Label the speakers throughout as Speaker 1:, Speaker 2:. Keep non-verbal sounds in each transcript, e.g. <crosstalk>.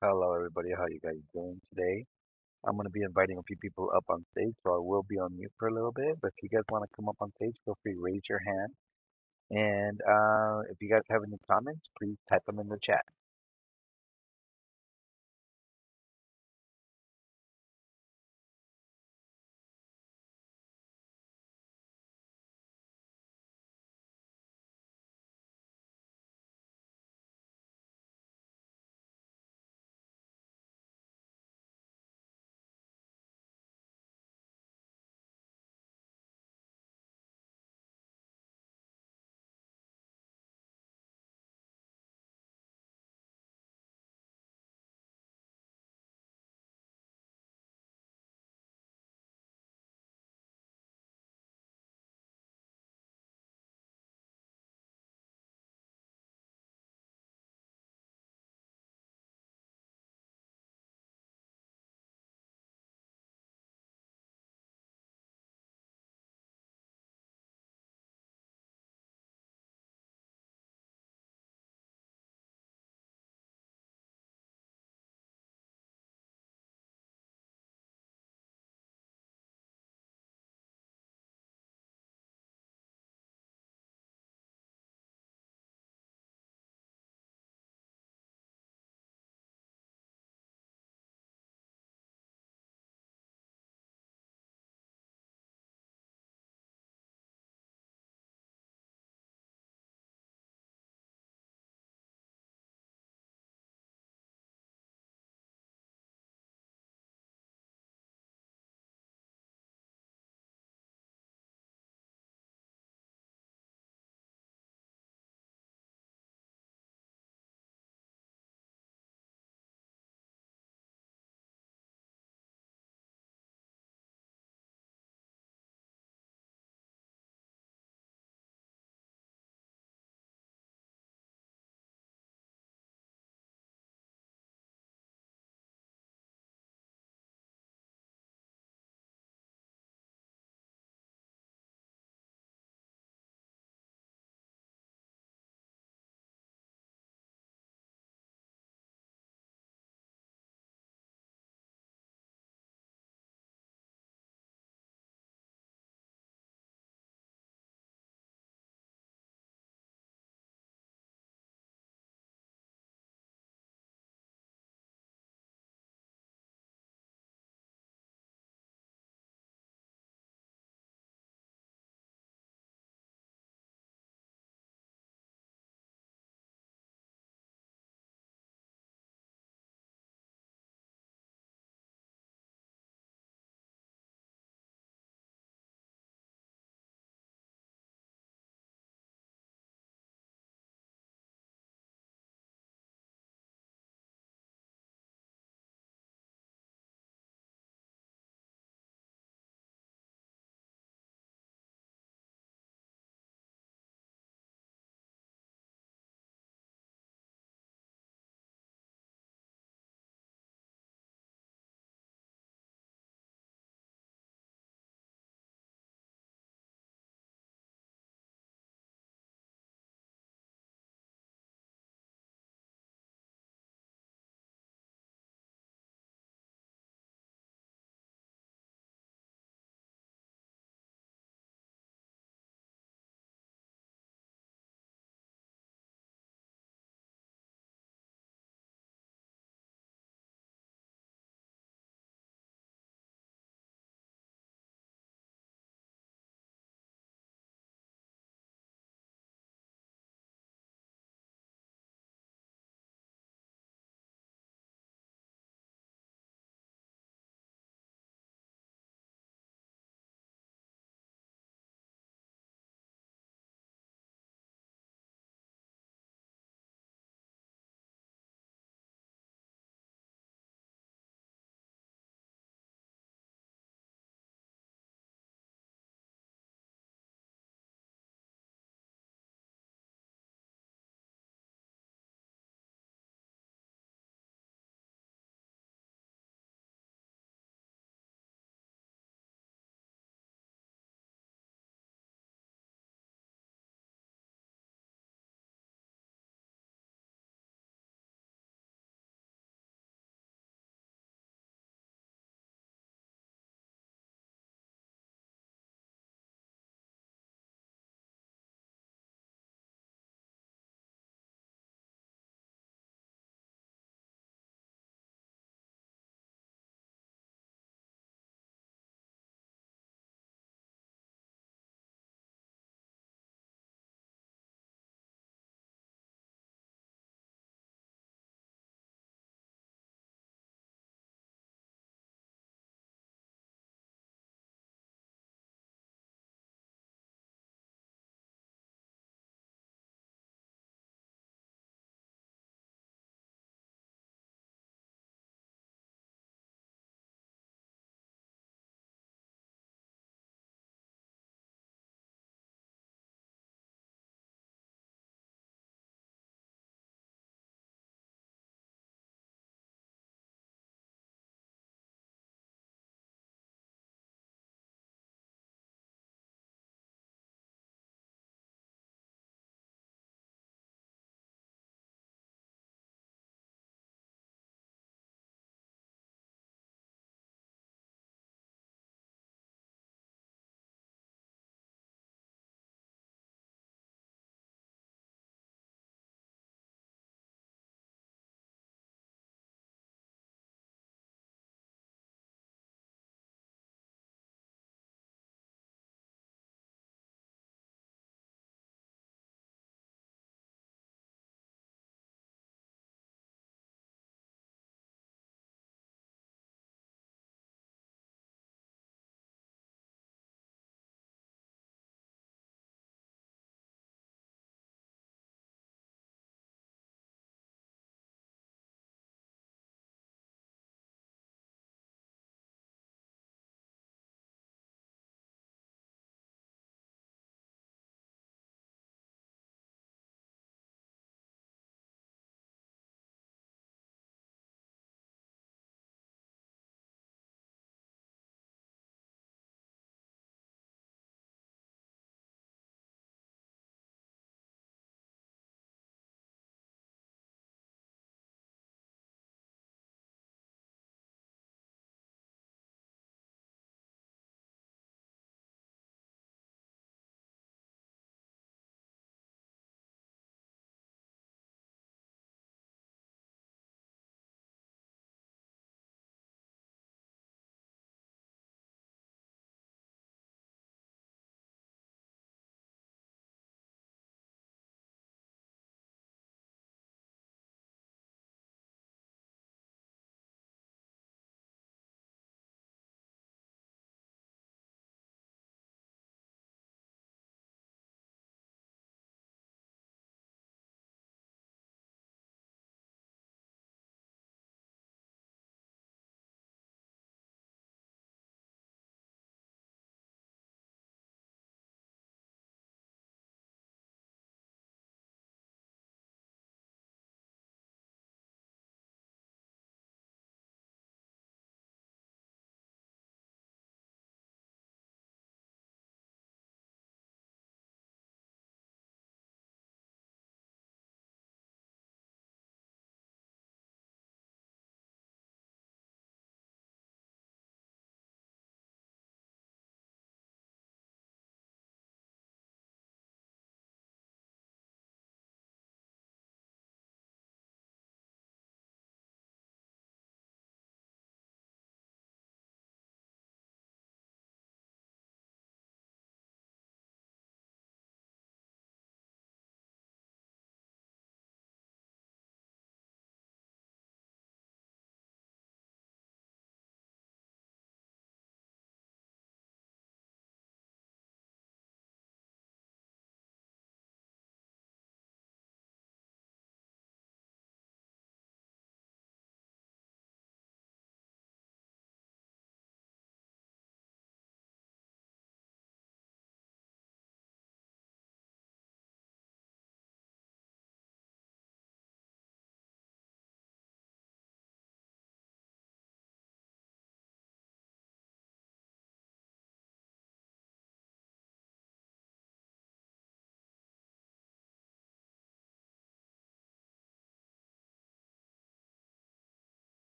Speaker 1: Hello, everybody. How you guys doing today? I'm going to be inviting a few people up on stage, so I will be on mute for a little bit. But if you guys want to come up on stage, feel free to raise your hand. And uh, if you guys have any comments, please type them in the chat.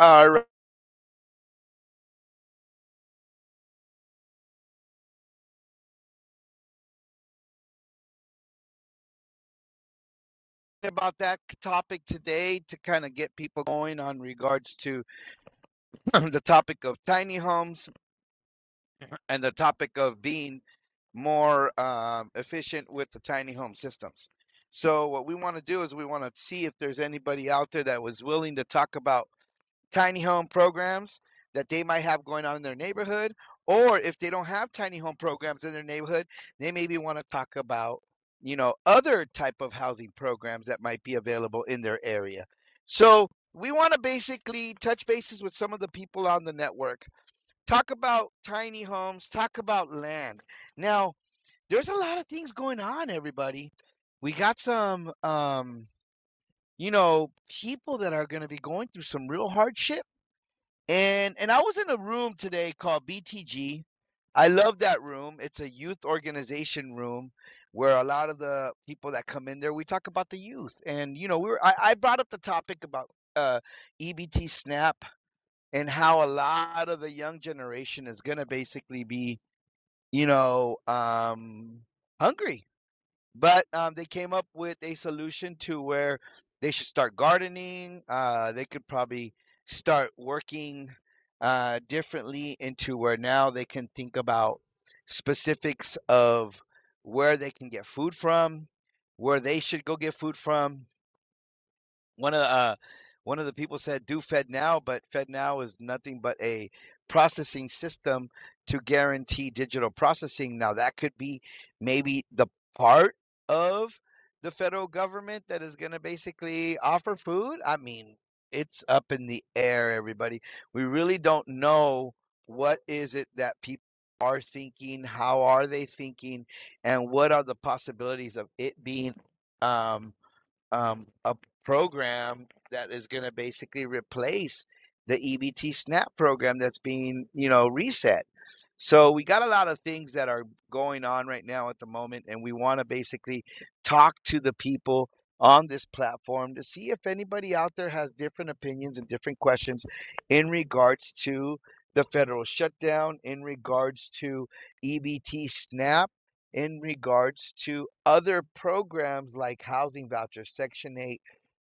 Speaker 1: All right, about that topic today to kind of get people going on regards to <clears throat> the topic of tiny homes and the topic of being more um, efficient with the tiny home systems. So what we want to do is we want to see if there's anybody out there that was willing to talk about. tiny home programs that they might have going on in their neighborhood. Or if they don't have tiny home programs in their neighborhood, they maybe want to talk about, you know, other type of housing programs that might be available in their area. So we want to basically touch bases with some of the people on the network, talk about tiny homes, talk about land. Now, there's a lot of things going on, everybody. We got some, um, you know, people that are going to be going through some real hardship and and I was in a room today called BTG. I love that room. It's a youth organization room where a lot of the people that come in there, we talk about the youth. And you know, we were I, I brought up the topic about uh, EBT SNAP and how a lot of the young generation is gonna basically be, you know, um, hungry but um, they came up with a solution to where they should start gardening. Uh, they could probably start working uh, differently into where now they can think about specifics of where they can get food from, where they should go get food from, one of the, uh one of the people said do FedNow, but FedNow is nothing but a processing system to guarantee digital processing. Now that could be maybe the part of the federal government that is going to basically offer food. I mean, it's up in the air, everybody. We really don't know what is it that people are thinking, how are they thinking, and what are the possibilities of it being um um, a program that is going to basically replace the EBT SNAP program that's being, you know, reset. So we got a lot of things that are going on right now at the moment, and we want to basically talk to the people on this platform to see if anybody out there has different opinions and different questions in regards to the federal shutdown, in regards to EBT SNAP, in regards to other programs like housing vouchers, Section 8,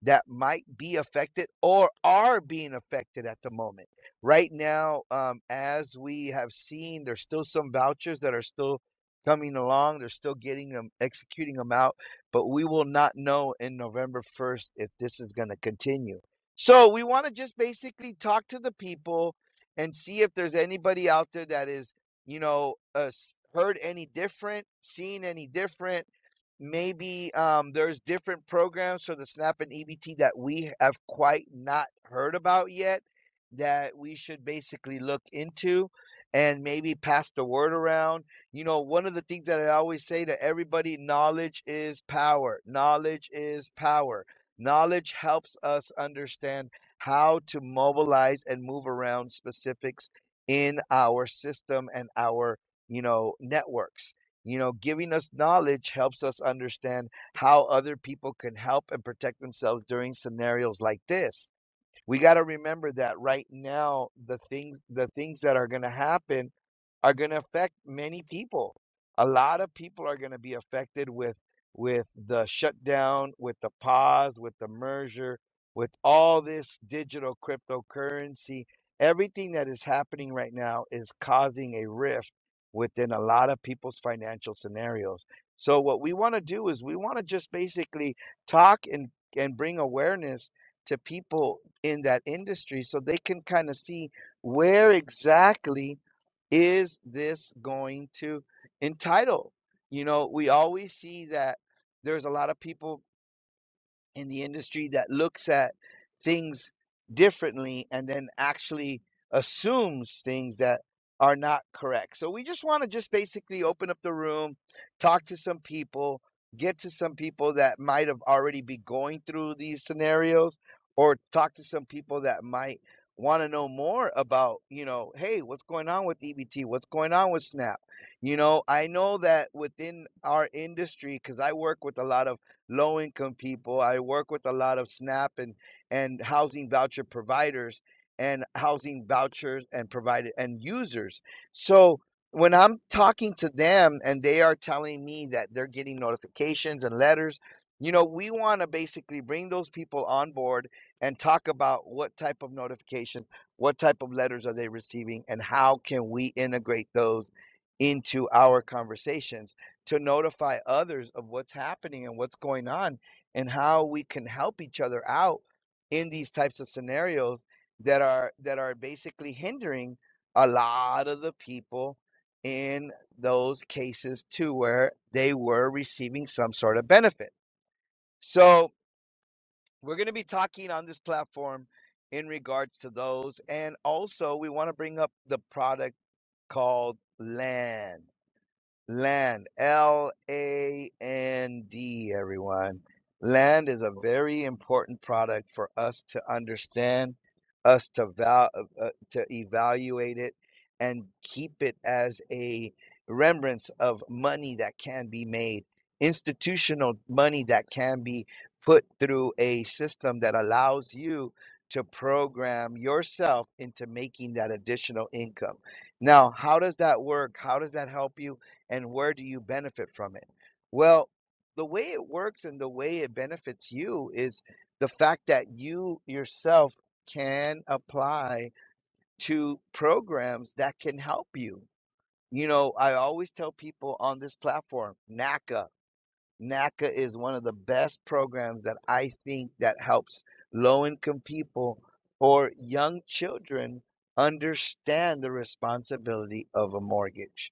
Speaker 1: that might be affected or are being affected at the moment. Right now, um, as we have seen, there's still some vouchers that are still coming along. They're still getting them, executing them out, but we will not know in November 1st if this is going to continue. So we want to just basically talk to the people and see if there's anybody out there that is, you know, uh, heard any different, seen any different maybe um, there's different programs for the SNAP and EBT that we have quite not heard about yet that we should basically look into and maybe pass the word around. You know, one of the things that I always say to everybody knowledge is power. Knowledge is power. Knowledge helps us understand how to mobilize and move around specifics in our system and our, you know, networks. You know, giving us knowledge helps us understand how other people can help and protect themselves during scenarios like this we got to remember that right now the things the things that are going to happen are going to affect many people a lot of people are going to be affected with with the shutdown with the pause with the merger with all this digital cryptocurrency everything that is happening right now is causing a rift within a lot of people's financial scenarios so what we want to do is we want to just basically talk and and bring awareness to people in that industry so they can kind of see where exactly is this going to entitle? You know, we always see that there's a lot of people in the industry that looks at things differently and then actually assumes things that are not correct. So we just want to just basically open up the room, talk to some people, get to some people that might have already be going through these scenarios or talk to some people that might want to know more about, you know, hey, what's going on with EBT? What's going on with SNAP? You know, I know that within our industry cuz I work with a lot of low income people. I work with a lot of SNAP and and housing voucher providers and housing vouchers and provided and users. So when I'm talking to them and they are telling me that they're getting notifications and letters, you know, we want to basically bring those people on board and talk about what type of notifications, what type of letters are they receiving, and how can we integrate those into our conversations to notify others of what's happening and what's going on and how we can help each other out in these types of scenarios that are that are basically hindering a lot of the people in those cases to where they were receiving some sort of benefit. So, we're going to be talking on this platform in regards to those and also we want to bring up the product called land Land, L A N D, everyone. Land is a very important product for us to understand, us to val- uh, uh, to evaluate it, and keep it as a remembrance of money that can be made, institutional money that can be put through a system that allows you to program yourself into making that additional income. Now, how does that work? How does that help you? and where do you benefit from it? Well, the way it works and the way it benefits you is the fact that you yourself can apply to programs that can help you. You know, I always tell people on this platform, NACA. NACA is one of the best programs that I think that helps low income people or young children understand the responsibility of a mortgage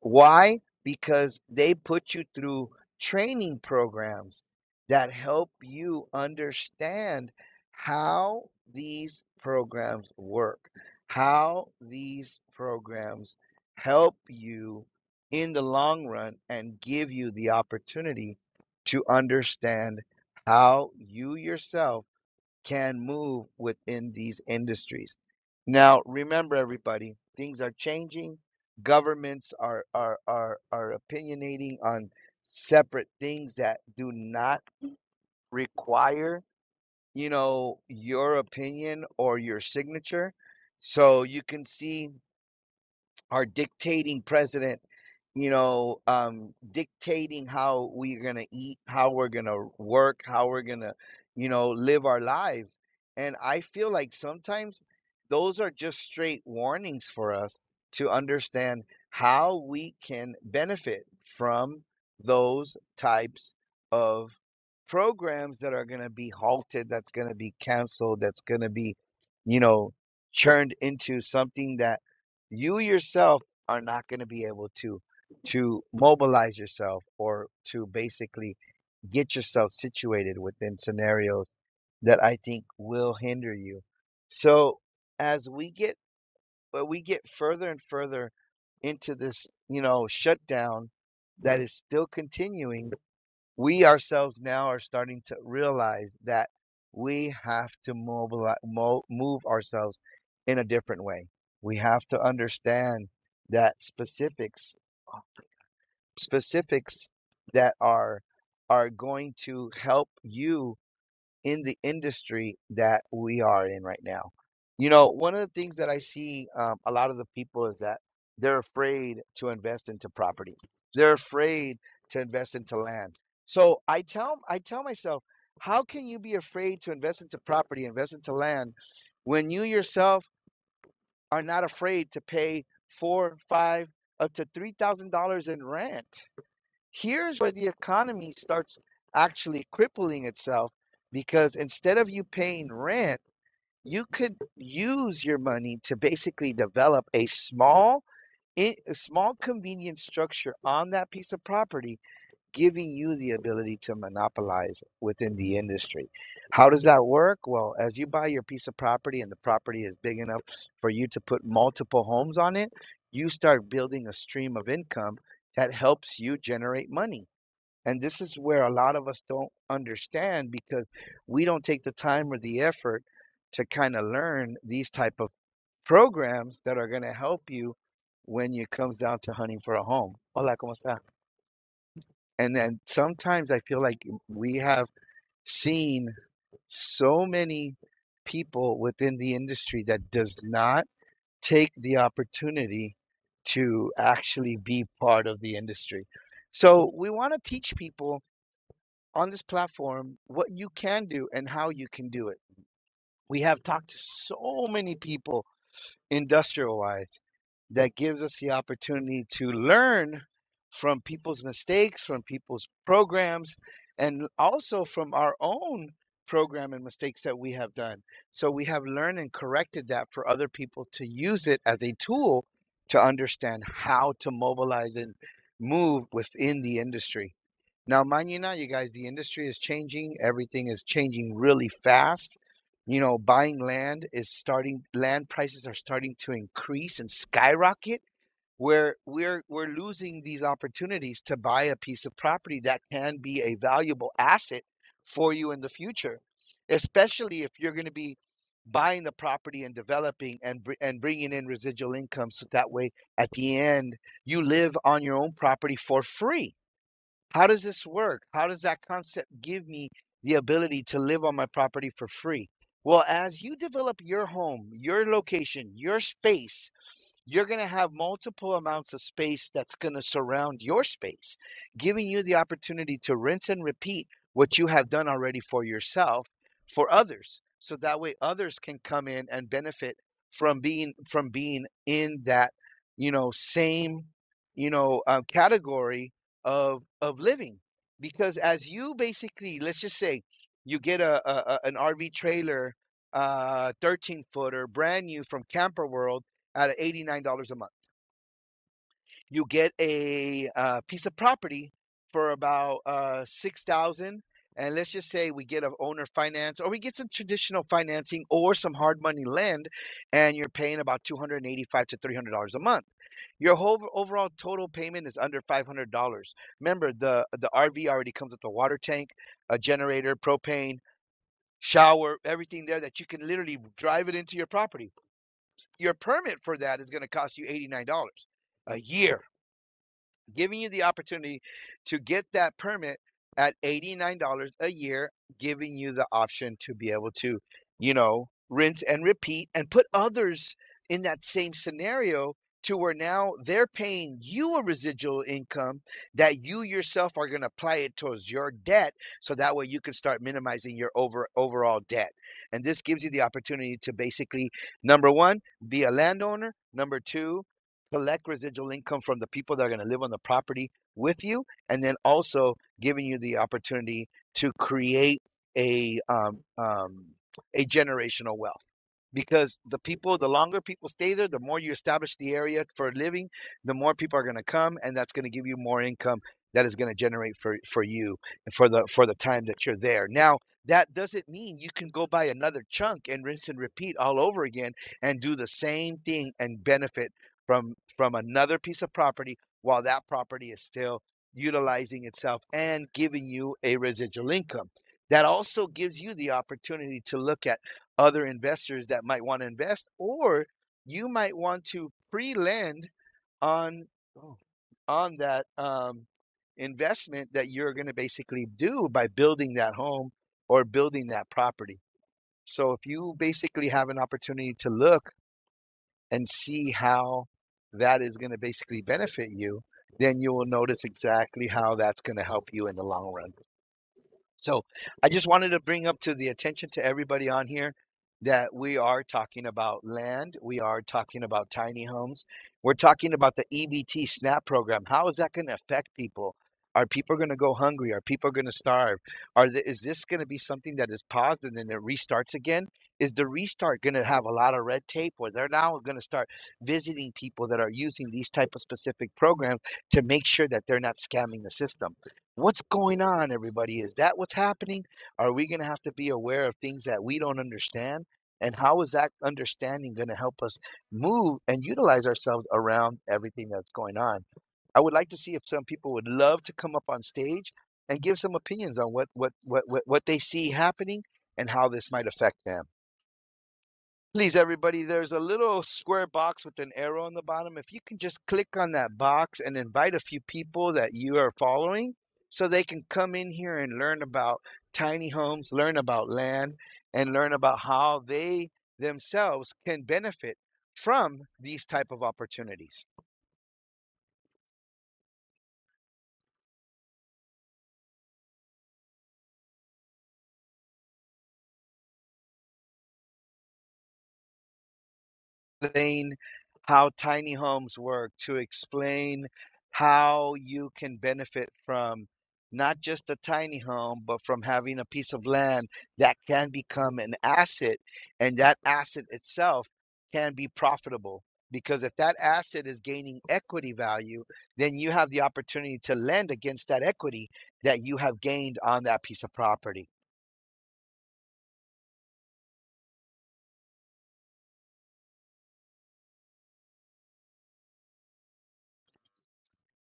Speaker 1: why? Because they put you through training programs that help you understand how these programs work, how these programs help you in the long run and give you the opportunity to understand how you yourself can move within these industries. Now, remember, everybody, things are changing. Governments are are are are opinionating on separate things that do not require, you know, your opinion or your signature. So you can see our dictating president you know, um, dictating how we're going to eat, how we're going to work, how we're going to, you know, live our lives. And I feel like sometimes those are just straight warnings for us to understand how we can benefit from those types of programs that are going to be halted, that's going to be canceled, that's going to be, you know, churned into something that you yourself are not going to be able to to mobilize yourself or to basically get yourself situated within scenarios that I think will hinder you. So as we get but we get further and further into this, you know, shutdown that is still continuing, we ourselves now are starting to realize that we have to mobilize, mo- move ourselves in a different way. We have to understand that specifics specifics that are are going to help you in the industry that we are in right now. You know, one of the things that I see um, a lot of the people is that they're afraid to invest into property. They're afraid to invest into land. So I tell I tell myself, how can you be afraid to invest into property, invest into land, when you yourself are not afraid to pay four, five, up to three thousand dollars in rent? here's where the economy starts actually crippling itself because instead of you paying rent, you could use your money to basically develop a small a small convenience structure on that piece of property, giving you the ability to monopolize within the industry. How does that work? Well, as you buy your piece of property and the property is big enough for you to put multiple homes on it, you start building a stream of income that helps you generate money and this is where a lot of us don't understand because we don't take the time or the effort to kind of learn these type of programs that are going to help you when it comes down to hunting for a home. Hola, ¿cómo está? And then sometimes I feel like we have seen so many people within the industry that does not take the opportunity to actually be part of the industry. So we want to teach people on this platform what you can do and how you can do it. We have talked to so many people industrial wise that gives us the opportunity to learn from people's mistakes, from people's programs, and also from our own program and mistakes that we have done. So we have learned and corrected that for other people to use it as a tool to understand how to mobilize and move within the industry. Now, mind you, now you guys, the industry is changing. Everything is changing really fast. You know, buying land is starting. Land prices are starting to increase and skyrocket. Where we're we're losing these opportunities to buy a piece of property that can be a valuable asset for you in the future, especially if you're going to be buying the property and developing and br- and bringing in residual income. So that way, at the end, you live on your own property for free how does this work? How does that concept give me the ability to live on my property for free? Well, as you develop your home, your location, your space, you're going to have multiple amounts of space that's going to surround your space, giving you the opportunity to rinse and repeat what you have done already for yourself for others. So that way others can come in and benefit from being from being in that, you know, same, you know, um, category of of living. Because as you basically, let's just say you get a, a an RV trailer, uh, 13 footer, brand new from Camper World at $89 a month. You get a uh, piece of property for about uh, 6000 and let's just say we get an owner finance or we get some traditional financing or some hard money lend and you're paying about 285 to $300 a month your whole overall total payment is under $500 remember the the rv already comes with a water tank a generator propane shower everything there that you can literally drive it into your property your permit for that is going to cost you $89 a year giving you the opportunity to get that permit at $89 a year, giving you the option to be able to, you know, rinse and repeat and put others in that same scenario to where now they're paying you a residual income that you yourself are going to apply it towards your debt so that way you can start minimizing your over overall debt and this gives you the opportunity to basically number 1 be a landowner number 2 collect residual income from the people that are going to live on the property with you, and then also giving you the opportunity to create a um, um, a generational wealth because the people the longer people stay there the more you establish the area for a living the more people are going to come and that's going to give you more income that is going to generate for for you and for the for the time that you're there now that doesn't mean you can go buy another chunk and rinse and repeat all over again and do the same thing and benefit from from another piece of property while that property is still utilizing itself and giving you a residual income that also gives you the opportunity to look at other investors that might want to invest, or you might want to pre-lend on oh, on that um, investment that you're going to basically do by building that home or building that property. So if you basically have an opportunity to look and see how that is going to basically benefit you, then you will notice exactly how that's going to help you in the long run. So I just wanted to bring up to the attention to everybody on here that we are talking about land. We are talking about tiny homes. We're talking about the EBT SNAP program. How is that going to affect people? Are people going to go hungry? Are people going to starve? Are the, is this going to be something that is paused and then it restarts again? Is the restart going to have a lot of red tape where they're now going to start visiting people that are using these type of specific programs to make sure that they're not scamming the system? What's going on, everybody? Is that what's happening? Are we going to have to be aware of things that we don't understand? And how is that understanding going to help us move and utilize ourselves around everything that's going on? I would like to see if some people would love to come up on stage and give some opinions on what what what what, what they see happening and how this might affect them. Please, everybody, there's a little square box with an arrow on the bottom. If you can just click on that box and invite a few people that you are following so they can come in here and learn about tiny homes, learn about land, and learn about how they themselves can benefit from these type of opportunities explain how tiny homes work, to explain how you can benefit from not just a tiny home, but from having a piece of land that can become an asset, and that asset itself can be profitable. Because if that asset is gaining equity value, then you have the opportunity to lend against that equity that you have gained on that piece of property.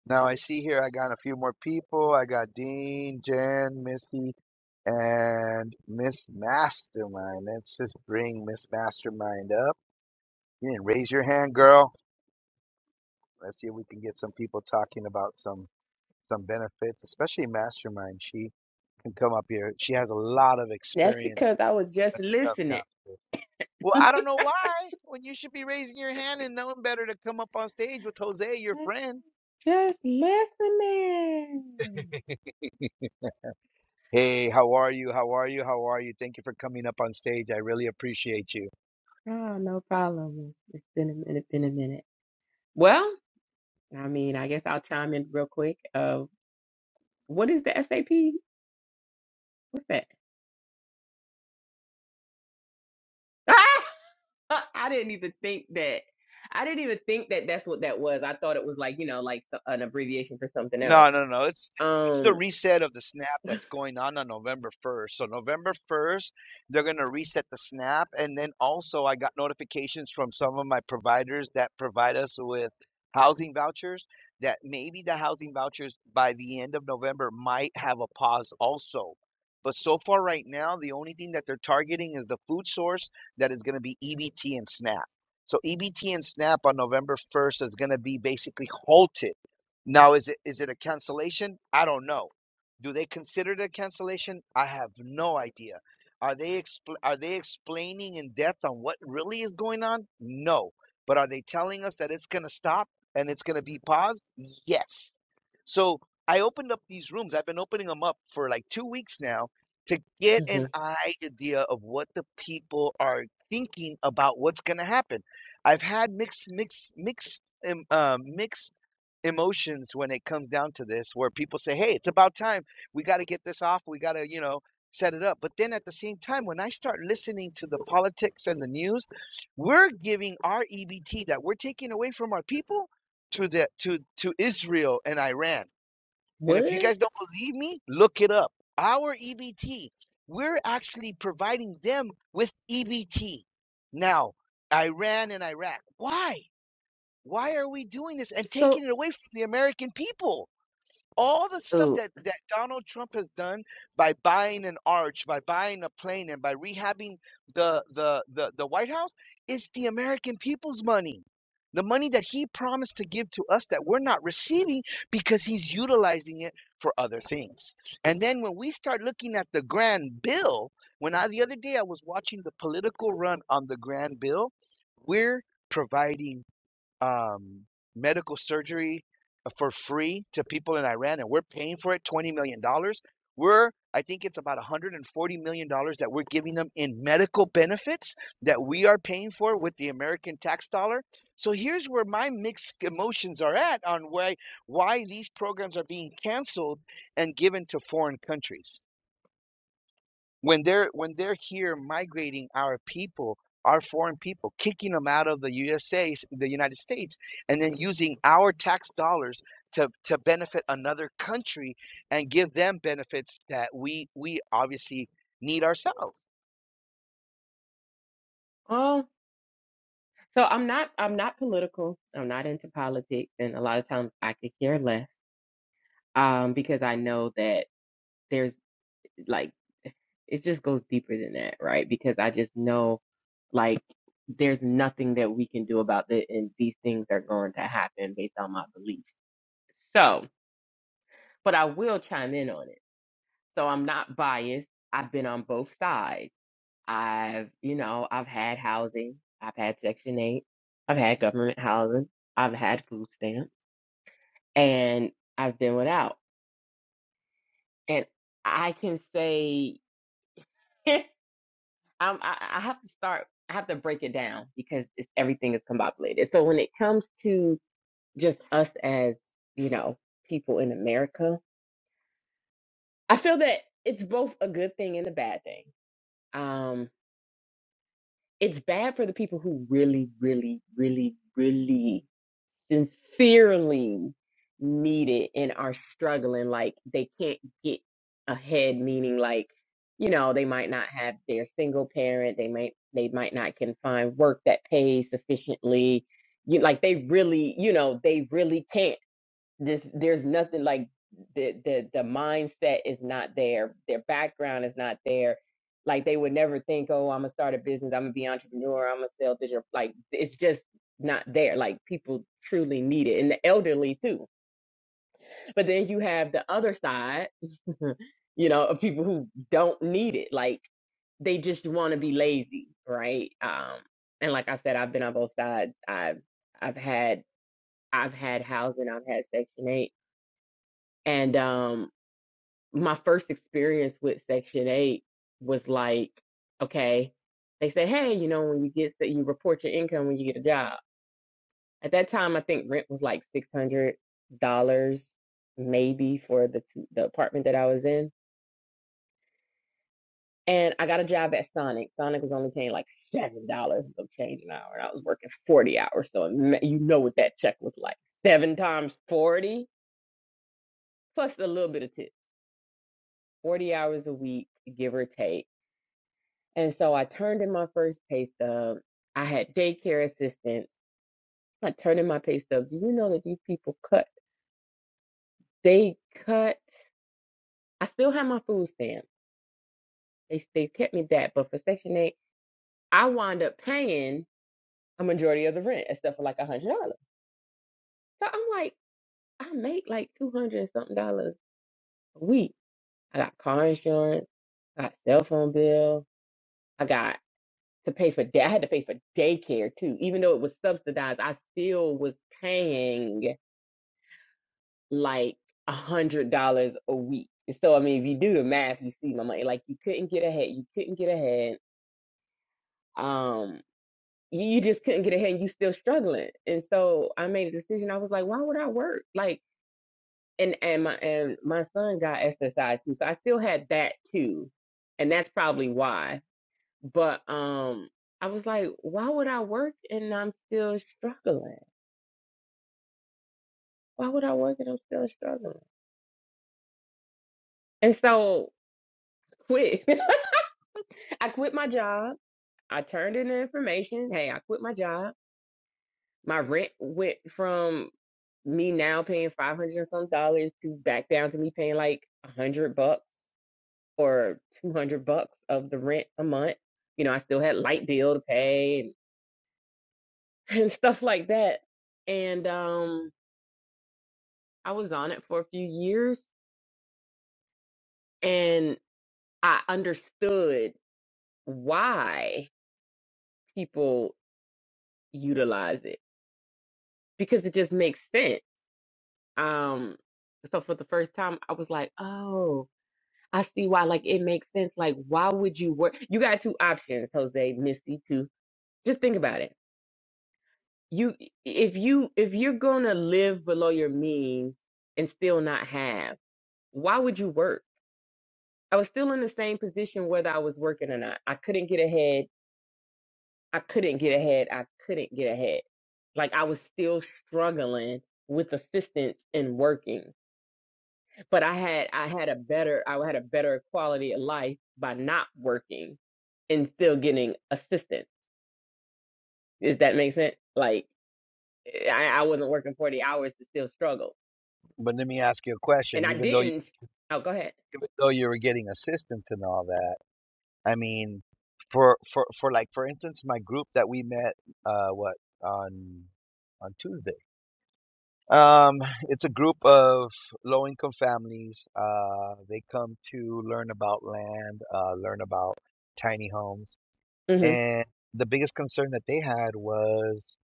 Speaker 1: Now I see here I got a few more people. I got Dean, Jen, Missy, and Miss Mastermind. Let's just bring Miss Mastermind up. You didn't raise your hand, girl. Let's see if we can get some people talking about some some benefits, especially Mastermind. She can come up here. She has a lot of
Speaker 2: That's
Speaker 1: experience
Speaker 2: because I was
Speaker 1: when
Speaker 2: just
Speaker 1: it comes down
Speaker 2: listening.
Speaker 1: to this. Well, I don't know why. When you should be raising your hand and knowing better to come up on stage with Jose, your friend.
Speaker 2: Just listening.
Speaker 1: Hey, how are you? How are you? How are you? Thank you for coming up on stage. I really appreciate you.
Speaker 2: Oh, no problem. It's, it's been a minute, been a minute. Well, I mean, I guess I'll chime in real quick. Uh, what is the SAP? What's that? <laughs> I didn't even think that. I didn't even think that that's what that was. I thought it was like, you know, like so- an abbreviation for something else.
Speaker 1: No, no, no. It's it's the
Speaker 2: Um,
Speaker 1: reset of the snap that's going on on November 1st. So November 1st, they're going to reset the snap and then also I got notifications from some of my providers that provide us with housing vouchers that maybe the housing vouchers by the end of November might have a pause also. But so far right now, the only thing that they're targeting is the food source that is going to be EBT and SNAP. So EBT and SNAP on November 1st is going to be basically halted now, is it is it a cancellation? I don't know. Do they consider it a cancellation? I have no idea. Are they expl- are they explaining in depth on what really is going on? No. But are they telling us that it's going to stop and it's going to be paused? Yes. So I opened up these rooms. I've been opening them up for like two weeks now to get an
Speaker 2: mhm.
Speaker 1: idea of what the people are thinking about what's going to happen. I've had mixed mixed mixed um, uh, mixed emotions when it comes down to this where people say hey it's about time we got to get this off we got to you know set it up but then at the same time when i start listening to the politics and the news we're giving our ebt that we're taking away from our people to the to to israel and iran and if you
Speaker 2: what?
Speaker 1: guys don't believe me look it up our ebt we're actually providing them with ebt now iran and iraq why why are we doing this and taking
Speaker 2: So,
Speaker 1: it away from the American people? All the stuff that, that Donald Trump has done by buying an arch, by buying a plane, and by rehabbing the, the, the, the White House is the American people's money. The money that he promised to give to us that we're not receiving because he's utilizing it for other things. And then when we start looking at the grand bill, when I the other day I was watching the political run on the grand bill, we're providing um, medical surgery for free to people in Iran, and we're paying for it $20 million. dollars. We're, I think it's about $140 million dollars that we're giving them in medical benefits that we are paying for with the American tax dollar. So here's where my mixed emotions are at on why, why these programs are being canceled and given to foreign countries when they're when they're here migrating our people our foreign people kicking them out of the USA the United States and then using our tax dollars to to benefit another country and give them benefits that we we obviously need ourselves
Speaker 2: oh, So I'm not I'm not political. I'm not into politics, and a lot of times I could care less um, because I know that there's like it just goes deeper than that, right? Because I just know like there's nothing that we can do about it, and these things are going to happen based on my beliefs. So, but I will chime in on it. So I'm not biased. I've been on both sides. I've you know I've had housing. I've had Section Eight. I've had government housing. I've had food stamps. and I've been without. And I can say <laughs> I'm, I, I have to start. I have to break it down because it's, everything is combobulated. So when it comes to just us as you know people in America, I feel that it's both a good thing and a bad thing. Um, it's bad for the people who really, really, really, really sincerely needed and are struggling like they can't get ahead meaning like you know they might not have their single parent they might they might not can find work that pays sufficiently you like they really you know they really can't just there's nothing like the the the mindset is not there. Their background is not there. Like they would never think, oh, I'm gonna start a business. I'm gonna be an entrepreneur. I'm gonna sell digital. Like it's just not there. Like people truly need it, and the elderly too. But then you have the other side, <laughs> you know, of people who don't need it. Like they just want to be lazy, right? Um, and like I said, I've been on both sides. I've I've had I've had housing, I've had Section Eight, and um, my first experience with Section 8 was like, okay, they say, hey, you know, when you get, sta- you report your income when you get a job. At that time, I think rent was like $600 maybe for the, the apartment that I was in. And I got a job at Sonic. Sonic was only paying like $7 of change an hour. And I was working 40 hours. So ima- you know what that check was like. Seven times 40, plus a little bit of tip. 40 hours a week, give or take And so I turned in my first pay stub. I had daycare assistance. I turned in my pay stub. Do you know that these people cut? They cut. I still have my food stamps. They they kept me that, but for Section Eight, I wound up paying a majority of the rent, except for like a hundred dollars. So I'm like, I make like two hundred and something dollars a week. I got car insurance. I got cell phone bill. I got to pay for that. I had to pay for daycare too, even though it was subsidized. I still was paying like a hundred dollars a week. So I mean, if you do the math, you see my money. Like you couldn't get ahead. You couldn't get ahead. Um, you, you just couldn't get ahead, and you still struggling. And so I made a decision. I was like, why would I work? Like, and and my and my son got SSI too, so I still had that too, and that's probably why. But um, I was like, why would I work and I'm still struggling? Why would I work and I'm still struggling? And so quit. <laughs> I quit my job I turned in the information. Hey, I quit my job. My rent went from me now paying five hundred and some dollars to back down to me paying like a hundred bucks or two hundred bucks of the rent a month. You know, I still had light bill to pay and, <laughs> and stuff like that. And um, I was on it for a few years, and I understood why people utilize it because it just makes sense Um, so for the first time, I was like, oh, I see why. Like, it makes sense. Like, why would you work? You got two options, Jose, Misty, too. Just think about it. You, if you, if you're gonna live below your means and still not have, why would you work? I was still in the same position whether I was working or not. I couldn't get ahead. I couldn't get ahead. I couldn't get ahead. Like I was still struggling with assistance and working. but I had I had a better I had a better quality of life by not working and still getting assistance. Does that make sense? Like eh, I, I wasn't working forty hours to still struggle,
Speaker 1: but let me ask you a question
Speaker 2: and I
Speaker 1: even though you
Speaker 2: didn't. Oh, go ahead.
Speaker 1: even though you were getting assistance and all that i mean for for for like for instance my group that we met uh what on on Tuesday Um, it's a group of low income families. Uh, they come to learn about land, uh, learn about tiny homes.
Speaker 2: Mhm.
Speaker 1: And the biggest concern that they had was,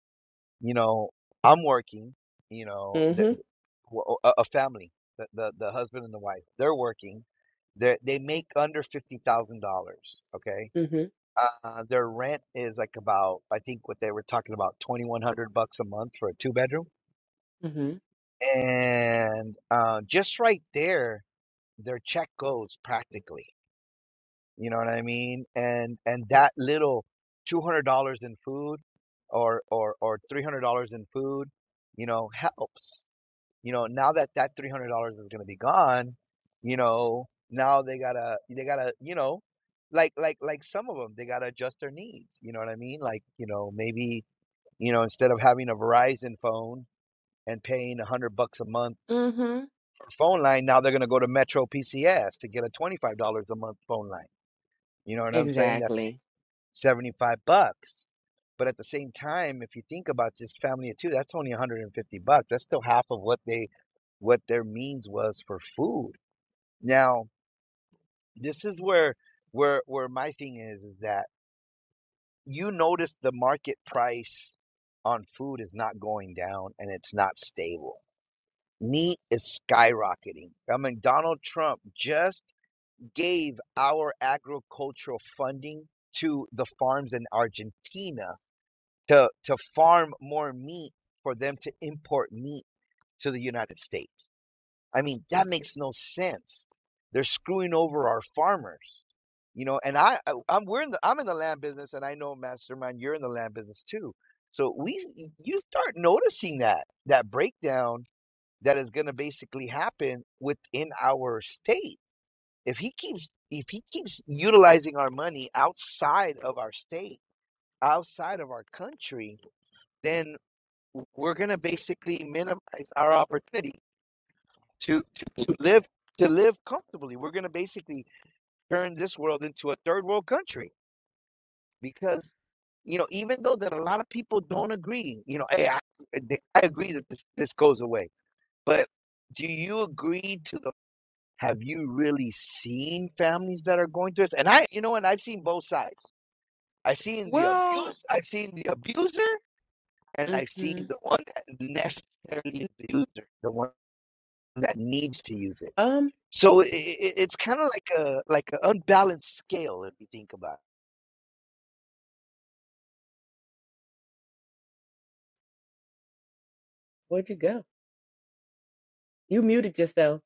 Speaker 1: you know, I'm working, you know, the,
Speaker 2: Mhm.
Speaker 1: the- w- a a family, the, the, the husband and the wife, they're working. They're, they make under $50,000. Okay.
Speaker 2: Mhm.
Speaker 1: Uh, their rent is like about, I think what they were talking about, 2100 bucks a month for a two bedroom
Speaker 2: Mhm.
Speaker 1: and uh, just right there, their check goes practically. You know what I mean? And and that little two hundred dollars in food, or or or three hundred dollars in food, you know, helps. You know, now that that three hundred dollars is gonna be gone, you know, now they gotta they gotta you know, like like like some of them they gotta adjust their needs. You know what I mean? Like you know maybe you know instead of having a Verizon phone and paying a hundred bucks a month
Speaker 2: Mhm.
Speaker 1: phone line, now they're going to go to Metro PCS to get a $25 a month phone line. You know what I'm saying? That's
Speaker 2: Exactly.
Speaker 1: 75 bucks. But at the same time, if you think about this family of two, that's only 150 bucks. That's still half of what they what their means was for food. Now, this is where where where my thing is is that you notice the market price on food is not going down and it's not stable. Meat is skyrocketing. I mean, Donald Trump just gave our agricultural funding to the farms in Argentina to, to farm more meat for them to import meat to the United States. I mean, that makes no sense. They're screwing over our farmers. You know, and I, I I'm we're in the I'm in the land business and I know mastermind you're in the land business too. So we you start noticing that that breakdown that is going to basically happen within our state if he keeps if he keeps utilizing our money outside of our state, outside of our country, then we're gonna basically minimize our opportunity to to, to live to live comfortably. We're gonna basically turn this world into a third world country because you know even though that a lot of people don't agree, you know, hey, I, I agree that this this goes away, but do you agree to the have you really seen families that are going through this? And I, you know, and I've seen both sides. I've seen the
Speaker 2: Well.
Speaker 1: abuse. I've seen the abuser, and I've seen
Speaker 2: Mhm.
Speaker 1: the one that necessarily is the user, the one that needs to use it.
Speaker 2: Um.
Speaker 1: So i i it's kind of like a like an unbalanced scale if you think about it.
Speaker 2: Where'd you go? You muted yourself.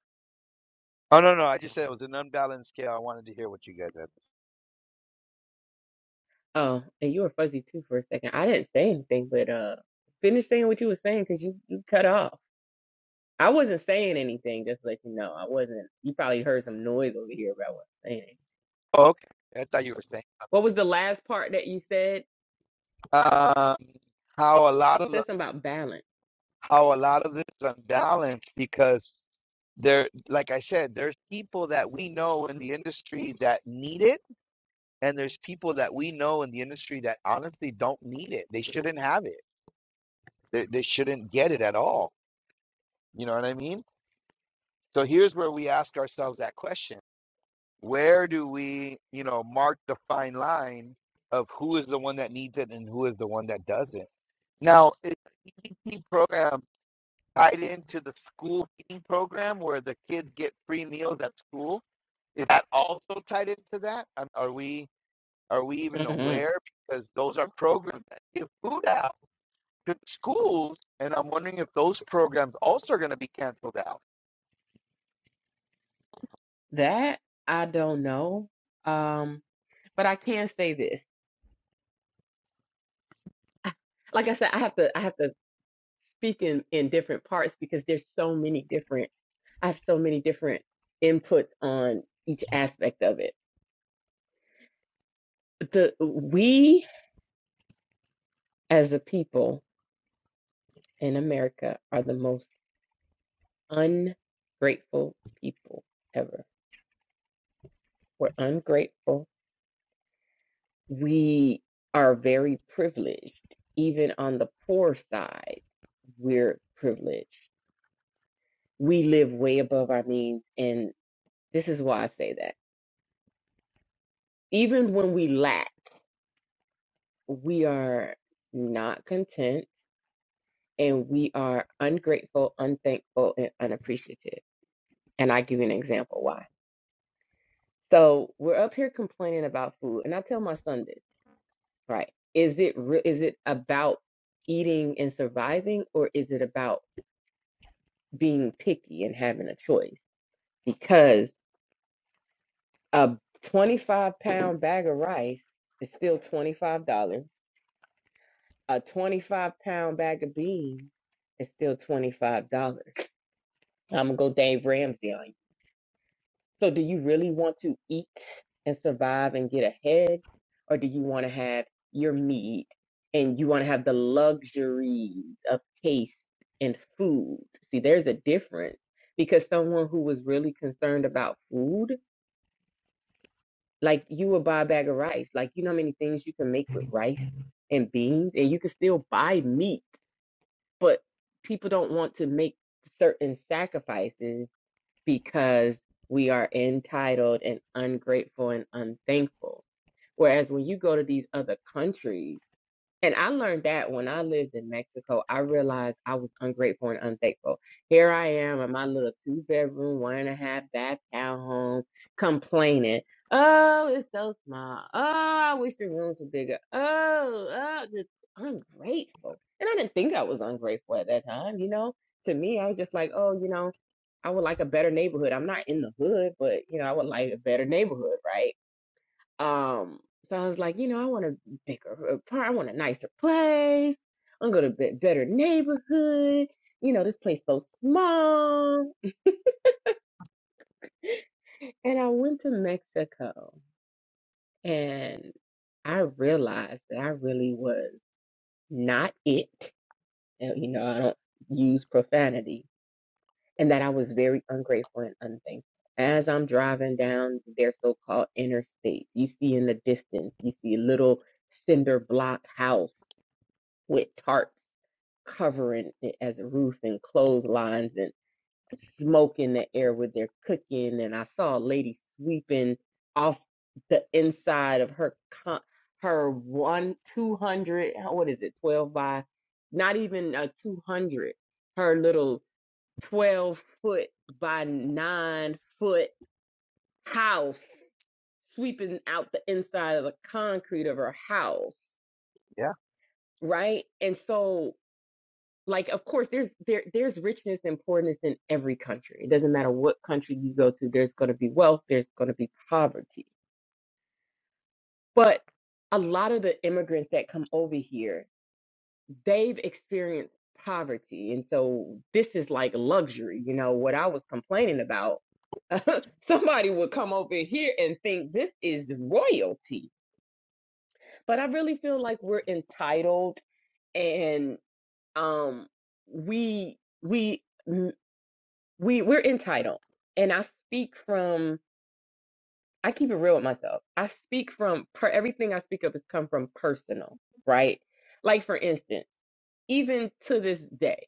Speaker 1: Oh no, no, I just said it was an unbalanced scale. I wanted to hear what you guys had.
Speaker 2: Oh, and you were fuzzy too for a second. I didn't say anything, but uh, finish saying what you were saying because you you cut off. I wasn't saying anything, just to let you know. I wasn't. You probably heard some noise over here, but I wasn't saying anything.
Speaker 1: Oh, okay, I thought you were saying
Speaker 2: What was the last part that you said?
Speaker 1: um, how a lot of the,
Speaker 2: Said something about balance.
Speaker 1: how a lot of this is unbalanced because there, like I said, there's people that we know in the industry that need it And there's people that we know in the industry that honestly don't need it. They shouldn't have it. They, they shouldn't get it at all. You know what I mean? So here's where we ask ourselves that question. Where do we, you know, mark the fine line of who is the one that needs it and who is the one that doesn't? Now, is the EBT program tied into the school feeding program where the kids get free meals at school? Is that also tied into that? Um, Are we? Are we even
Speaker 2: hmm
Speaker 1: aware? Because those are programs that give food out to schools, and I'm wondering if those programs also are going to be canceled out.
Speaker 2: That I don't know. Um, but I can say this. I- Like I said, I have to. I have to speak in in different parts because there's so many different. I have so many different inputs on each aspect of it. The we as a people in America are the most ungrateful people ever. We're ungrateful. We are very privileged. Even on the poor side, we're privileged. We live way above our means. And this is why I say that. Even when we lack, we are not content and we are ungrateful, unthankful, and unappreciative. And I give you an example why. So we're up here complaining about food. And I tell my son this. Right. Is it re- is it about eating and surviving, or is it about being picky and having a choice? Because a 25 pound bag of rice is still $25. A 25 pound bag of beans is still $25. I'm gonna go Dave Ramsey on you. So, do you really want to eat and survive and get ahead? Or do you want to have your meat and you want to have the luxuries of taste and food? See, there's a difference because someone who was really concerned about food, like you would buy a bag of rice, like you know how many things you can make with rice and beans, and you can still buy meat, but people don't want to make certain sacrifices because we are entitled and ungrateful and unthankful. Whereas when you go to these other countries, and I learned that when I lived in Mexico, I realized I was ungrateful and unthankful. Here I am in my little two bedroom, one and a half bath townhome, complaining, oh, it's so small. Oh, I wish the rooms were bigger. Oh, oh, just ungrateful. And I didn't think I was ungrateful at that time, you know. To me, I was just like, oh, you know, I would like a better neighborhood. I'm not in the hood, but you know, I would like a better neighborhood, right? Um, so I was like, you know, I want a bigger apartment, I want a nicer place, I'm gonna get better neighborhood. You know, this place so small. And I went to Mexico and I realized that I really was not it. And, you know, I don't use profanity and that I was very ungrateful and unthankful. As I'm driving down their so-called interstate, you see in the distance, you see a little cinder block house with tarps covering it as a roof and clotheslines and smoke in the air with their cooking. And I saw a lady sweeping off the inside of her con- her one two hundred. What is it? Twelve by not even a two hundred. Her little twelve foot by nine foot house sweeping out the inside of the concrete of her house,
Speaker 1: Yeah.
Speaker 2: right? And so like of course there's there there's richness and poorness in every country it doesn't matter what country you go to there's going to be wealth there's going to be poverty but a lot of the immigrants that come over here they've experienced poverty and so this is like luxury you know what i was complaining about <laughs> somebody would come over here and think this is royalty but i really feel like we're entitled and um we we we we're entitled and i speak from i keep it real with myself i speak from per, everything i speak of has come from personal right like for instance even to this day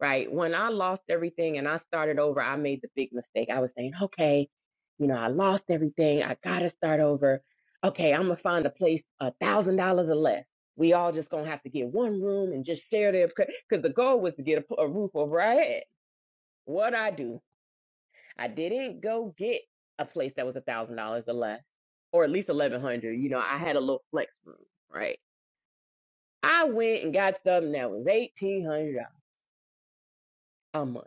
Speaker 2: right when i lost everything and i started over i made the big mistake i was saying okay you know i lost everything i gotta start over okay i'm gonna find a place a thousand dollars or less we all just gonna have to get one room and just share their because the goal was to get a a roof over our head what i do I didn't go get a place that was a thousand dollars or less, or at least eleven hundred. You know, I had a little flex room, right? I went and got something that was eighteen hundred dollars a month.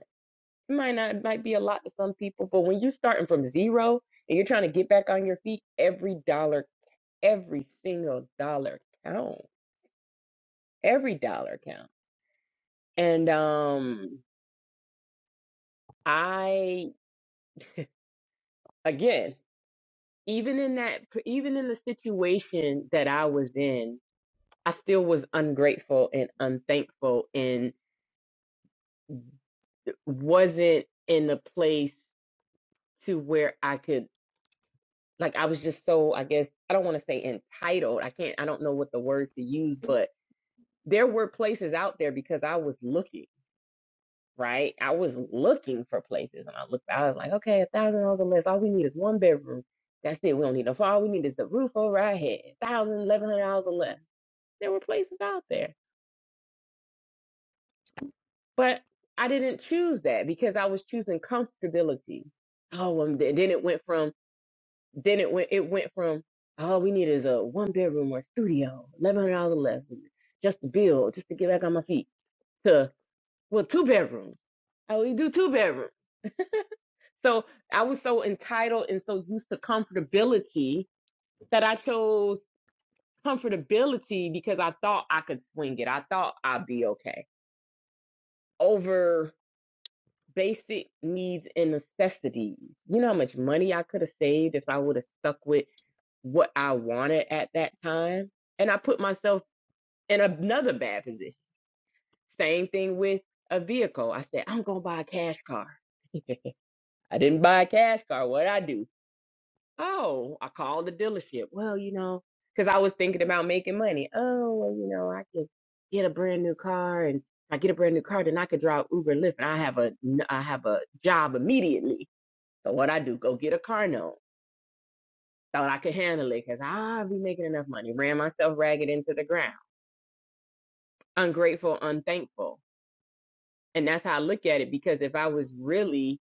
Speaker 2: It might not it might be a lot to some people, but when you're starting from zero and you're trying to get back on your feet, every dollar, every single dollar count. Every dollar count. And um I again, even in that even in the situation that I was in I still was ungrateful and unthankful and wasn't in a place to where I could like I was just so I guess I don't want to say entitled. I can't I don't know what the words to use, but there were places out there because I was looking, right? I was looking for places and I looked I was like, okay, a thousand dollars or less. All we need is one bedroom. That's it. We don't need no all we need is the roof over our head. Thousand, eleven hundred dollars or less. There were places out there. But I didn't choose that because I was choosing comfortability. Oh, um, th- then it went from then it went it went from all we need is a one bedroom or studio, eleven hundred dollars less, just to build, just to get back on my feet. To well, two bedrooms. I only do two bedrooms. So I was so entitled and so used to comfortability that I chose comfortability because I thought I could swing it. I thought I'd be okay over. basic needs and necessities. You know how much money I could have saved if I would have stuck with what I wanted at that time? And I put myself in another bad position. Same thing with a vehicle. I said, I'm going to buy a cash car. I didn't buy a cash car. What'd I do? Oh, I called the dealership. Well, you know, because I was thinking about making money. Oh, well, you know, I could get a brand new car and if I get a brand new car, then I could drive Uber and Lyft and I have a I have a job immediately So what I do, go get a car note. Thought I could handle it because I'll be making enough money. Ran myself ragged into the ground. Ungrateful, unthankful. And that's how I look at it because if I was really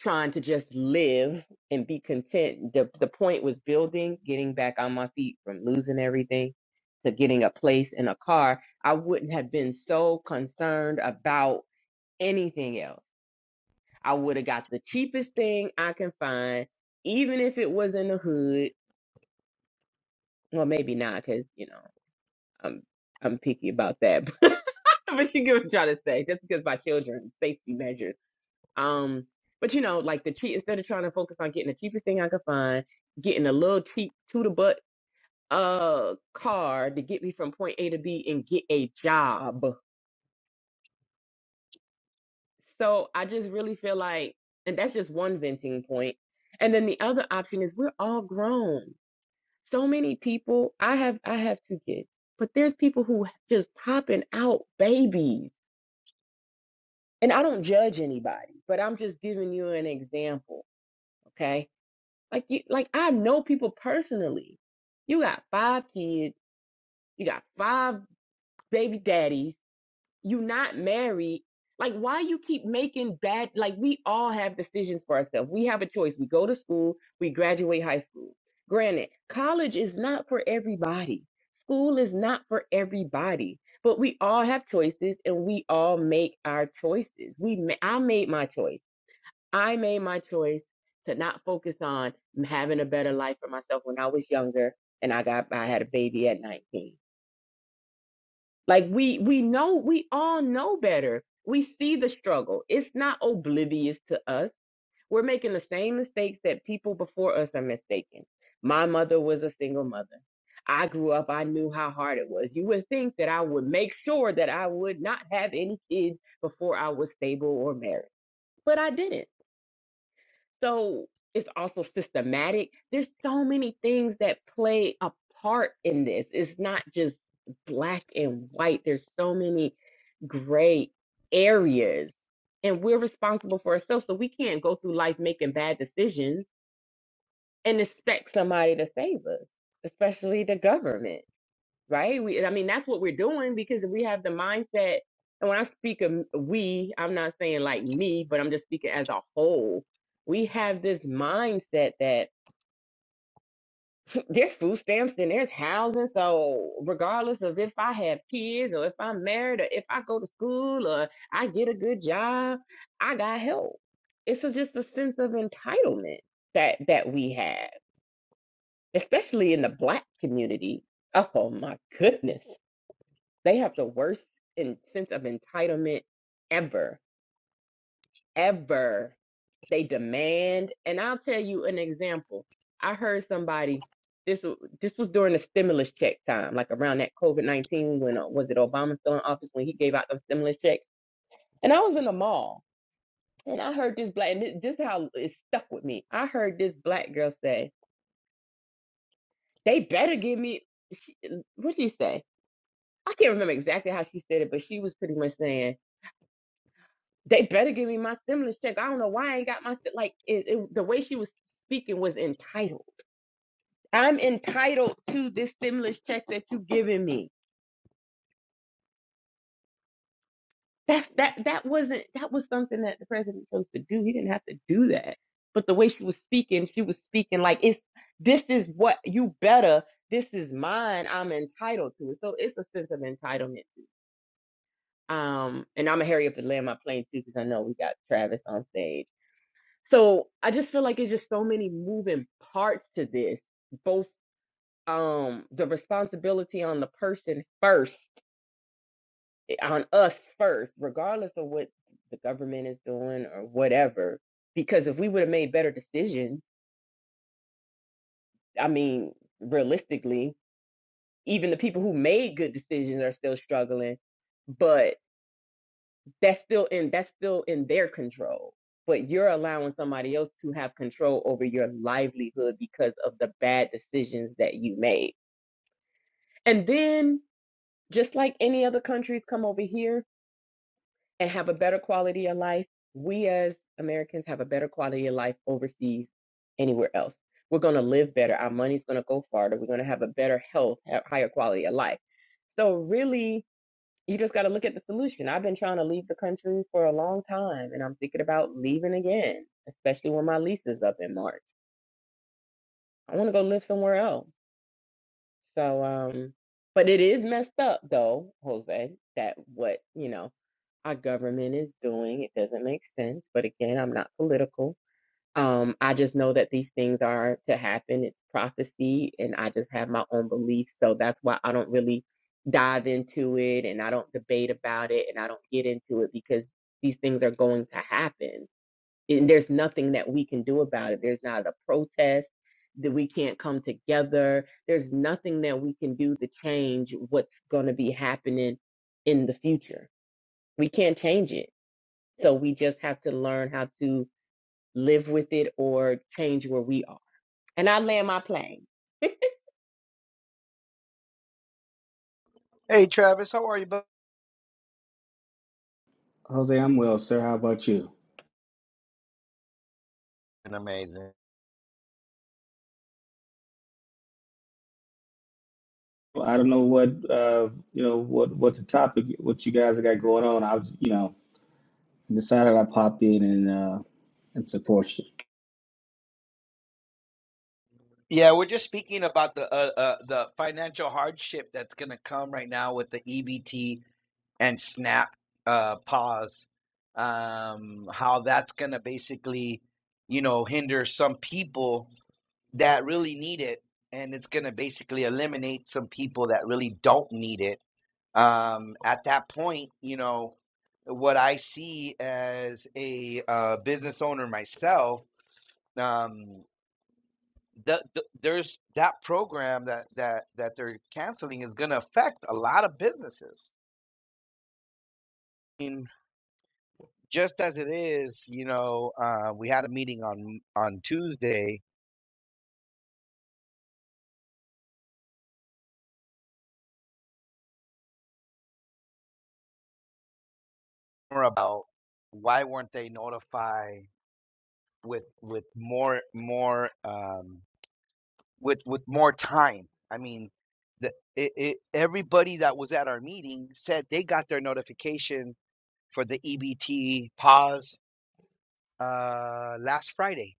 Speaker 2: trying to just live and be content, the, the point was building, getting back on my feet from losing everything to getting a place and a car. I wouldn't have been so concerned about anything else. I would have got the cheapest thing I can find, even if it was in the hood Well, maybe not, because you know I'm I'm picky about that. <laughs> but you get what I'm trying to say. Just because my children safety measures. Um, but you know, like the cheap instead of trying to focus on getting the cheapest thing I could find, getting a little cheap to the butt uh car to get me from point A to B and get a job. So I just really feel like, and that's just one venting point. And then the other option is we're all grown. so many people i have i have two kids but there's people who just popping out babies and i don't judge anybody but i'm just giving you an example okay like you like i know people personally you got five kids you got five baby daddies you're not married like why you keep making bad like we all have decisions for ourselves we have a choice we go to school we graduate high school granted college is not for everybody school is not for everybody but we all have choices and we all make our choices we ma- i made my choice i made my choice to not focus on having a better life for myself when i was younger and i got i had a baby at 19 like we we know we all know better. We see the struggle. It's not oblivious to us. We're making the same mistakes that people before us are mistaken. My mother was a single mother. I grew up, I knew how hard it was. You would think that I would make sure that I would not have any kids before I was stable or married, but I didn't so it's also systematic. There's so many things that play a part in this. It's not just black and white. There's so many gray areas. And we're responsible for ourselves. So we can't go through life making bad decisions and expect somebody to save us, especially the government right? We, I mean, that's what we're doing because we have the mindset. And when I speak of we, I'm not saying like me, but I'm just speaking as a whole. We have this mindset that <clears throat> there's food stamps and there's housing. So, regardless of if I have kids or if I'm married or if I go to school or I get a good job, I got help. It's a- just a sense of entitlement that that we have, especially in the black community. Oh my goodness. They have the worst in, sense of entitlement ever, ever. They demand, and I'll tell you an example. I heard somebody this w- this was during the stimulus check time, like around that COVID nineteen when uh, was it Obama still in office when he gave out those stimulus checks? And I was in the mall, and I heard this black, and thi- this is how it stuck with me. I heard this black girl say, "They better give me." She, what'd she say? I can't remember exactly how she said it, but she was pretty much saying. They better give me my stimulus check. I don't know why I ain't got my sti- like it, it, the way she was speaking was entitled. I'm entitled to this stimulus check that you giving me. That's that that wasn't that was something that the president chose to do. He didn't have to do that. But the way she was speaking, she was speaking like it's this is what you better. This is mine. I'm entitled to it. So it's a sense of entitlement. Um, and I'm gonna hurry up and land my plane too because I know we got Travis on stage. So I just feel like it's just so many moving parts to this, both um the responsibility on the person first, eh, on us first, regardless of what the government is doing or whatever. Because if we would have made better decisions, I mean, realistically, even the people who made good decisions are still struggling. But. that's still in that's still in their control but you're allowing somebody else to have control over your livelihood because of the bad decisions that you made and then just like any other countries come over here and have a better quality of life we as americans have a better quality of life overseas anywhere else we're going to live better our money's going to go farther we're going to have a better health ha- higher quality of life so really you just got to look at the solution. I've been trying to leave the country for a long time, and I'm thinking about leaving again, especially when my lease is up in March. I want to go live somewhere else. So, um, but it is messed up though, Jose, that what, you know, our government is doing. It doesn't make sense. But again, I'm not political. Um, I just know that these things are to happen. It's prophecy, and I just have my own beliefs. So that's why I don't really dive into it and I don't debate about it and I don't get into it because these things are going to happen. And there's nothing that we can do about it. There's not a protest that we can't come together. There's nothing that we can do to change what's going to be happening in the future. We can't change it. So we just have to learn how to live with it or change where we are. And I land my plane.
Speaker 1: Hey, Travis, how are you? bud?
Speaker 3: Jose, I'm well, sir. How about you?
Speaker 1: Amazing.
Speaker 3: Well, I don't know what uh, you know what what the topic what you guys got going on. I was, you know decided I pop in and uh, and support you.
Speaker 1: Yeah, we're just speaking about the uh, uh, the financial hardship that's going to come right now with the EBT and SNAP uh, pause. Um, how that's going to basically, you know, hinder some people that really need it, and it's going to basically eliminate some people that really don't need it. Um, at that point, you know, what I see as a uh, business owner myself, um, the, the, there's that program that that that they're canceling is going to affect a lot of businesses. In just as it is, you know, uh, we had a meeting on on Tuesday about why weren't they notified with with more more um with with more time i mean the it, it everybody that was at our meeting said they got their notification for the ebt pause uh last friday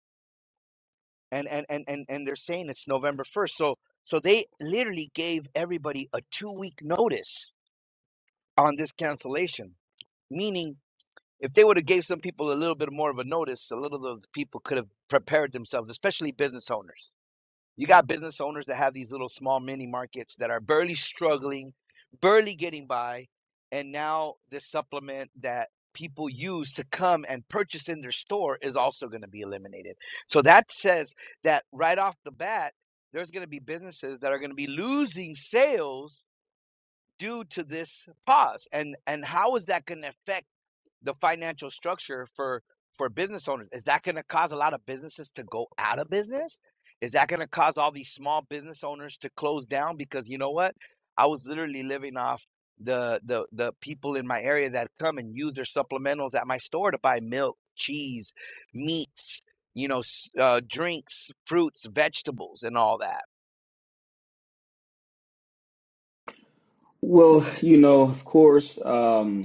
Speaker 1: and and and and, and they're saying it's november 1st so so they literally gave everybody a two week notice on this cancellation meaning if they would have gave some people a little bit more of a notice a little of the people could have prepared themselves especially business owners You got business owners that have these little small mini markets that are barely struggling, barely getting by, and now this supplement that people use to come and purchase in their store is also going to be eliminated. So that says that right off the bat, there's going to be businesses that are going to be losing sales due to this pause. And and how is that going to affect the financial structure for for business owners is that going to cause a lot of businesses to go out of business is that going to cause all these small business owners to close down because you know what i was literally living off the the the people in my area that come and use their supplementals at my store to buy milk cheese meats you know s- uh, drinks fruits vegetables and all that
Speaker 3: Well, you know, of course. Um,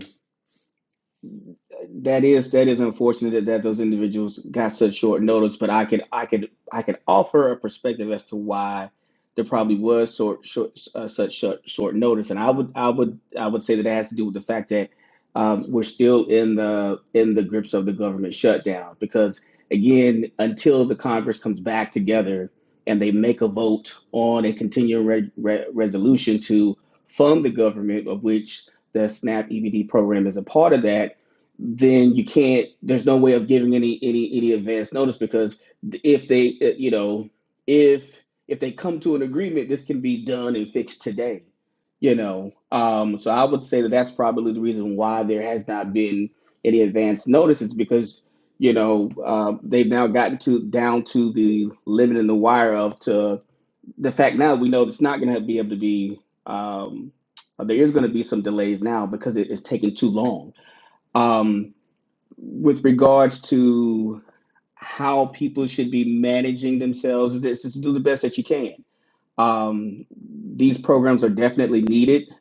Speaker 3: that is that is unfortunate that, that those individuals got such short notice, but I could I could I could offer a perspective as to why there probably was short, short uh, such short, short notice, and I would I would I would say that it has to do with the fact that um, we're still in the in the grips of the government shutdown because again until the Congress comes back together and they make a vote on a continuing re- re- resolution to fund the government of which the SNAP EBD program is a part of that then you can't there's no way of giving any any any advance notice because if they uh, you know if if they come to an agreement this can be done and fixed today you know um so i would say that that's probably the reason why there has not been any advance notices because you know uh, they've now gotten to down to the limit in the wire of to the fact now we know it's not going to be able to be um there is going to be some delays now because it is taking too long um with regards to how people should be managing themselves is just to do the best that you can. Um, these programs are definitely needed.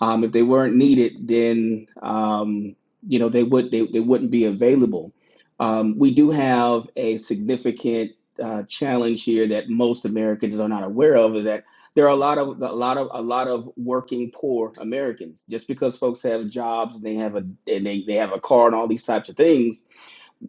Speaker 3: Um, if they weren't needed, then um, you know they would they, they wouldn't be available. Um, we do have a significant uh, challenge here that most Americans are not aware of is that there are a lot of a lot of a lot of working poor Americans. Just because folks have jobs and they have a and they, they have a car and all these types of things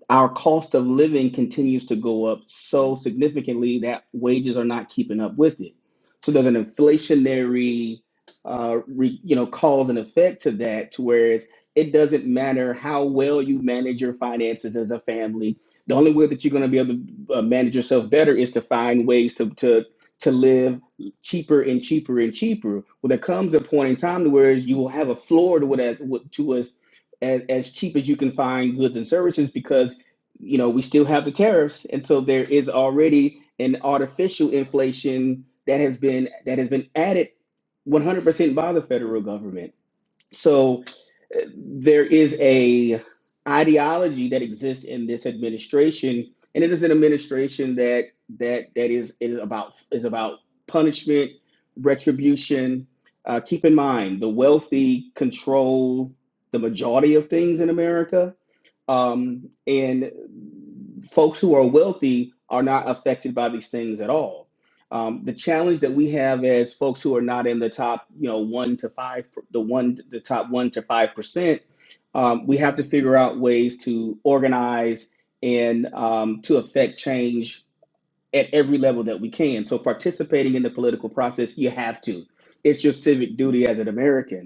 Speaker 3: our cost of living continues to go up so significantly that wages are not keeping up with it. So there's an inflationary, uh, re, you know, cause and effect to that, to whereas it doesn't matter how well you manage your finances as a family. The only way that you're going to be able to uh, manage yourself better is to find ways to to to live cheaper and cheaper and cheaper. Well, there comes a point in time to where you will have a floor to what, to what to as as, as cheap as you can find goods and services because you know, we still have the tariffs, and so there is already an artificial inflation that has been that has been added 100% by the federal government. So uh, there is a ideology that exists in this administration, and it is an administration that that that is is about is about punishment, retribution. Uh, keep in mind, the wealthy control the majority of things in America um, and folks who are wealthy are not affected by these things at all. Um, the challenge that we have as folks who are not in the top, you know, one to five, the one, the top one to five percent, um, we have to figure out ways to organize and um, to affect change at every level that we can. So, participating in the political process, you have to. It's your civic duty as an American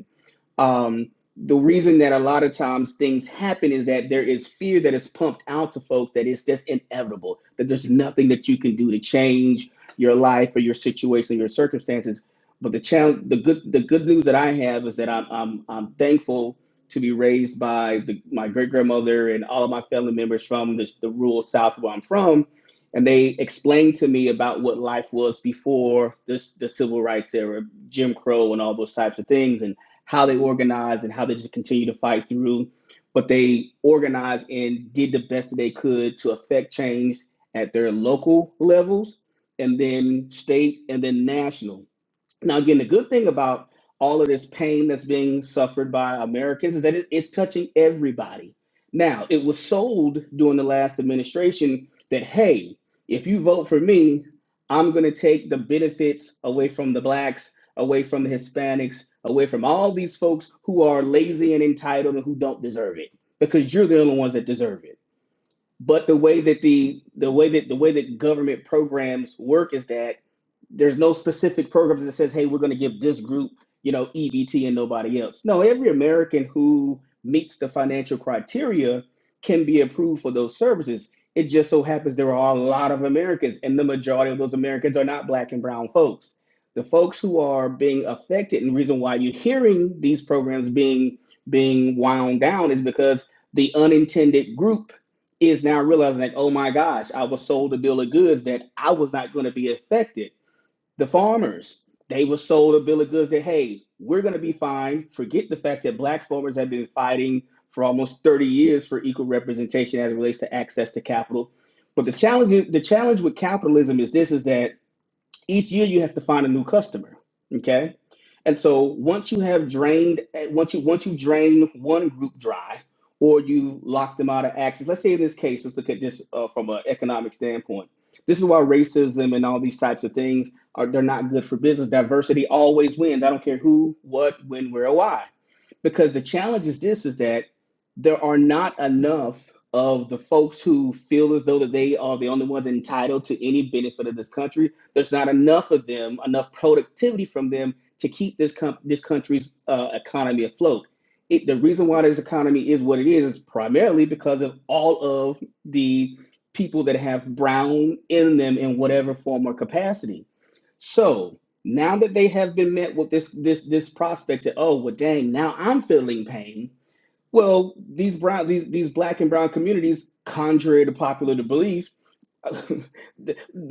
Speaker 3: um, the reason that a lot of times things happen is that there is fear that is pumped out to folks that it's just inevitable, that there's nothing that you can do to change your life or your situation, your circumstances. But the challenge, the good, the good news that I have is that I'm, I'm, I'm thankful to be raised by the, my great grandmother and all of my family members from the, the rural South where I'm from. And they explained to me about what life was before this, the civil rights era, Jim Crow and all those types of things. And how they organized and how they just continued to fight through. But they organized and did the best that they could to affect change at their local levels and then state and then national. Now, again, the good thing about all of this pain that's being suffered by Americans is that it- it's touching everybody. Now, it was sold during the last administration that, hey, if you vote for me, I'm going to take the benefits away from the blacks, away from the Hispanics, away from all these folks who are lazy and entitled and who don't deserve it because you're the only ones that deserve it but the way that the the way that the way that government programs work is that there's no specific programs that says hey we're going to give this group you know ebt and nobody else no every american who meets the financial criteria can be approved for those services it just so happens there are a lot of americans and the majority of those americans are not black and brown folks the folks who are being affected and the reason why you're hearing these programs being being wound down is because the unintended group is now realizing that oh my gosh, I was sold a bill of goods that I was not going to be affected. The farmers, they were sold a bill of goods that, hey, we're going to be fine. Forget the fact that black farmers have been fighting for almost 30 years for equal representation as it relates to access to capital. But the challenge, the challenge with capitalism is this is that each year you have to find a new customer okay and so once you have drained once you once you drain one group dry or you lock them out of access let's say in this case let's look at this uh, from an economic standpoint this is why racism and all these types of things are they're not good for business diversity always wins i don't care who what when where or why because the challenge is this is that there are not enough of the folks who feel as though that they are the only ones entitled to any benefit of this country there's not enough of them enough productivity from them to keep this com- this country's uh, economy afloat it, the reason why this economy is what it is is primarily because of all of the people that have brown in them in whatever form or capacity so now that they have been met with this this this prospect that oh well dang now I'm feeling pain. Well, these brown these these black and brown communities, contrary to popular belief, <laughs>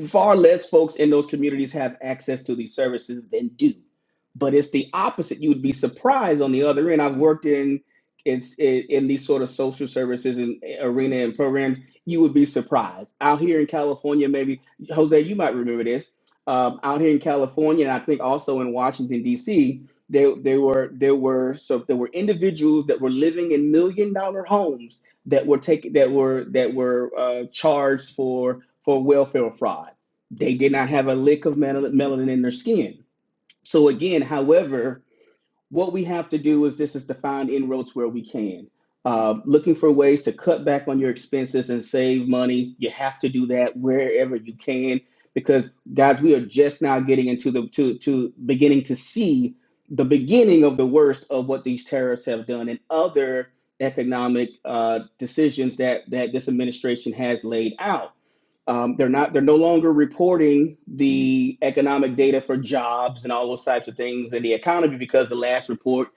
Speaker 3: Far less folks in those communities have access to these services than do. But it's the opposite. You would be surprised on the other end. I've worked in it's in, in these sort of social services and eh, arena and programs. You would be surprised out here in California. Maybe Jose, you might remember this. Um, out here in California, and I think also in Washington D.C., there there were there were so there were individuals that were living in million dollar homes that were taken that were that were uh, charged for for welfare fraud. They did not have a lick of melanin in their skin. So again, however, what we have to do is this is to find inroads where we can. Uh, looking for ways to cut back on your expenses and save money. You have to do that wherever you can because guys, we are just now getting into the to to beginning to see the beginning of the worst of what these terrorists have done and other economic uh, decisions that that this administration has laid out. Um, they're not. They're no longer reporting the economic data for jobs and all those types of things in the economy because the last report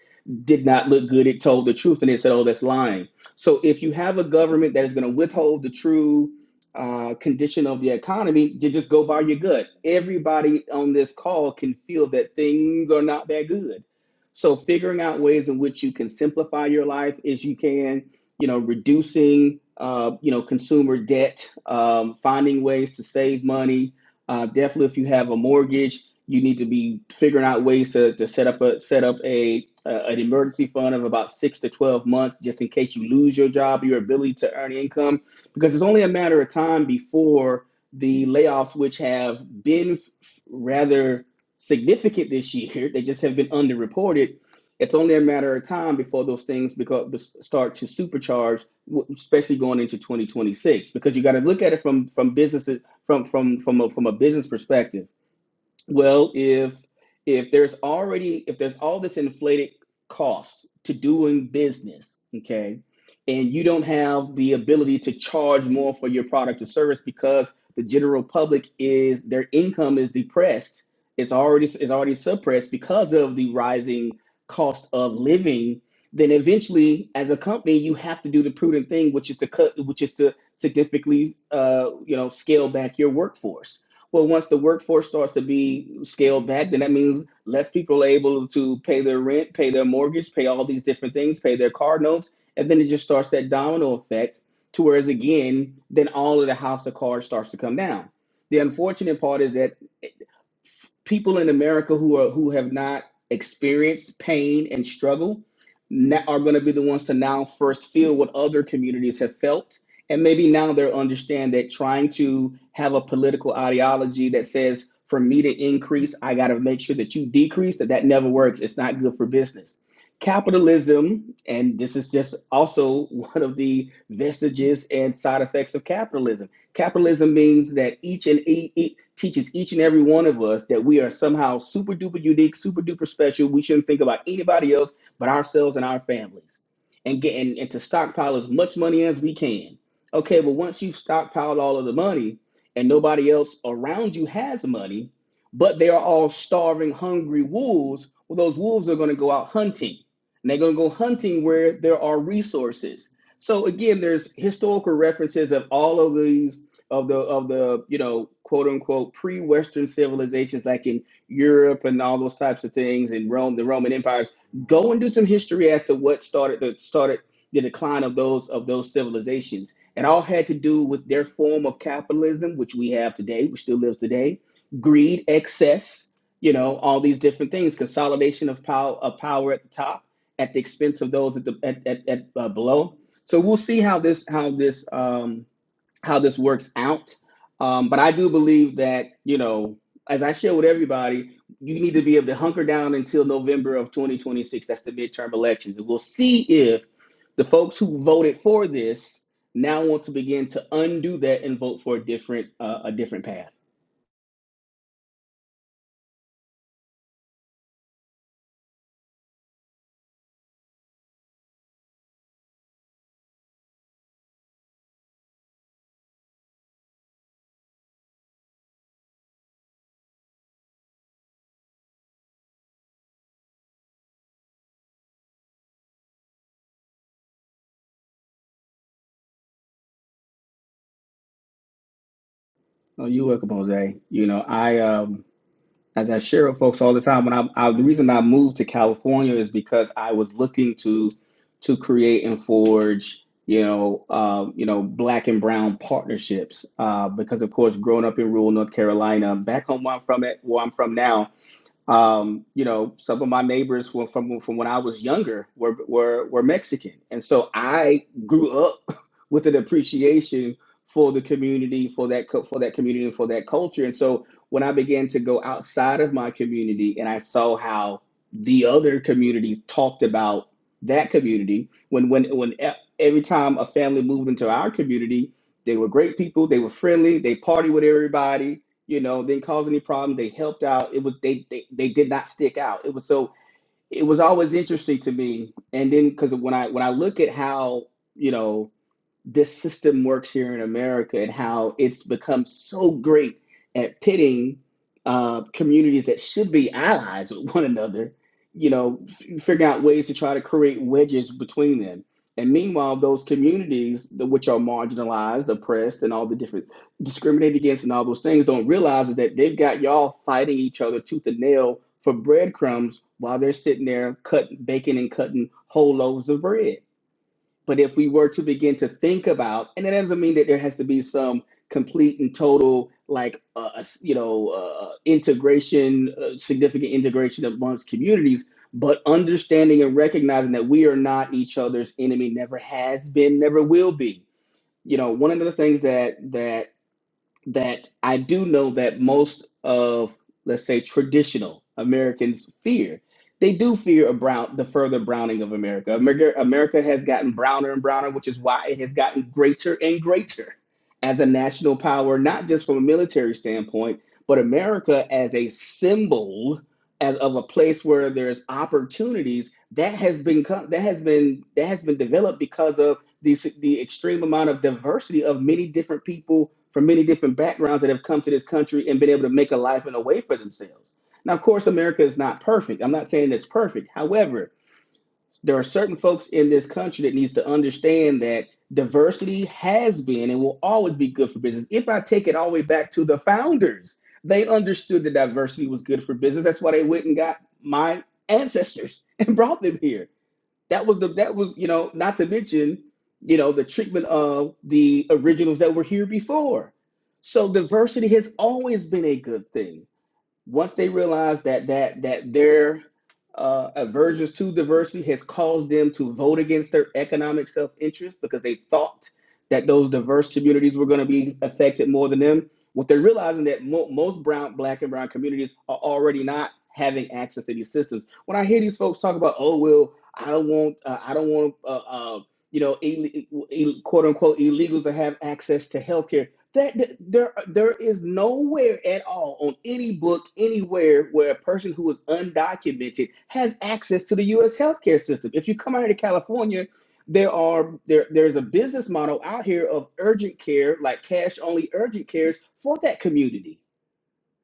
Speaker 3: did not look good. It told the truth, and it said, "Oh, that's lying." So if you have a government that is going to withhold the true uh, condition of the economy, you just go by your gut. Everybody on this call can feel that things are not that good. So figuring out ways in which you can simplify your life as you can you know, reducing, uh, you know, consumer debt, um, finding ways to save money. Uh, definitely, if you have a mortgage, you need to be figuring out ways to, to set up a set up a, a an emergency fund of about six to twelve months, just in case you lose your job, your ability to earn income, because it's only a matter of time before the layoffs, which have been rather significant this year, <laughs> they just have been underreported it's only a matter of time before those things become, start to supercharge, especially going into 2026, because you got to look at it from from businesses from from from a, from a business perspective well, if if there's already if there's all this inflated cost to doing business, okay, and you don't have the ability to charge more for your product or service because the general public is their income is depressed. It's already it's already suppressed because of the rising cost of living. Then eventually, as a company, you have to do the prudent thing, which is to cut, which is to significantly, uh, you know, scale back your workforce well, once the workforce starts to be scaled back, then that means less people are able to pay their rent, pay their mortgage, pay all these different things, pay their car notes, and then it just starts that domino effect to whereas again, then all of the house of cards starts to come down. The unfortunate part is that people in America who are who have not experienced pain and struggle na are going to be the ones to now first feel what other communities have felt, and maybe now they'll understand that trying to have a political ideology that says for me to increase, I got to make sure that you decrease that that never works. It's not good for business. Capitalism, and this is just also <laughs> one of the vestiges and side effects of capitalism Capitalism means that each and e- e- teaches each and every one of us that we are somehow super duper unique, super duper special. We shouldn't think about anybody else but ourselves and our families, and get and, and to stockpile as much money as we can. Okay, but once you've stockpiled all of the money and nobody else around you has money, but they are all starving, hungry wolves, well, those wolves are going to go out hunting, and they're going to go hunting where there are resources. So again, there's historical references of all of these of the of the you know quote unquote pre-Western civilizations like in Europe and all those types of things and Rome, the Roman empires. Go and do some history as to what started the started the decline of those of those civilizations. It all had to do with their form of capitalism, which we have today, which still lives today, greed, excess, you know, all these different things, consolidation of power of power at the top at the expense of those at the at, at, at uh, below. So we'll see how this how this um, how this works out. Um, but I do believe that, you know, as I share with everybody, you need to be able to hunker down until November of 2026. That's the midterm elections. And we'll see if the folks who voted for this now want to begin to undo that and vote for a different uh, a different path. Oh, you're welcome, Jose. You know, I um, as I share with folks all the time, when I, I the reason I moved to California is because I was looking to to create and forge, you know, uh, you know, black and brown partnerships. Uh, because of course, growing up in rural North Carolina, back home where I'm from, it where I'm from now, um, you know, some of my neighbors were from from when I was younger were were were Mexican, and so I grew up <laughs> with an appreciation for the community, for that co- for that community, and for that culture. And so when I began to go outside of my community, and I saw how the other community talked about that community, when when when e- every time a family moved into our community, they were great people, they were friendly, they party with everybody, you know, didn't cause any problem. They helped out. It was they they, they did not stick out. It was so it was always interesting to me. And then because when I when I look at how you know this system works here in America and how it's become so great at pitting uh, communities that should be allies with one another, you know, f- figuring out ways to try to create wedges between them. And meanwhile, those communities, which are marginalized, oppressed, and all the different discriminated against and all those things, don't realize that they've got y'all fighting each other tooth and nail for breadcrumbs while they're sitting there cutting, baking and cutting whole loaves of bread but if we were to begin to think about, and it doesn't mean that there has to be some complete and total, like, uh, uh, s- you know, uh, uh, integration, uh, significant integration amongst communities, but understanding and recognizing that we are not each other's enemy, never has been, never will be. You know, one of the things that that that I do know that most of, let's say, traditional Americans fear. They do fear a brown, the further browning of America. America. America has gotten browner and browner, which is why it has gotten greater and greater as a national power, not just from a military standpoint, but America as a symbol as of a place where there's opportunities that has been co- that has been that has been developed because of the the extreme amount of diversity of many different people from many different backgrounds that have come to this country and been able to make a life and a way for themselves. Now, of course, America is not perfect. I'm not saying it's perfect. However, there are certain folks in this country that needs to understand that diversity has been and will always be good for business. If I take it all the way back to the founders, they understood that diversity was good for business. That's why they went and got my ancestors <laughs> and brought them here that was the that was, you know, not to mention, you know, the treatment of the originals that were here before. So diversity has always been a good thing once they realize that that that their uh, aversions to diversity has caused them to vote against their economic self-interest because they thought that those diverse communities were going to be affected more than them. What they're realizing that mo- most brown, black, and brown communities are already not having access to these systems. When I hear these folks talk about, oh well, I don't want, uh, I don't want, uh, uh, you know, quote unquote illegals to have access to healthcare. That, that there there is nowhere at all on any book anywhere where a person who is undocumented has access to the U.S. healthcare system. If you come out here to California, there are there there's a business model out here of urgent care, like cash only urgent cares for that community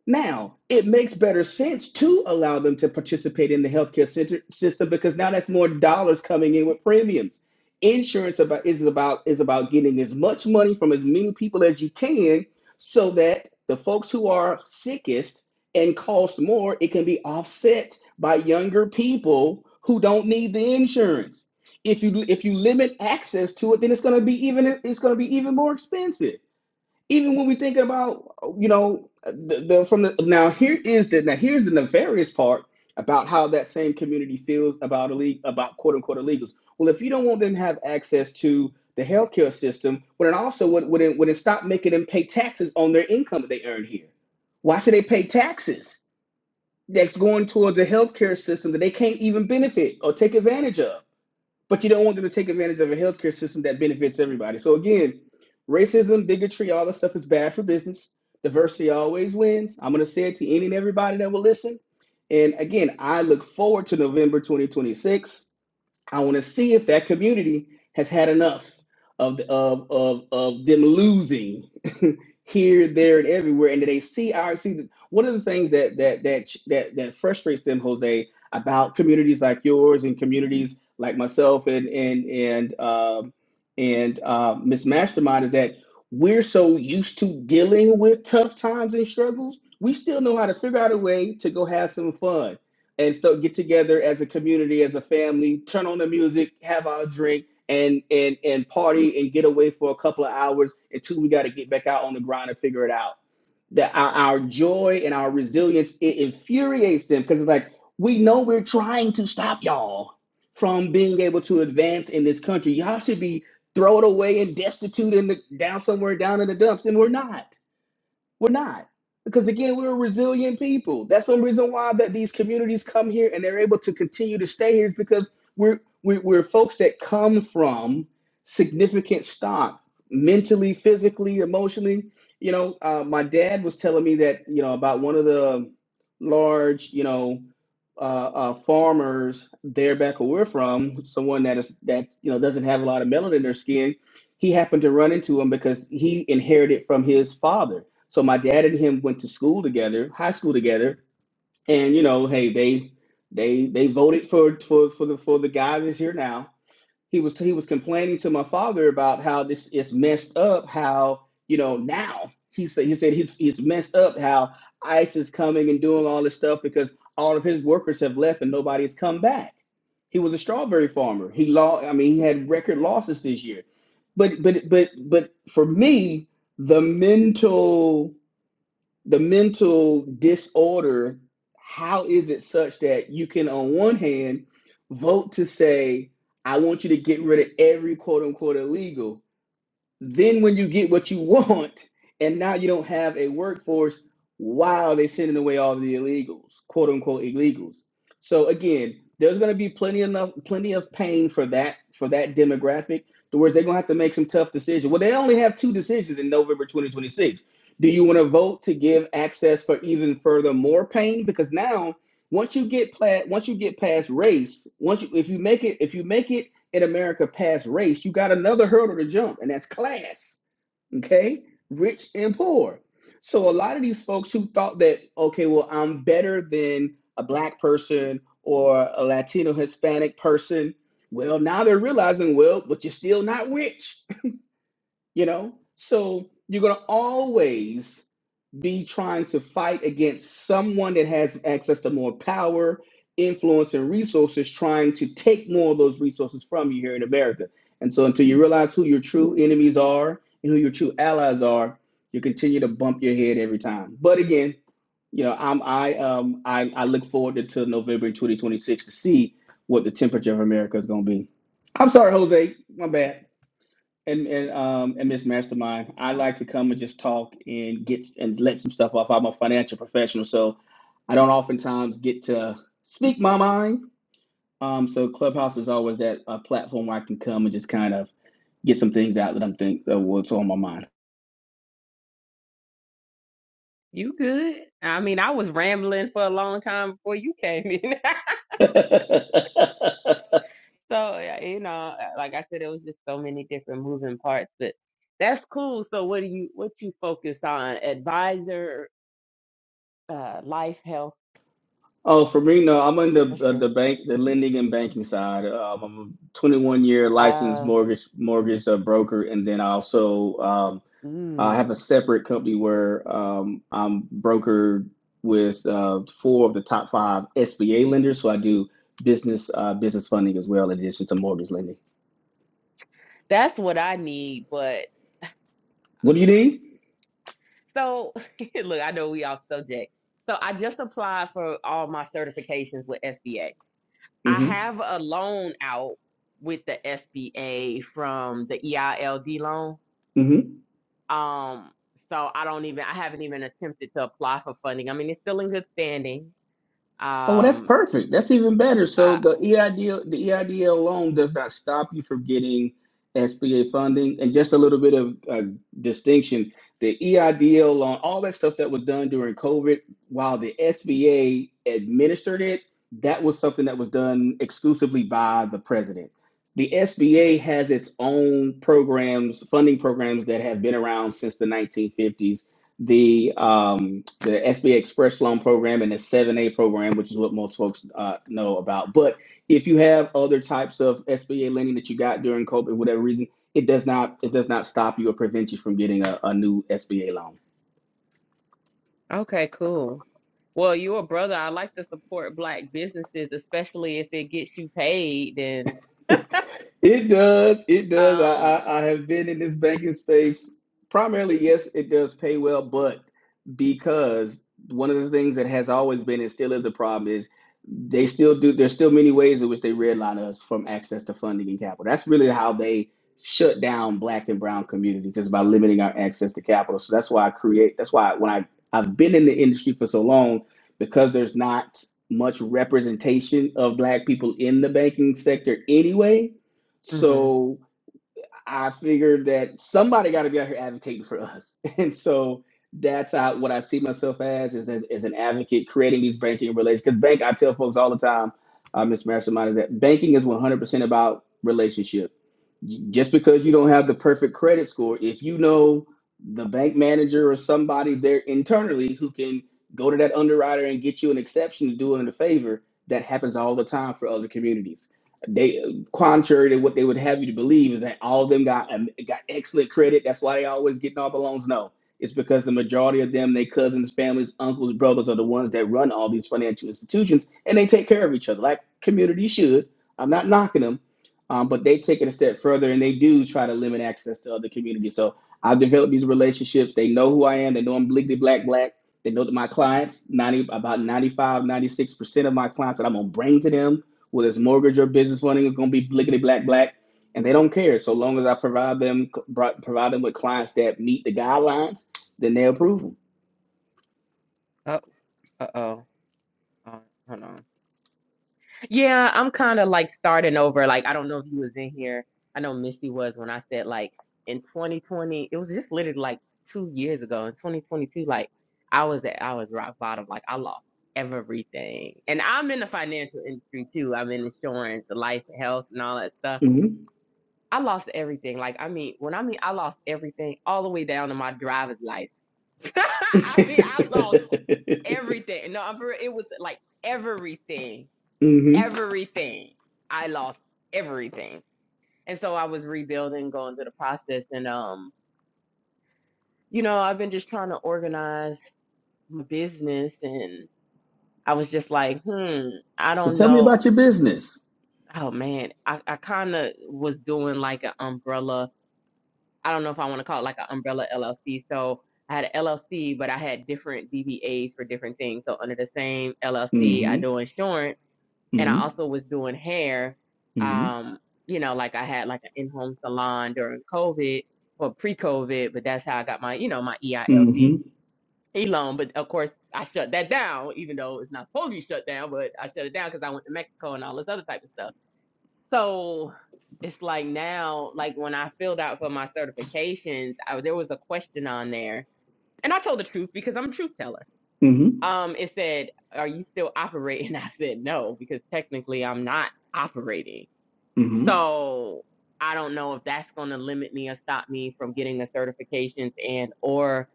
Speaker 3: now, it makes better sense to allow them to participate in the healthcare center, system because now that's more dollars coming in with premiums. Insurance about is about is about getting as much money from as many people as you can so that the folks who are sickest and cost more, it can be offset by younger people who don't need the insurance. If you if you limit access to it, then it's going to be even it's going to be even more expensive even when we thinking about you know the, the from the now here is the now here's the nefarious part about how that same community feels about illegal about quote unquote illegals. Well, if you don't want them to have access to the healthcare system, well, then also would would it, would it stop making them pay taxes on their income that they earn here? Why should they pay taxes that's going towards the healthcare system that they can't even benefit or take advantage of? but you don't want them to take advantage of a healthcare system that benefits everybody. So again, racism, bigotry, all this stuff is bad for business. Diversity always wins. I'm going to say it to any and everybody that will listen. And again, I look forward to November 2026. I want to see if that community has had enough of of of, of them losing <laughs> here, there, and everywhere, and that they see our see. The, one of the things that that that that that frustrates them, Jose, about communities like yours and communities like myself and and and um and uh, Miss Mastermind is that we're so used to dealing with tough times and struggles, we still know how to figure out a way to go have some fun and so get together as a community, as a family, turn on the music, have our drink, and and and party and get away for a couple of hours until we got to get back out on the grind and figure it out. That our, our joy and our resilience it infuriates them because it's like we know we're trying to stop y'all from being able to advance in this country. Y'all should be thrown away and destitute and down somewhere down in the dumps, and we're not. We're not. Because again, we're a resilient people. That's the reason why that these communities come here and they're able to continue to stay here is because we're we're, we're folks that come from significant stock, mentally, physically, emotionally. You know, uh, my dad was telling me that you know about one of the large you know uh, uh, farmers there back where we're from, someone that is that you know doesn't have a lot of melanin in their skin. He happened to run into him because he inherited from his father so my dad and him went to school together, high school together, and you know, hey, they they they voted for for for the for the guy that's here Now he was he was complaining to my father about how this is messed up. How you know now he said he said he's he's messed up. How ICE is coming and doing all this stuff because all of his workers have left and nobody has come back. He was a strawberry farmer. He lost. I mean he had record losses this year. But but but but for me, the mental the mental disorder, how is it such that you can, on one hand, vote to say, I want you to get rid of every quote unquote illegal, then when you get what you <laughs> want, and now you don't have a workforce, while they're sending away all the illegals, quote unquote illegals. So again, there's gonna be plenty enough plenty of pain for that for that demographic. The words they're gonna have to make some tough decisions. Well, they only have two decisions in November 2026. Do you want to vote to give access for even further more pain? Because now, once you get pla- once you get past race, once you if you make it if you make it in America past race, you got another hurdle to jump, and that's class. Okay, rich and poor. So a lot of these folks who thought that okay, well, I'm better than a black person or a Latino Hispanic person. Well, now they're realizing, well, but you're still not rich you know so you're going to always be trying to fight against someone that has access to more power influence and resources trying to take more of those resources from you here in america and so until you realize who your true enemies are and who your true allies are you continue to bump your head every time but again you know i'm i um i, I look forward to, to november in 2026 to see what the temperature of america is going to be i'm sorry jose my bad and and um and Miss Mastermind, I like to come and just talk and get and let some stuff off. I'm a financial professional, so I don't oftentimes get to speak my mind. Um, so Clubhouse is always that uh, platform where I can come and just kind of get some things out that I'm think uh, what's on my mind.
Speaker 2: You good? I mean, I was rambling for a long time before you came in. <laughs>
Speaker 3: <laughs>
Speaker 2: so, yeah, you know, like I said, it was just so many different moving parts, but that's cool. So what do you, what you focus on? Advisor, uh, life, health,
Speaker 3: oh, for me, no, I'm on
Speaker 2: for
Speaker 3: the uh,
Speaker 2: sure.
Speaker 3: the bank, the lending and banking side. Um, I'm a 21 year licensed
Speaker 2: Uh,
Speaker 3: mortgage mortgage uh, broker, and then I also um. I have
Speaker 2: mm,
Speaker 3: a separate company where um, I'm brokered with uh, four of the top five SBA lenders. So I do business uh, business funding as well, in addition to mortgage lending.
Speaker 2: that's what I need, but I
Speaker 3: What do you
Speaker 2: don't know.
Speaker 3: need?
Speaker 2: So <laughs> look, I know we off subject. So I just applied for all my certifications with SBA I
Speaker 3: hmm
Speaker 2: have a loan out with the SBA from the EILD loan.
Speaker 3: hmm
Speaker 2: Um, so I don't even I haven't even attempted to apply for funding. I mean, it's still in good standing.
Speaker 3: Oh, well, that's
Speaker 2: Um,
Speaker 3: perfect. That's even better. So
Speaker 2: I,
Speaker 3: the EIDL, the EIDL loan does not stop you from getting SBA funding. And just a little bit of uh, distinction, the EIDL loan, all that stuff that was done during COVID, while the SBA administered it, that was something that was done exclusively by the president. The SBA has its own programs, funding programs that have been around since the 1950s the um, the SBA Express Loan Program and the 7A program, which is what most folks uh, know about. But if you have other types of SBA lending that you got during COVID, whatever reason, it does not it does not stop you or prevent you from getting a, a new SBA loan.
Speaker 2: okay, cool. Well, you're a brother. I like to support black businesses, especially if it gets you paid. Then.
Speaker 3: It does. It does. I,
Speaker 2: um,
Speaker 3: I, I have been in this banking space primarily. Yes, it does pay well, but because one of the things that has always been and still is a problem is they still do. There's still many ways in which they redline us from access to funding and capital. That's really how they shut down black and brown communities is by limiting our access to capital. So that's why I create. That's why when I I've been in the industry for so long because there's not much representation of black people in the banking sector anyway
Speaker 2: mhm.
Speaker 3: so I figured that somebody got to be out here advocating for us, <laughs> and so that's how, what I see myself as is as, as an advocate creating these banking relations. Because bank, I tell folks all the time, uh, Miss Mastermind, is that banking is one hundred percent about relationships just because you don't have the perfect credit score, if you know the bank manager or somebody there internally who can go to that underwriter and get you an exception to do it in a favor, that happens all the time for other communities. They contrary to what they would have you to believe is that all of them got um, got excellent credit. That's why they always getting all the loans. No, it's because the majority of them, their cousins, families, uncles, brothers are the ones that run all these financial institutions, and they take care of each other like communities should. I'm not knocking them. Um, but they take it a step further and they do try to limit access to other communities. So I've developed these relationships. They know who I am. They know I'm bliggly black black. They know that my clients, 90, about ninety five, ninety six percent of my clients that I'm going to bring to them, whether it's mortgage or business funding, is going to be bliggly black black. And they don't care. So long as I provide them provide them with clients that meet the guidelines, then they approve
Speaker 2: oh, uh oh, hold on. Yeah, I'm kind of like starting over. Like, I don't know if you was in here. I know Misty was when I said like in 2020, it was just literally like two years ago in 2022. Like, I was at I was rock bottom. Like, I lost everything, and I'm in the financial industry too. I'm in insurance, the life, and health, and all that stuff.
Speaker 3: them.
Speaker 2: I lost everything. Like, I mean, when I mean I lost everything, all the way down to my driver's license. <laughs> I mean, I lost
Speaker 3: Mm-hmm. <laughs>
Speaker 2: everything. No, I'm for real, it was like everything
Speaker 3: Mm hmm
Speaker 2: everything. I lost everything. And so I was rebuilding, going through the process. And, um, you know, I've been just trying to organize my business. And I was just like, hmm, I
Speaker 3: So
Speaker 2: don't
Speaker 3: tell me
Speaker 2: know.
Speaker 3: about your business.
Speaker 2: Oh, man. I, I kind of was doing like an umbrella. I don't know if I want to call it like an umbrella LLC. So I had an LLC, but I had different DBAs for different things. So under the same LLC, I
Speaker 3: Mm-hmm.
Speaker 2: do insurance and I
Speaker 3: Mm-hmm.
Speaker 2: also was doing hair.
Speaker 3: Mm-hmm.
Speaker 2: Um, you know, like I had like an in-home salon during COVID or pre-COVID, but that's how I got my, you know, my EILD
Speaker 3: Mm-hmm.
Speaker 2: E loan. But of course, I shut that down, even though it's not supposed to be shut down, but I shut it down because I went to Mexico and all this other type of stuff. So it's like now, like when I filled out for my certifications, I, there was a question on there, and I told the truth because I'm a truth teller
Speaker 3: hmm
Speaker 2: um, it said, "Are you still operating?" <laughs> I said, "No, because technically I'm not operating."
Speaker 3: hmm
Speaker 2: So I don't know if that's going to limit me or stop me from getting the certifications and or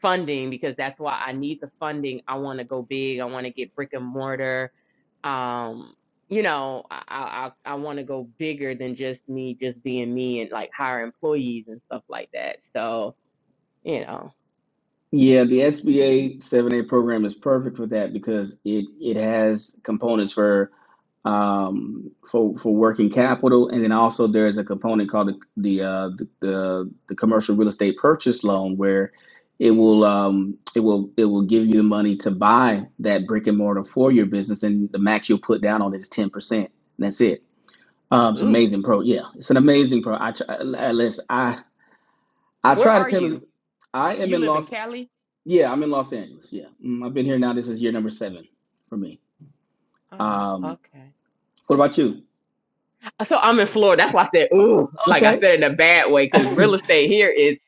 Speaker 2: funding because that's why I need the funding. I want to go big. I want to get brick and mortar. Um, you know, I I I want to go bigger than just me, just being me, and like hire employees and stuff like that. So you know,
Speaker 3: Yeah, the SBA 7A program is perfect for that because it it has components for um for for working capital and then also there's a component called the the uh, the, the the commercial real estate purchase loan where it will um it will it will give you the money to buy that brick and mortar for your business and the max you'll put down on it is 10% that's it um it's
Speaker 2: ooh,
Speaker 3: amazing pro yeah it's an amazing pro i try, I- i i
Speaker 2: where
Speaker 3: try to
Speaker 2: are
Speaker 3: tell
Speaker 2: you?
Speaker 3: i am
Speaker 2: You
Speaker 3: in
Speaker 2: live in
Speaker 3: loss
Speaker 2: Cali?
Speaker 3: Yeah, I'm in Los Angeles. Yeah, mm, I've been here now. This is year number seven for me.
Speaker 2: Ah,
Speaker 3: Um,
Speaker 2: okay.
Speaker 3: what about you?
Speaker 2: So I'm in Florida. That's why I said, ooh, like I
Speaker 3: Okay.
Speaker 2: said in a bad way, because real
Speaker 3: <laughs>
Speaker 2: estate here is,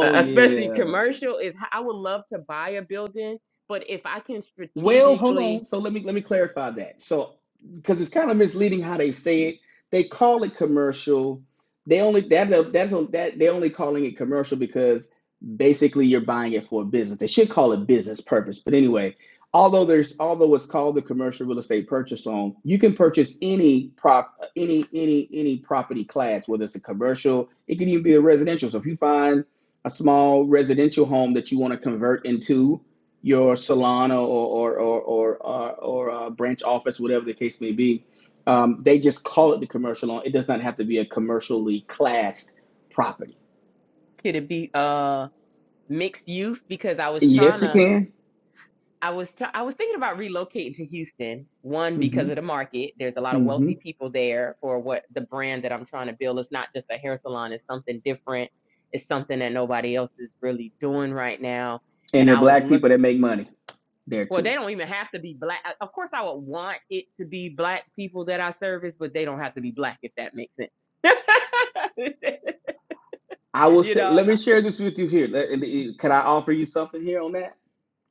Speaker 2: uh,
Speaker 3: Yeah.
Speaker 2: especially
Speaker 3: yeah.
Speaker 2: commercial, is h- I would love to buy a building, but if I can
Speaker 3: Well, hold
Speaker 2: strategically,
Speaker 3: on. So let me let me clarify that. So because it's kind of misleading how they say it. They call it commercial. They only that that's on that they're only calling it commercial because basically you're buying it for a business. They should call it business purpose. But anyway, although there's although it's called the commercial real estate purchase loan, you can purchase any prop any any any property class, whether it's a commercial, it could even be a residential. So if you find a small residential home that you want to convert into your Solana or or or or, uh, or uh, branch office, whatever the case may be. Um, they just call it the commercial loan. It does not have to be a commercially classed property.
Speaker 2: could it be uh mixed use? Because I was trying
Speaker 3: Yes, it
Speaker 2: to,
Speaker 3: can.
Speaker 2: I was, try I was thinking about relocating to Houston. One because
Speaker 3: hmm
Speaker 2: of the market. There's a lot of
Speaker 3: hmm
Speaker 2: wealthy people there for what the brand that I'm trying to build. It's not just a hair salon. It's something different. It's something that nobody else is really doing right now.
Speaker 3: And
Speaker 2: And
Speaker 3: there are
Speaker 2: I was
Speaker 3: black
Speaker 2: looking
Speaker 3: people that make money there
Speaker 2: Well, they
Speaker 3: too.
Speaker 2: don't even have to be black. Of course, I would want it to be black people that I service, but they don't have to be black if that makes sense.
Speaker 3: I
Speaker 2: <laughs>
Speaker 3: will
Speaker 2: you
Speaker 3: say,
Speaker 2: know,
Speaker 3: let me
Speaker 2: I-
Speaker 3: share this with you here. Let- uh, Can I offer you something here on that?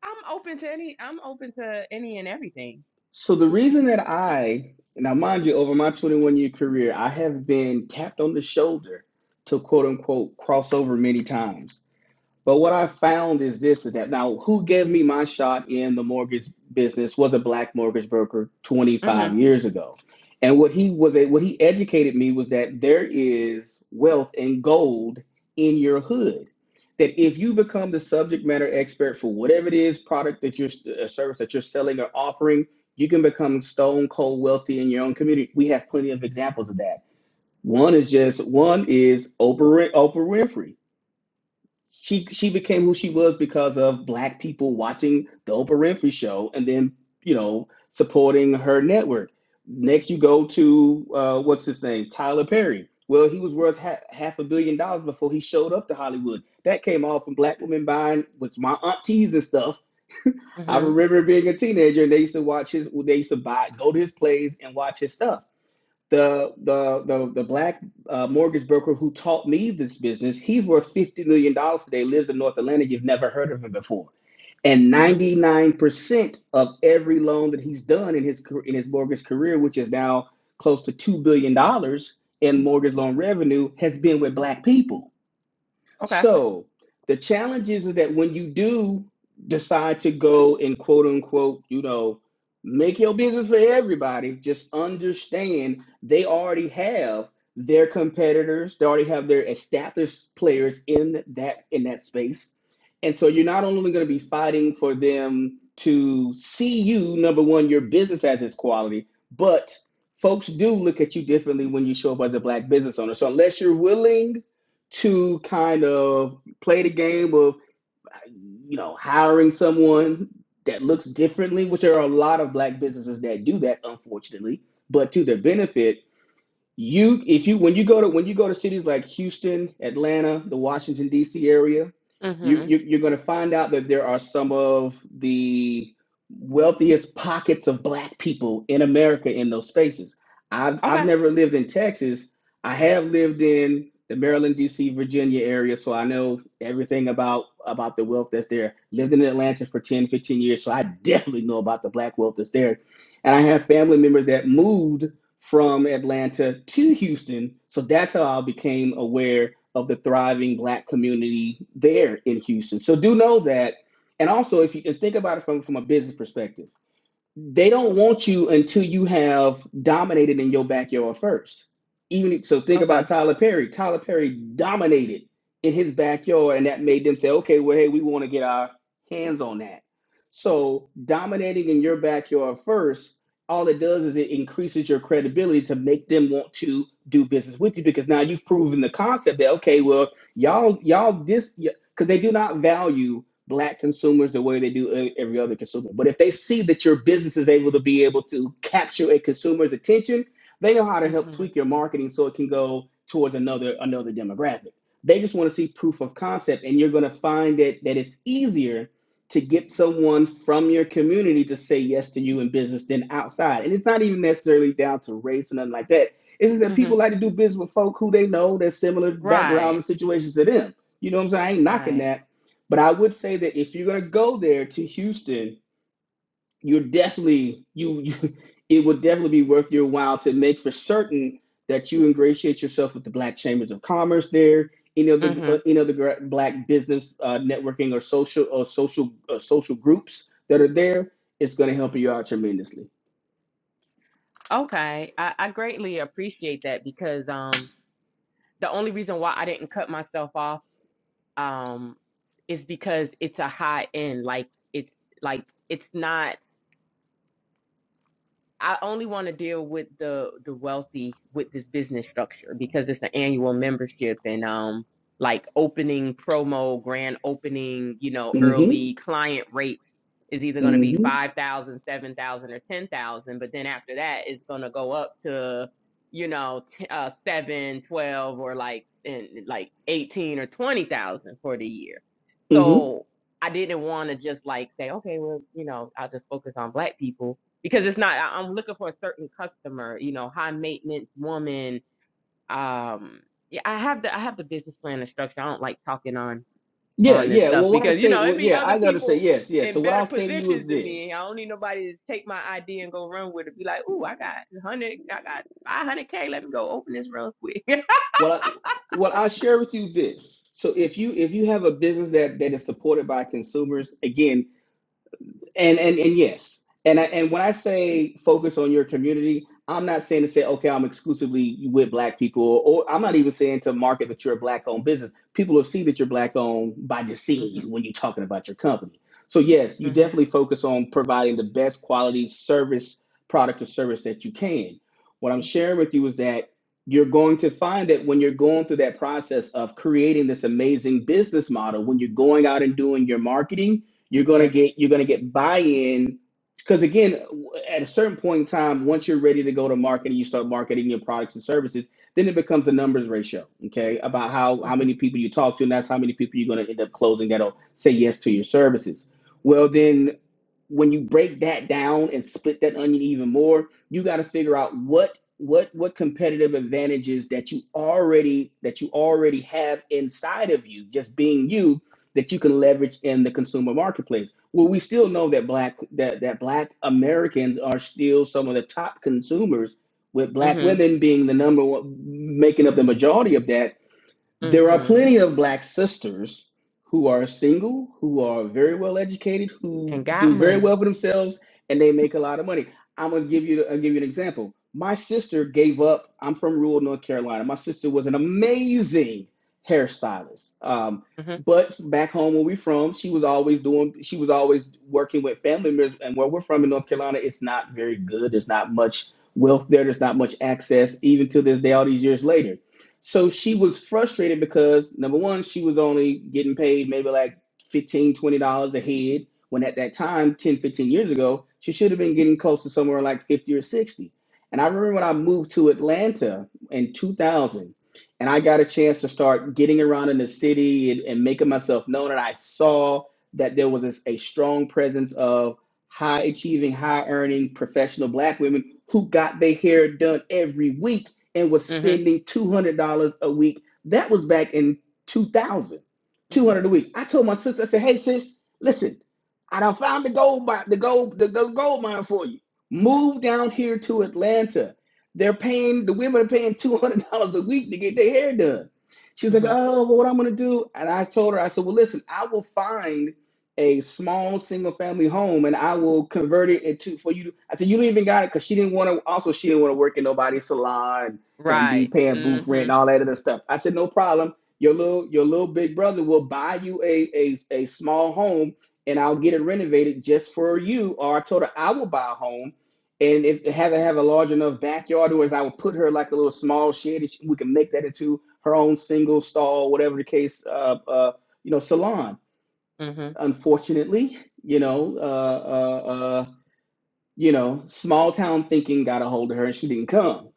Speaker 2: I'm open to any. I'm open to any and everything.
Speaker 3: So the reason that I now, mind you, over my 21 year career, I have been tapped on the shoulder to quote unquote cross over many times But what I found is this is that now who gave me my shot in the mortgage business was a black mortgage broker
Speaker 2: Mhm.
Speaker 3: 25 years ago. And what he was what he educated me was that there is wealth and gold in your hood. That if you become the subject matter expert for whatever it is product that you're a service that you're selling or offering, you can become stone cold wealthy in your own community. We have plenty of examples of that. One is just one is Oprah Oprah Winfrey she she became who she was because of black people watching the Oprah Winfrey show and then you know supporting her network. Next, you go to uh, what's his name, Tyler Perry. Well, he was worth ha- half a billion dollars before he showed up to Hollywood. That came all from black women buying, which my aunties and stuff. I
Speaker 2: Mhm.
Speaker 3: remember being a teenager and they used to watch his, they used to buy, go to his plays and watch his stuff the the the, the black uh, mortgage broker who taught me this business he's worth 50 million dollars today lives in north atlanta you've never heard of him before and
Speaker 2: Mhm.
Speaker 3: 99% of every loan that he's done in his in his mortgage career which is now close to 2 billion dollars in mortgage loan revenue has been with black people
Speaker 2: Okay.
Speaker 3: so the challenge is that when you do decide to go and quote unquote, you know, make your business for everybody, just understand they already have their competitors, they already have their established players in that in that space. And so you're not only going to be fighting for them to see you, number one, your business has its quality, but folks do look at you differently when you show up as a black business owner. So unless you're willing to kind of play the game of you know hiring someone that looks differently which there are a lot of black businesses that do that unfortunately but to their benefit you if you when you go to when you go to cities like Houston, Atlanta, the Washington D.C. area, you,
Speaker 2: Mhm.
Speaker 3: you you're going to find out that there are some of the wealthiest pockets of black people in America in those spaces. I've I've
Speaker 2: Okay.
Speaker 3: never lived in Texas. I have lived in the Maryland, D.C., Virginia area, so I know everything about about the wealth that's there. Lived in Atlanta for 10 15 years, so I definitely know about the black wealth that's there. And I have family members that moved from Atlanta to Houston. So that's how I became aware of the thriving black community there in Houston. So do know that. And also, if you can think about it from, from a business perspective, they don't want you until you have dominated in your backyard first. Even so, think
Speaker 2: Okay.
Speaker 3: about Tyler Perry. Tyler Perry dominated in his backyard, and that made them say, "Okay, well, hey, we want to get our hands on that." So, dominating in your backyard first, all it does is it increases your credibility to make them want to do business with you because now you've proven the concept that okay, well, y'all, y'all this because they do not value black consumers the way they do e- every other consumer. But if they see that your business is able to be able to capture a consumer's attention, they know how to help
Speaker 2: Mhm.
Speaker 3: tweak your marketing so it can go towards another another demographic. They just want to see proof of concept, and you're going to find that that it's easier to get someone from your community to say yes to you in business than outside. And it's not even necessarily down to race or nothing like that. It's just that people
Speaker 2: Mhm.
Speaker 3: like to do business with folk who they know that's similar background
Speaker 2: Right.
Speaker 3: and situations to them. You know what I'm saying? I ain't knocking
Speaker 2: Right.
Speaker 3: that but I would say that if you're gonna go there to Houston, you're definitely you, you <laughs> it would definitely be worth your while to make for certain that you ingratiate yourself with the Black Chambers of Commerce there, any other uh,
Speaker 2: Mhm.
Speaker 3: any other Black business uh, networking or social or social uh, social groups that are there. It's gonna help you out tremendously.
Speaker 2: Okay. I, I greatly appreciate that because um the only reason why I didn't cut myself off um, is because it's a high end. Like it's like it's not I only want to deal with the the wealthy with this business structure because it's an annual membership and um like opening promo, grand opening, you know,
Speaker 3: Mm-hmm.
Speaker 2: early client rate is either going to be
Speaker 3: Mm-hmm.
Speaker 2: 5,000 7,000 or 10,000, but then after that it's going to go up to you know t- uh 7, twelve, or like and like 18 or 20,000 for the year.
Speaker 3: Mm-hmm.
Speaker 2: So I didn't want to just like say, okay, well, you know, I'll just focus on black people because it's not I- i'm looking for a certain customer you know high maintenance woman um yeah i have the i have the business plan and structure i don't like talking on
Speaker 3: Yeah,
Speaker 2: on this
Speaker 3: yeah.
Speaker 2: stuff
Speaker 3: Well, what I
Speaker 2: because you
Speaker 3: say,
Speaker 2: know
Speaker 3: well,
Speaker 2: it'd be
Speaker 3: yeah,
Speaker 2: other
Speaker 3: I gotta say
Speaker 2: people
Speaker 3: yes, yes.
Speaker 2: in
Speaker 3: So what
Speaker 2: better
Speaker 3: I'll say to you is
Speaker 2: positions than
Speaker 3: this.
Speaker 2: me i don't need nobody to take my idea and go run with it be like ooh i got 100 i got 500k let me go open this real quick <laughs>
Speaker 3: Well, I, well, I'll share with you this. So if you if you have a business that that is supported by consumers, again, and and and yes and I, and when i say focus on your community i'm not saying to say okay i'm exclusively with black people or i'm not even saying to market that you're a black owned business people will see that you're black owned by just
Speaker 2: hmm
Speaker 3: seeing you when you're talking about your company so yes you
Speaker 2: hmm
Speaker 3: definitely focus on providing the best quality service product or service that you can what i'm sharing with you is that you're going to find that when you're going through that process of creating this amazing business model when you're going out and doing your marketing you're gonna
Speaker 2: yes
Speaker 3: get you're gonna get buy-in because again, at a certain point in time, once you're ready to go to market and you start marketing your products and services, then it becomes a numbers ratio, okay? About how
Speaker 2: hmm
Speaker 3: how many people you talk to, and that's how many people you're gonna end up closing that'll say yes to your services. Well,
Speaker 2: hmm
Speaker 3: then when you break that down and split that onion even more, you got to figure out what what what competitive advantages that you already that you already have inside of you, just being you, that you can leverage in the consumer marketplace. Well, we still know that black that that black Americans are still some of the top consumers, with black
Speaker 2: hmm
Speaker 3: women being the number one, making up the majority of that there are
Speaker 2: hmm
Speaker 3: plenty of black sisters who are single, who are very well educated, who
Speaker 2: and got
Speaker 3: do very
Speaker 2: money
Speaker 3: well for themselves, and they make a lot of money. I'm gonna give you I'll give you an example. My sister gave up. I'm from rural North Carolina. My sister was an amazing hairstylist. Um,
Speaker 2: hmm
Speaker 3: but back home where we from, she was always doing. She was always working with family members. And where we're from in North Carolina, it's not very good. There's not much wealth there. There's not much access, even to this day. All these years later so she was frustrated because number one, she was only getting paid maybe like fifteen, twenty dollars a head. When at that time, 10, 15 years ago, she should have been getting close to somewhere like 50 or 60. And I remember when I moved to Atlanta in 2000 and I got a chance to start getting around in the city and, and making myself known. And I saw that there was a a strong presence of high achieving, high earning professional black women who got their hair done every week and was
Speaker 2: hmm
Speaker 3: spending $200 a week. That was back in two thousand, two
Speaker 2: hmm
Speaker 3: hundred 200 a week. I told my sister, I said, hey, sis, listen, I done found the gold, mi- the gold, the gold gold mine for you. Move down here to Atlanta. They're paying, the women are paying $200 a week to get their hair done. She's like,
Speaker 2: hmm
Speaker 3: oh, well, what I'm going to do? And I told her, I said, well, listen, I will find a small single family home and I will convert it into for you. to-" I said, you don't even got it because she didn't want to, also, she didn't want to work in nobody's salon and be
Speaker 2: right
Speaker 3: paying booth rent
Speaker 2: hmm
Speaker 3: and all that other stuff. I said, no problem. Your little your little big brother will buy you a a, a small home and I'll get it renovated just for you. Or I told her I will buy a home and if have it have a large enough backyard or as I would put her like a little small shed and she- we can make that into her own single stall, whatever the case, uh, uh, you know, salon.
Speaker 2: hmm
Speaker 3: Unfortunately, you know, uh, uh, uh, you know, small town thinking got a hold of her and she didn't come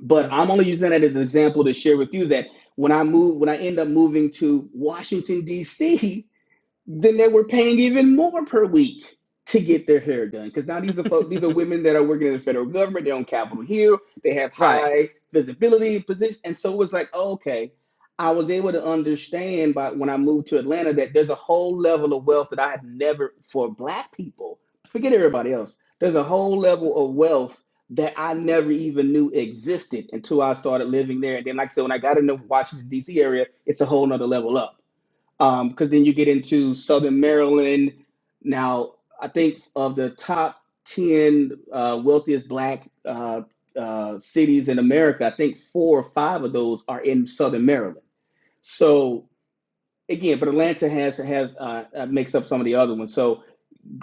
Speaker 3: but I'm only using that as an example to share with you that when I move, when I end up moving to Washington D.C then they were paying even more per week to get their hair done. Because now these are folk, these are
Speaker 2: Mm,
Speaker 3: women that are working in the federal government. They're on Capitol Hill. They have
Speaker 2: Right.
Speaker 3: high visibility and position. And so it was like, oh, okay, I was able to understand by when I moved to Atlanta that there's a whole level of wealth that I had never for Black people. Forget everybody else. There's a whole level of wealth that I never even knew existed until I started living there. And then, like I said, when I got into Washington D.C. area, it's a whole nother level up. Um, because then you get into Southern Maryland. Now, I think of the top 10 uh, wealthiest black uh, uh, cities in America, I think four or five of those are in Southern Maryland. So, again, but Atlanta has has uh, uh, makes up some of the other ones. So,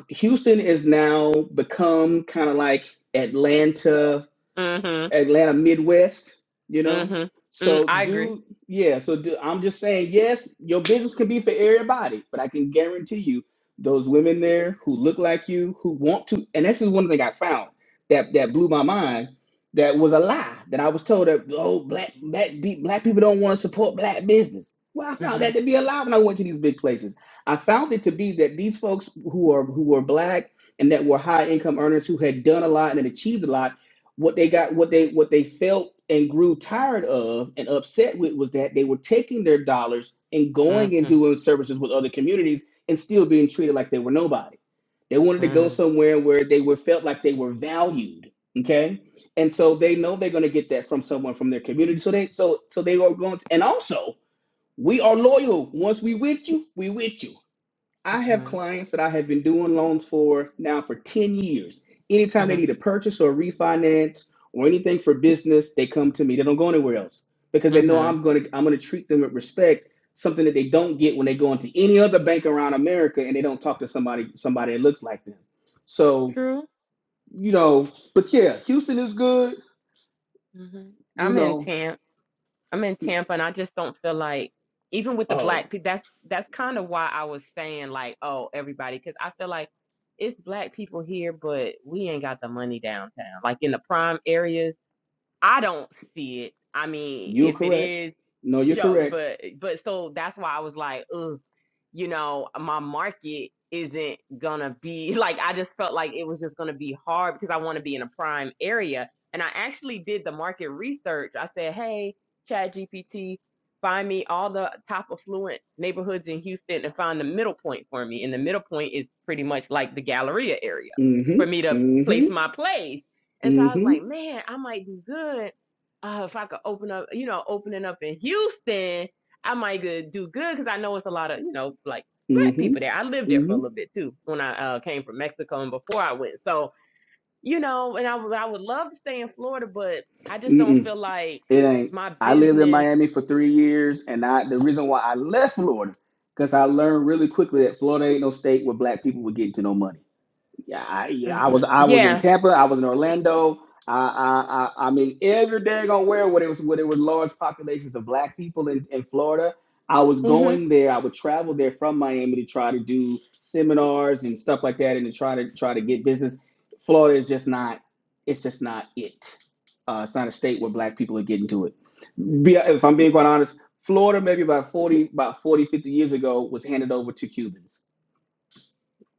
Speaker 3: Houston is now become kind of like Atlanta
Speaker 2: Mm-hmm.
Speaker 3: Atlanta Midwest, you know.
Speaker 2: Mm-hmm. Mm,
Speaker 3: So
Speaker 2: I agree.
Speaker 3: do yeah, so do I'm just saying, yes, your business can be for everybody, but I can guarantee you those women there who look like you, who want to and this is one thing I found that that blew my mind that was a lie that I was told that oh black black be- black people don't want to support black business. Well, I found
Speaker 2: Mm-hmm.
Speaker 3: that to be a lie when I went to these big places. I found it to be that these folks who are who were black and that were high income earners who had done a lot and had achieved a lot what they got what they what they felt and grew tired of and upset with was that they were taking their dollars and going and
Speaker 2: Mm-hmm.
Speaker 3: doing services with other communities and still being treated like they were nobody they wanted to go
Speaker 2: Mm-hmm.
Speaker 3: somewhere where they were felt like they were valued okay and so they know they're going to get that from someone from their community so they so so they are going to, and also we are loyal once we with you we with you I have clients that I have been doing loans for now for 10 years. Anytime they
Speaker 2: Mm-hmm.
Speaker 3: need a purchase or a refinance or anything for business, they come to me. They don't go anywhere else because they know
Speaker 2: Mm-hmm.
Speaker 3: I'm going to I'm going to treat them with respect, something that they don't get when they go into any other bank around America and they don't talk to somebody somebody that looks like them. So,
Speaker 2: True.
Speaker 3: you know, but yeah, Houston is good,
Speaker 2: Mm-hmm.
Speaker 3: you
Speaker 2: I'm in
Speaker 3: know.
Speaker 2: Tampa. I'm in Tampa, and I just don't feel like even with the
Speaker 3: Oh,
Speaker 2: black people. That's that's kind of why I was saying like, oh, everybody, because I feel like it's black people here, but we ain't got the money downtown. Like in the prime areas. I don't see it. I mean,
Speaker 3: you're
Speaker 2: if it
Speaker 3: correct.
Speaker 2: is,
Speaker 3: No, you're
Speaker 2: show,
Speaker 3: correct.
Speaker 2: but but so that's why I was like, ugh, you know, my market isn't gonna be <laughs> like. I just felt like it was just gonna be hard because I want to be in a prime area. And I actually did the market research. I said, hey, ChatGPT, find me all the top affluent neighborhoods in Houston and find the middle point for me. And the middle point is pretty much like the Galleria area for
Speaker 3: Mhm.
Speaker 2: me to place
Speaker 3: Mhm.
Speaker 2: my place and so I was
Speaker 3: Mhm.
Speaker 2: like, man, I might do good uh, if I could open up, you know, opening up in Houston, I might could do good because I know it's a lot of, you know, like black
Speaker 3: Mhm.
Speaker 2: people there. I lived there for a
Speaker 3: Mhm.
Speaker 2: little bit too when I uh, came from Mexico and before I went. So, you know, and I would I would love to stay in Florida, but I just
Speaker 3: Mm-mm.
Speaker 2: don't feel like
Speaker 3: It ain't.
Speaker 2: my
Speaker 3: I lived in
Speaker 2: business.
Speaker 3: Miami for three years, and I the reason why I left Florida because I learned really quickly that Florida ain't no state where black people were getting to no money. Yeah, I, yeah, I
Speaker 2: hmm
Speaker 3: was I was in
Speaker 2: Yeah.
Speaker 3: Tampa, I was in Orlando. I I I, I mean every daggone where where there was where there was large populations of black people in, in Florida. I was
Speaker 2: hmm
Speaker 3: going there. I would travel there from Miami to try to do seminars and stuff like that, and to try to try to get business. Florida is just not. It's just not it. Uh, it's not a state where black people are getting to it. Be, if I'm being quite honest, Florida maybe about 40, about 40 50 years ago was handed over to Cubans.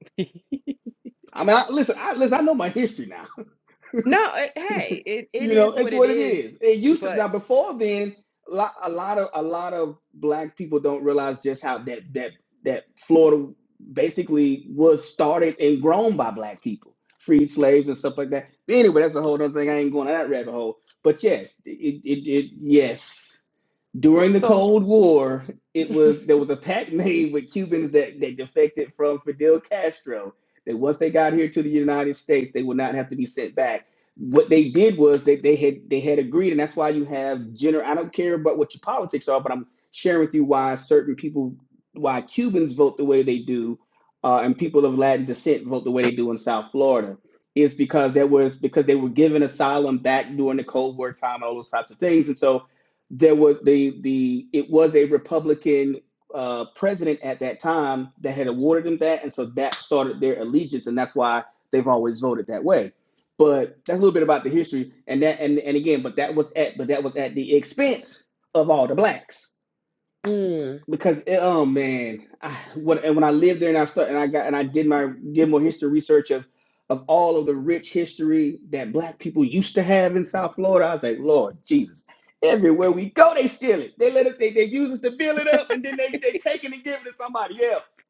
Speaker 2: <laughs>
Speaker 3: I mean, I, listen, I, listen, I know my history now.
Speaker 2: no, it,
Speaker 3: <laughs>
Speaker 2: hey, it, it
Speaker 3: you know,
Speaker 2: is what
Speaker 3: it's
Speaker 2: it
Speaker 3: what it
Speaker 2: is.
Speaker 3: is. It used to
Speaker 2: But
Speaker 3: now before then, a lot, a lot of a lot of black people don't realize just how that that that Florida basically was started and grown by black people, freed slaves and stuff like that. But anyway, that's a whole other thing. I ain't going to that rabbit hole. But yes, it, it, it yes. during the
Speaker 2: so,
Speaker 3: Cold War, it was there was a pact <laughs> made with Cubans that, that defected from Fidel Castro that once they got here to the United States, they would not have to be sent back. What they did was that they had they had agreed, and that's why you have general. I don't care about what your politics are, but I'm sharing with you why certain people, why Cubans vote the way they do, uh, and people of Latin descent vote the way they do in South Florida, is because there was because they were given asylum back during the Cold War time and all those types of things, and so there was the the it was a Republican uh, president at that time that had awarded them that, and so that started their allegiance, and that's why they've always voted that way. But that's a little bit about the history, and that and and again, but that was at but that was at the expense of all the blacks
Speaker 2: mm,
Speaker 3: because it, oh man, I, when and when I lived there and I started and I got and I did my did more history research of of all of the rich history that black people used to have in South Florida, I was like, Lord Jesus, everywhere we go, they steal it. They let us they, they use us to build it up and then they they take it and give it to somebody else.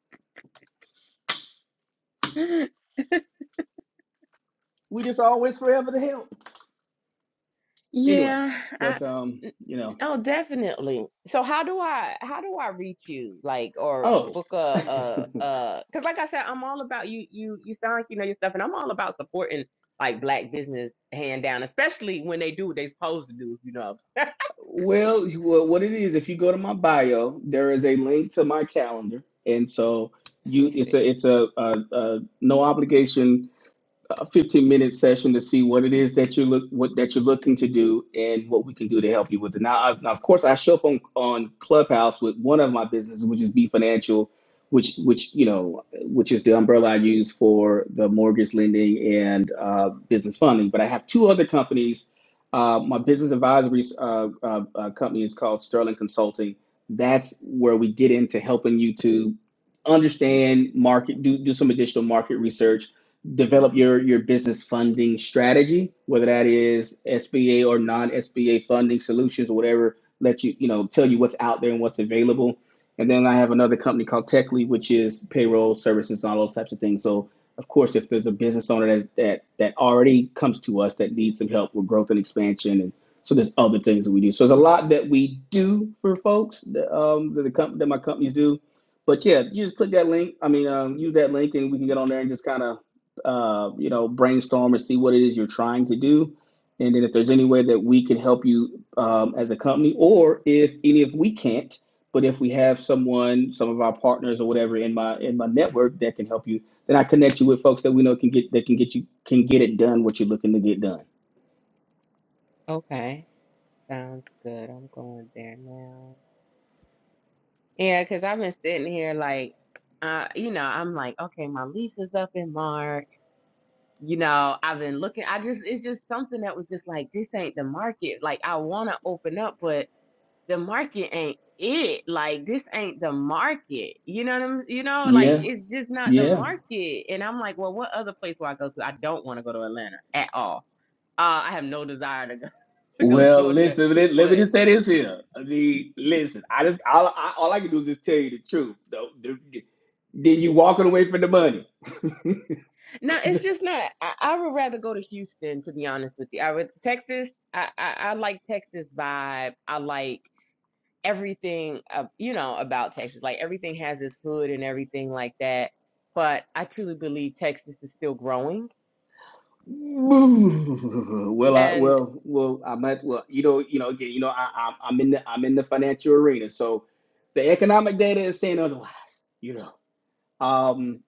Speaker 2: <gasps>
Speaker 3: We just always forever the help. Anyway,
Speaker 2: yeah,
Speaker 3: but um, you know.
Speaker 2: Oh, definitely. So how do I how do I reach you? Like or
Speaker 3: oh.
Speaker 2: book a a uh cuz like I said I'm all about you you you sound like you know your stuff and I'm all about supporting like black business hand down, especially when they do what they supposed to do, if you know.
Speaker 3: Well, you- well, what it is, if you go to my bio, there is a link to my calendar, and so
Speaker 2: Let me
Speaker 3: you, it's a,
Speaker 2: see.
Speaker 3: it's a, a, a no obligation a 15 minute session to see what it is that you look what that you're looking to do and what we can do to help you with it. Now, I, now of course, I show up on on Clubhouse with one of my businesses, which is B Financial, which which you know which is the umbrella I use for the mortgage lending and uh, business funding. But I have two other companies. Uh, my business advisory uh, uh, uh, company is called Sterling Consulting. That's where we get into helping you to understand market, do do some additional market research develop your your business funding strategy, whether that is SBA or non-SBA funding solutions, or whatever. Let you you know tell you what's out there and what's available. And then I have another company called Techly, which is payroll services and all those types of things. So of course, if there's a business owner that that that already comes to us that needs some help with growth and expansion, and so there's other things that we do. So there's a lot that we do for folks that, um, that the comp- that my companies do. But yeah, you just click that link. I mean, um, use that link, and we can get on there and just kind of uh, you know, brainstorm and see what it is you're trying to do. And then if there's any way that we can help you um, as a company, or if any if we can't, but if we have someone, some of our partners or whatever in my in my network that can help you, then I connect you with folks that we know can get that can get you can get it done what you're looking to get done.
Speaker 2: Okay. Sounds good. I'm going there now. Yeah, cuz I've been sitting here like uh you know, I'm like okay, my lease is up in March you know, I've been looking. I just, it's just something that was just like, this ain't the market. Like, I want to open up, but the market ain't it. Like, this ain't the market. You know what I'm, you know, like,
Speaker 3: Yeah,
Speaker 2: it's just not the
Speaker 3: yeah.
Speaker 2: market. And I'm like, well, what other place will I go to? I don't want to go to Atlanta at all. Uh, I have no desire to go <laughs> to go to
Speaker 3: Well,
Speaker 2: Georgia.
Speaker 3: listen, let, let me
Speaker 2: But
Speaker 3: just say this here. I mean, listen, I just all I, all I can do is just tell you the truth. Though, The- then you walking away from the money.
Speaker 2: no, it's
Speaker 3: <laughs>
Speaker 2: just not. I, I would rather go to Houston, to be honest with you. I would Texas. I, I, I like Texas vibe. I like. everything, uh, you know, about Texas. Like everything has this hood and everything like that. But I truly believe Texas is still growing.
Speaker 3: <laughs> Well, I
Speaker 2: And
Speaker 3: well well I might well you know you know again you know I, I'm I'm in the I'm in the financial arena, so the economic data is saying otherwise. You know, Um,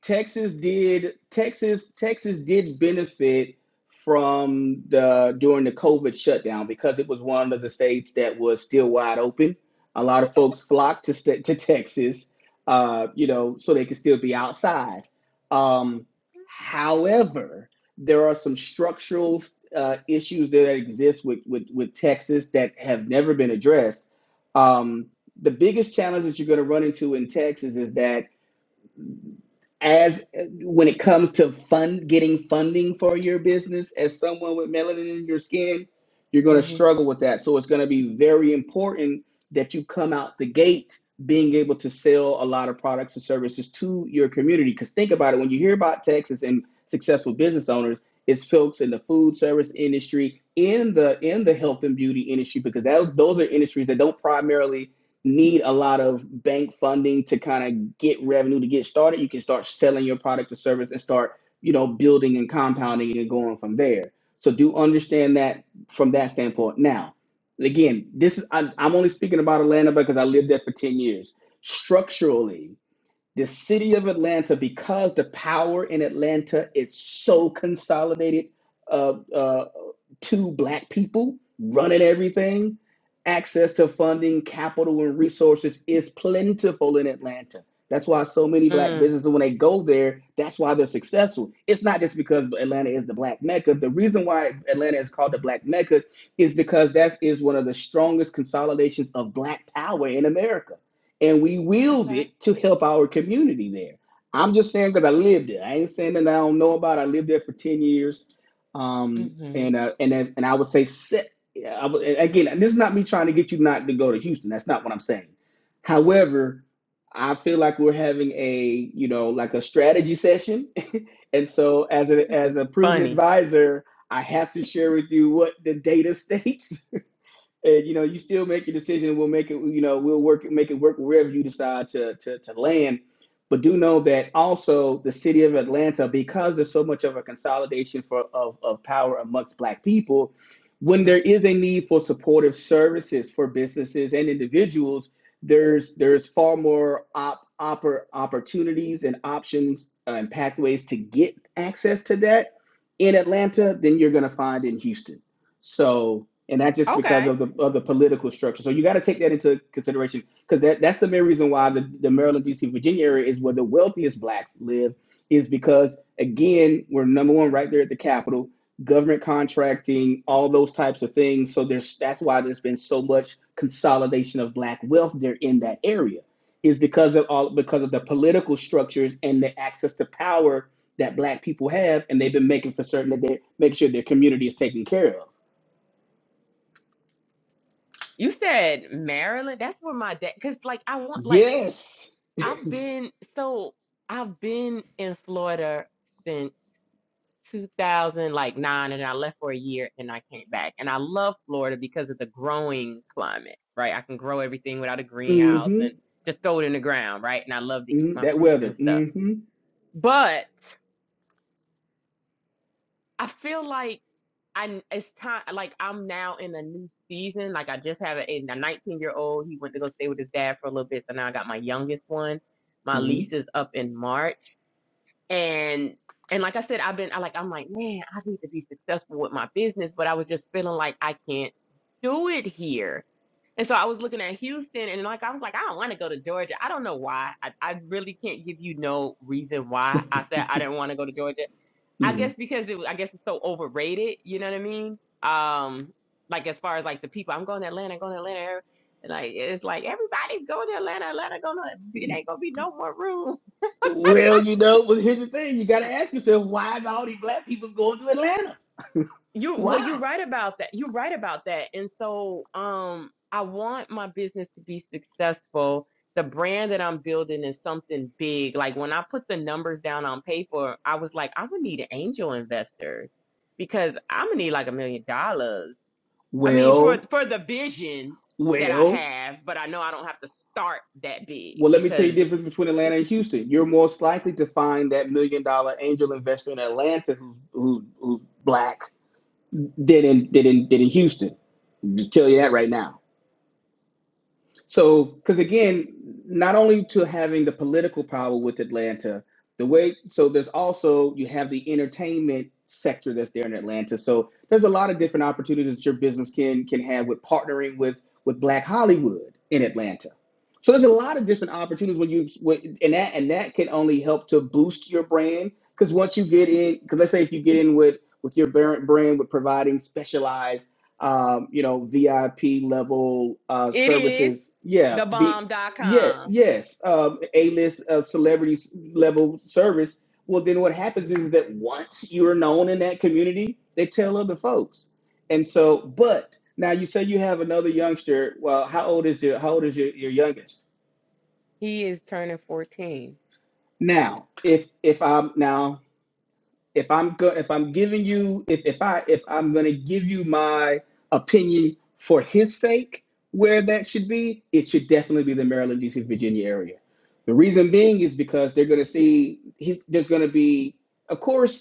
Speaker 3: Texas did Texas Texas did benefit from the during the COVID shutdown because it was one of the states that was still wide open. A lot of folks flocked to sta to Texas, uh, you know, so they could still be outside. Um, however, there are some structural uh, issues that exist with, with with Texas that have never been addressed. Um, the biggest challenge that you're going to run into in Texas is that as when it comes to fund getting funding for your business as someone with melanin in your skin you're going to
Speaker 2: hmm
Speaker 3: struggle with that so it's going to be very important that you come out the gate being able to sell a lot of products and services to your community because think about it when you hear about texas and successful business owners it's folks in the food service industry in the in the health and beauty industry because that, those are industries that don't primarily need a lot of bank funding to kind of get revenue to get started, you can start selling your product or service and start, you know, building and compounding and going from there. So do understand that from that standpoint. Now, again, this is I, I'm only speaking about Atlanta because I lived there for 10 years. Structurally, the city of Atlanta, because the power in Atlanta is so consolidated uh, uh, to black people running everything, access to funding, capital, and resources is plentiful in Atlanta. That's why so many black
Speaker 2: mm,
Speaker 3: businesses, when they go there, that's why they're successful. It's not just because Atlanta is the black mecca. The reason why Atlanta is called the black mecca is because that is one of the strongest consolidations of black power in America and we willed
Speaker 2: okay,
Speaker 3: it to help our community there. I'm just saying because I lived it. I ain't saying that I don't know about. It. I lived there for ten years, um,
Speaker 2: hmm
Speaker 3: and uh, and and I would say, se- I would, again, and this is not me trying to get you not to go to Houston. That's not what I'm saying. However, I feel like we're having a you know like a strategy session, <laughs> and so as a
Speaker 2: this is
Speaker 3: as a prudent
Speaker 2: funny.
Speaker 3: advisor, I have to share with you what the data <laughs> states and you know you still make your decision we'll make it you know we'll work make it work wherever you decide to to, to land but do know that also the city of atlanta because there's so much of a consolidation for of, of power amongst black people when
Speaker 2: hmm
Speaker 3: there is a need for supportive services for businesses and individuals there's there's far more op, oppor, opportunities and options uh, and pathways to get access to that in atlanta than you're going to find in houston so and that's just because
Speaker 2: Okay,
Speaker 3: of the of the political structure. So you got to take that into consideration because that, that's the main reason why the, the Maryland, D.C., Virginia area is where the wealthiest blacks live, is because again we're number one right there at the capital, government contracting, all those types of things. So there's that's why there's been so much consolidation of black wealth there in that area, is because of all because of the political structures and the access to power that black people have, and they've been making for certain that they make sure their community is taken care of.
Speaker 2: you said Maryland. That's where my dad. Cause like I want like
Speaker 3: Yes.
Speaker 2: I've been so I've been in Florida since. 2000 like nine and I left for a year and I came back. And I love Florida because of the growing climate, right? I can grow everything without a greenhouse
Speaker 3: Mm-hmm.
Speaker 2: and just throw it in the ground, right? And I love to eat
Speaker 3: hmm
Speaker 2: my
Speaker 3: That
Speaker 2: fruits
Speaker 3: weather.
Speaker 2: and stuff.
Speaker 3: Mm-hmm.
Speaker 2: But I feel like I it's time like I'm now in a new season. Like I just have a, a 19 year old. He went to go stay with his dad for a little bit. So now I got my youngest one. My
Speaker 3: hmm
Speaker 2: lease is up in March. and and like I said, I've been I like I'm like, man, I need to be successful with my business, but I was just feeling like I can't do it here. And so I was looking at Houston and like I was like, I don't want to go to Georgia. I don't know why. I, I really can't give you no reason why I said I didn't want to go to Georgia. I
Speaker 3: hmm
Speaker 2: guess
Speaker 3: <laughs>
Speaker 2: because it was- I guess it's so overrated, you know what I mean? Um, like as far as like the people, I'm going to Atlanta, going to Atlanta. And like it's like everybody's going to Atlanta, Atlanta gonna it ain't gonna be no more room.
Speaker 3: Well, you know, but here's the thing: you got to ask yourself, why is all these black people going to Atlanta?
Speaker 2: You well, you're
Speaker 3: Why?
Speaker 2: right about that. You're right about that. And so, um, I want my business to be successful. The brand that I'm building is something big. Like when I put the numbers down on paper, I was like, I'm gonna need angel investors because I'm gonna need like a million dollars. I mean, for
Speaker 3: Well,
Speaker 2: for the vision that I
Speaker 3: well,
Speaker 2: have, but I know I don't have to start that big
Speaker 3: well. Let me tell you
Speaker 2: because
Speaker 3: the difference between Atlanta and Houston. You're most likely to find that million-dollar angel investor in Atlanta who's who's, who's black than in than in, than in Houston. just tell you that right now. So, because again, not only to having the political power with Atlanta, the way so there's also you have the entertainment sector that's there in Atlanta. So there's a lot of different opportunities that your business can can have with partnering with with Black Hollywood in Atlanta. So there's a lot of different opportunities when you when- and that and that can only help to boost your brand because once you get in, because let's say if you get in with with your brand brand with providing specialized um, you know, VIP level uh,
Speaker 2: it is
Speaker 3: services. Yeah,
Speaker 2: the
Speaker 3: be yeah,
Speaker 2: bomb.com.
Speaker 3: yes, um, A list of celebrities level service. Well, then what happens is that once you're known in that community, they tell other folks, and so. But now you say you have another youngster. Well, how old is your how old is your, your youngest?
Speaker 2: He is turning 14.
Speaker 3: Now, if if I'm now if I'm go- if I'm giving you if, if I if I'm gonna give you my opinion for his sake, where that should be, it should definitely be the Maryland, DC, Virginia area. The reason being is because they're gonna see he's, there's gonna be of course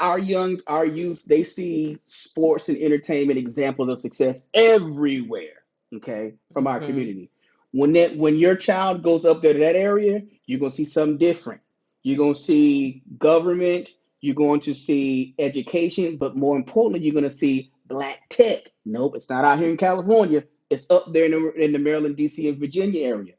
Speaker 3: our young our youth they see sports and entertainment examples of success everywhere okay from our
Speaker 2: hmm
Speaker 3: community when that when your child goes up there to that area you're going to see something different you're going to see government you're going to see education but more importantly you're going to see black tech nope it's not out here in california it's up there in the, in the maryland dc and virginia area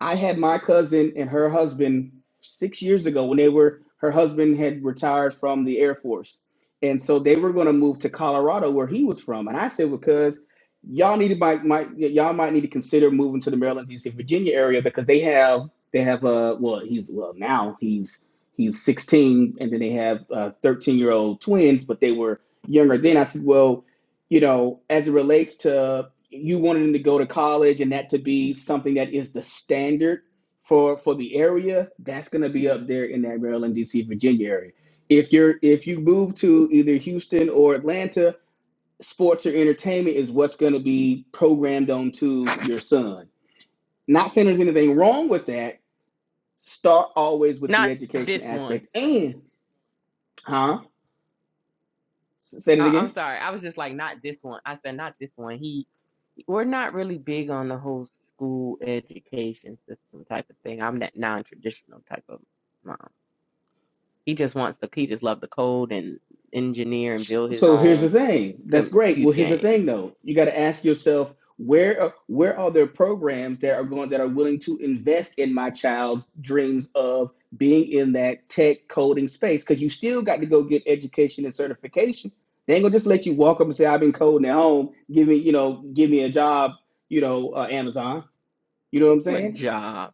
Speaker 3: I had my cousin and her husband six years ago when they were, her husband had retired from the Air Force. And so they were going to move to Colorado where he was from. And I said, "Well, because y'all need to might, might y'all might need to consider moving to the Maryland, DC, Virginia area because they have, they have, uh, well, he's, well, now he's, he's 16 and then they have uh 13 year old twins, but they were younger then. I said, well, you know, as it relates to you wanted them to go to college and that to be something that is the standard for for the area that's going to be up there in that maryland dc virginia area if you're if you move to either houston or atlanta sports or entertainment is what's going to be programmed onto your son not saying there's anything wrong with that start always with the
Speaker 2: Not
Speaker 3: education
Speaker 2: this one.
Speaker 3: aspect and huh say it
Speaker 2: Uh, I'm
Speaker 3: again
Speaker 2: sorry. I was just like, not this one. I said, not this one. He, we're not really big on the whole school education system type of thing. I'm that non-traditional type of mom. He just wants the, he just loved the code and engineer and
Speaker 3: S-
Speaker 2: build his
Speaker 3: So here's the
Speaker 2: own
Speaker 3: thing. That's great. Well,
Speaker 2: computer
Speaker 3: here's the
Speaker 2: game.
Speaker 3: thing though. You got to ask yourself where are- where are there programs that are going that are willing to invest in my child's dreams of being in that tech coding space? Because you still got to go get education and certification. They ain't gonna just let you walk up and say, "I've been coding at home. Give me, you know, give me a job." You know, uh, Amazon. You know what I'm
Speaker 2: What
Speaker 3: saying?
Speaker 2: job?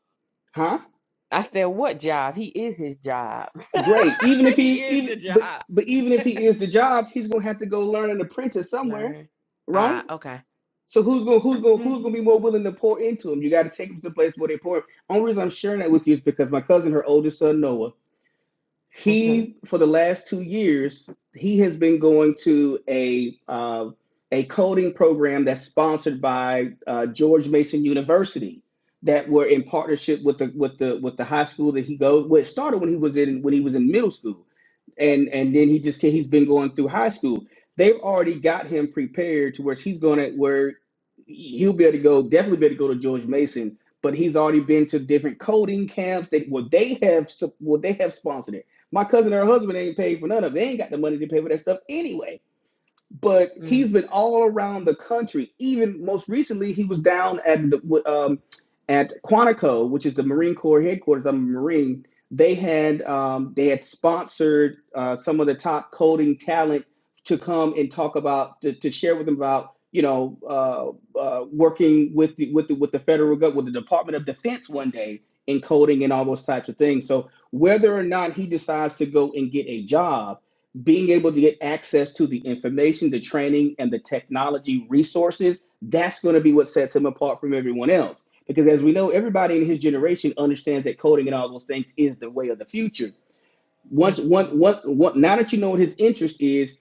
Speaker 3: Huh?
Speaker 2: I said, what job? He is his job.
Speaker 3: Great. Even if
Speaker 2: <laughs>
Speaker 3: he
Speaker 2: he is
Speaker 3: even
Speaker 2: the
Speaker 3: but
Speaker 2: job.
Speaker 3: but even if
Speaker 2: <laughs>
Speaker 3: he is the job, he's gonna have to go learn an apprentice somewhere,
Speaker 2: Learn.
Speaker 3: right?
Speaker 2: Ah, okay.
Speaker 3: So who's gonna who's gonna who's
Speaker 2: Okay.
Speaker 3: gonna be more willing to pour into them? You got to take them to the place where they pour. Only reason I'm sharing that with you is because my cousin, her oldest son Noah,
Speaker 2: Mm-hmm.
Speaker 3: he for the last two years he has been going to a uh, a coding program that's sponsored by uh, George Mason University that were in partnership with the with the with the high school that he goes. Well, it started when he was in when he was in middle school, and and then he just he's been going through high school. They've already got him prepared to where he's going to where he'll be able to go definitely be able to go to George Mason. But he's already been to different coding camps that well they have sup- well they have sponsored it. My cousin and her husband ain't paid for none of it. They ain't got the money to pay for that stuff anyway but he's been all around the country. Even most recently, he was down at the, um, at Quantico, which is the Marine Corps headquarters. I'm a Marine. They had um, they had sponsored uh, some of the top coding talent to come and talk about to, to share with them about you know uh, uh, working with the, with the, with the federal government with the Department of Defense one day in coding and all those types of things. So whether or not he decides to go and get a job being able to get access to the information, the training, and the technology resources, that's going to be what sets him apart from everyone else. Because as we know, everybody in his generation understands that coding and all those things is the way of the future. Once, one,
Speaker 2: Mm-hmm.
Speaker 3: one, one, now that you know what his interest is,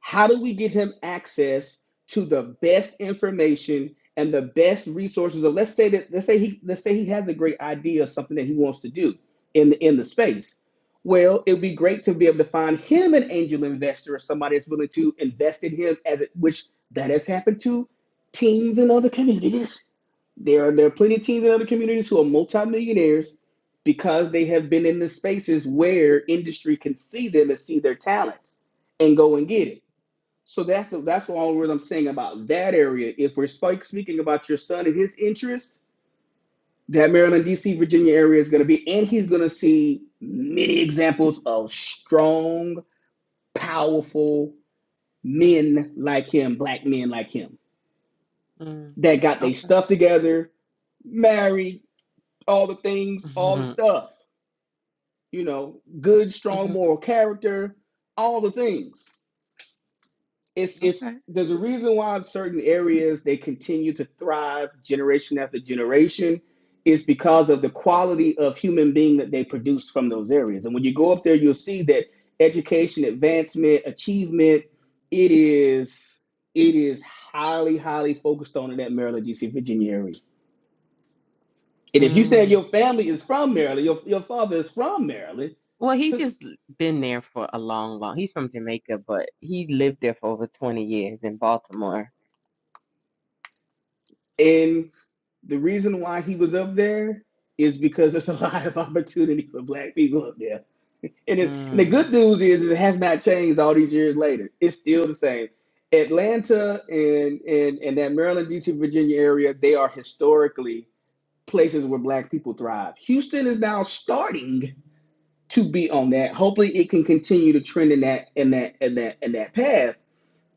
Speaker 3: how do we give him access to the best information and the best resources of let's say that let's say he let's say he has a great idea of something that he wants to do in the in the space. Well, it would be great to be able to find him an angel investor or somebody that's willing to invest in him as it which that has happened to teams in other communities. There are there are plenty of teams in other communities who are multimillionaires because they have been in the spaces where industry can see them and see their talents and go and get it. So that's the that's all I'm saying about that area. If we're spike speaking about your son and his interest, that Maryland, DC, Virginia area is going to be, and he's going to see many examples of strong, powerful men like him, black men like him,
Speaker 2: Mm-hmm.
Speaker 3: that got their
Speaker 2: Okay.
Speaker 3: stuff together, married, all the things, all the
Speaker 2: Mm-hmm.
Speaker 3: stuff, you know, good, strong moral character, all the things it's it's
Speaker 2: Okay.
Speaker 3: there's a reason why in certain areas they continue to thrive generation after generation is because of the quality of human being that they produce from those areas and when you go up there you'll see that education advancement achievement it is it is highly highly focused on in that maryland dc virginia area and if you say
Speaker 2: Mm.
Speaker 3: your family is from maryland your, your father is from maryland
Speaker 2: Well, he
Speaker 3: so
Speaker 2: just l- been there for a long, long. He's from Jamaica, but he lived there for over 20 years in Baltimore.
Speaker 3: and The reason why he was up there is because there's a <laughs> lot of opportunity for black people up there. And it, and the
Speaker 2: Mm.
Speaker 3: good news is, is it has not changed all these years later. It's still the same. Atlanta and and and that Maryland, DC, Virginia area, they are historically places where black people thrive. Houston is now starting to be on that. Hopefully it can continue to trend in that in that in that in that path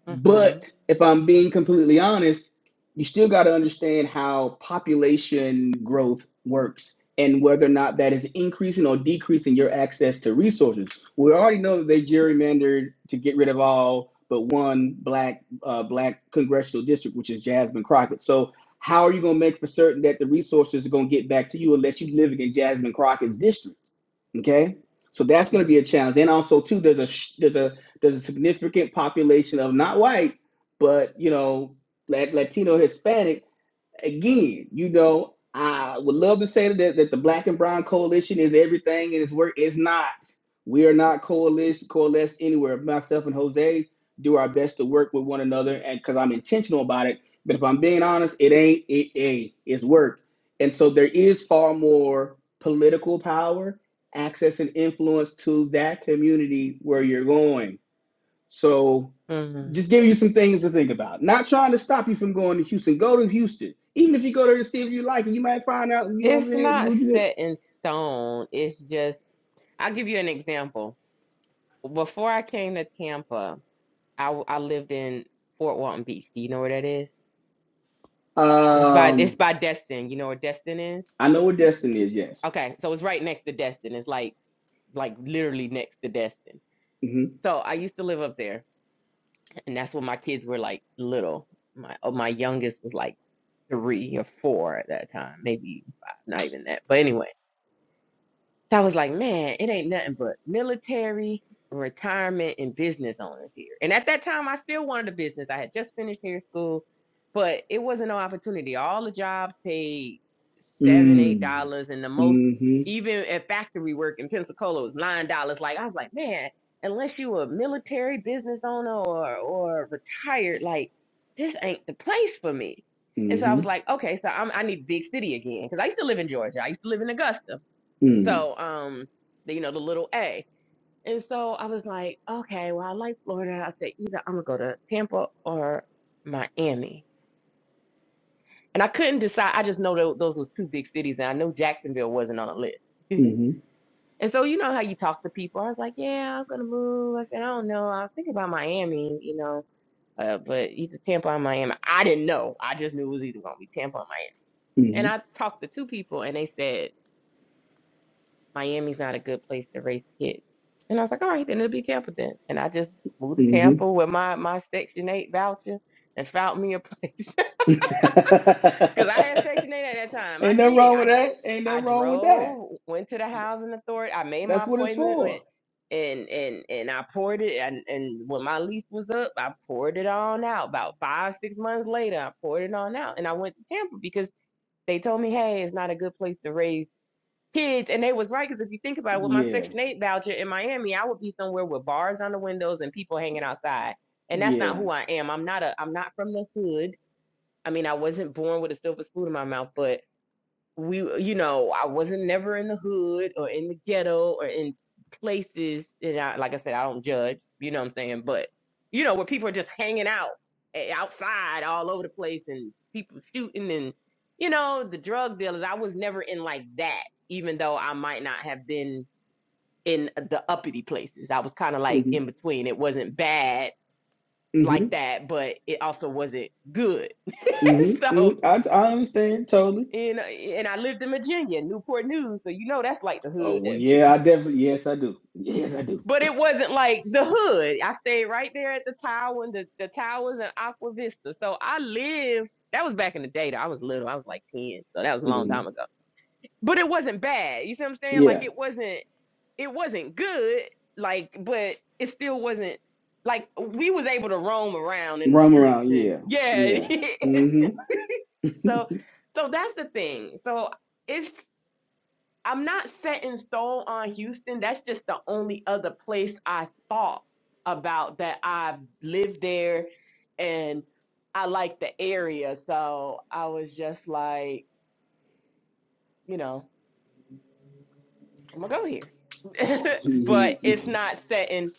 Speaker 2: Mm-hmm.
Speaker 3: but if I'm being completely honest, you still got to understand how population growth works and whether or not that is increasing or decreasing your access to resources. We already know that they gerrymandered to get rid of all but one black uh, black congressional district, which is Jasmine Crockett. So how are you going to make for certain that the resources are going to get back to you unless you're living in Jasmine Crockett's district? Okay, so that's
Speaker 2: Mm-hmm.
Speaker 3: going to be a challenge. And also too, there's a sh- there's a there's a significant population of not white, but you know, black, Latino, Hispanic. Again, you know, I would love to say that, that the Black and Brown Coalition is everything and it's work. It's not. We are not coalesced, coalesced anywhere. Myself and Jose do our best to work with one another, and because I'm intentional about it. But if I'm being honest, it ain't. It ain't. It's work. And so there is far more political power, access, and influence to that community where you're going so
Speaker 2: Mm-hmm.
Speaker 3: just give you some things to think about. Not trying to stop you from going to Houston. Go to Houston. Even if you go there to see if you like it, you might find out, you know what I'm
Speaker 2: It's
Speaker 3: saying? You know
Speaker 2: not
Speaker 3: what you did?
Speaker 2: set in stone. It's just, I'll give you an example. Before I came to Tampa, I, w- I lived in Fort Walton Beach. Do you know where that is? It's by it's
Speaker 3: Um,
Speaker 2: by Destin. You know where Destin is?
Speaker 3: I know what destiny is, yes.
Speaker 2: Okay, so it's right next to Destin. It's like like literally next to Destin.
Speaker 3: Mm-hmm.
Speaker 2: So I used to live up there and that's when my kids were like little. My oh, my youngest was like three or four at that time, maybe five, not even that. But anyway. So I was like, man, it ain't nothing but military, retirement, and business owners here. And at that time, I still wanted a business. I had just finished hair school, but it wasn't no opportunity. All the jobs paid seven, eight
Speaker 3: Mm.
Speaker 2: dollars, and the most,
Speaker 3: Mm-hmm.
Speaker 2: even at factory work in Pensacola, was nine dollars. Like I was like, man, unless you a military business owner or or retired, like this ain't the place for me. And so I
Speaker 3: Mm-hmm.
Speaker 2: was like, okay, so I'm, I need big city again because I used to live in Georgia. I used to live in Augusta
Speaker 3: Mm.
Speaker 2: so, um, the, you know, the little A. And so I was like, okay, well, I like Florida. I said, either I'm gonna go to Tampa or Miami. And I couldn't decide. I just know tho- those was two big cities, and I know Jacksonville wasn't on the list. <laughs>
Speaker 3: Mm-hmm.
Speaker 2: and so you know how you talk to people. I was like, yeah, I'm gonna move. I said, I don't know. I was thinking about Miami, you know, uh, but either Tampa or Miami. I didn't know. I just knew it was either gonna be Tampa or Miami. And I talked to two people, and they said Miami's not a good place to raise kids. And I was like, all right, then it'll be Tampa then. And I just moved to
Speaker 3: Mm-hmm.
Speaker 2: Tampa with my, my Section 8 voucher and found me a place. <laughs>
Speaker 3: Mm-hmm.
Speaker 2: Because I had
Speaker 3: <laughs>
Speaker 2: Section 8 at that time. I
Speaker 3: Ain't nothing
Speaker 2: did.
Speaker 3: wrong
Speaker 2: I,
Speaker 3: with that. Ain't
Speaker 2: I
Speaker 3: nothing wrong with that.
Speaker 2: drove, went to the housing authority. I made my
Speaker 3: That's what it's
Speaker 2: appointment with,
Speaker 3: for.
Speaker 2: and, and, and I poured it. And, and when my lease was up, I poured it on out. About five, six months later, I poured it on out. And I went to Tampa because they told me, hey, it's not a good place to raise kids and they was right because if you think about it with my
Speaker 3: Yeah.
Speaker 2: section 8 voucher in miami i would be somewhere with bars on the windows and people hanging outside and that's
Speaker 3: Yeah.
Speaker 2: not who i am i'm not a i'm not from the hood i mean i wasn't born with a silver spoon in my mouth but we you know i wasn't never in the hood or in the ghetto or in places and I, like i said i don't judge you know what i'm saying but you know where people are just hanging out eh, outside all over the place and people shooting and you know the drug dealers i was never in like that even though i might not have been in the uppity places i was kind of like
Speaker 3: Mm-hmm.
Speaker 2: in between it wasn't bad
Speaker 3: Mm-hmm.
Speaker 2: like that but it also wasn't good <laughs>
Speaker 3: Mm-hmm.
Speaker 2: so
Speaker 3: mm I, I understand totally.
Speaker 2: and and I lived in Virginia, Newport News, so you know that's like the
Speaker 3: Oh
Speaker 2: hood.
Speaker 3: well,
Speaker 2: That,
Speaker 3: yeah, I definitely yes, I do. Yes, I do.
Speaker 2: but it wasn't like the hood. I stayed right there at the tower and the, the towers and Aqua Vista. So I lived. That was back in the day. Though. I was little. I was like ten, so that was a long time
Speaker 3: Mhm.
Speaker 2: ago. But it wasn't bad. You see what I'm saying? Like
Speaker 3: Yeah,
Speaker 2: it wasn't. It wasn't good. Like, but it still wasn't. Like we was able to roam around in the
Speaker 3: roam
Speaker 2: streets
Speaker 3: around.
Speaker 2: and
Speaker 3: Yeah,
Speaker 2: yeah.
Speaker 3: yeah. hmm
Speaker 2: <laughs> so, so that's the thing. So it's. I'm not set in stone on Houston. That's just the only other place I thought about that I've lived there and I like the area. So I was just like, you know, I'm gonna go here. <laughs>
Speaker 3: he,
Speaker 2: but it's
Speaker 3: he-
Speaker 2: not set in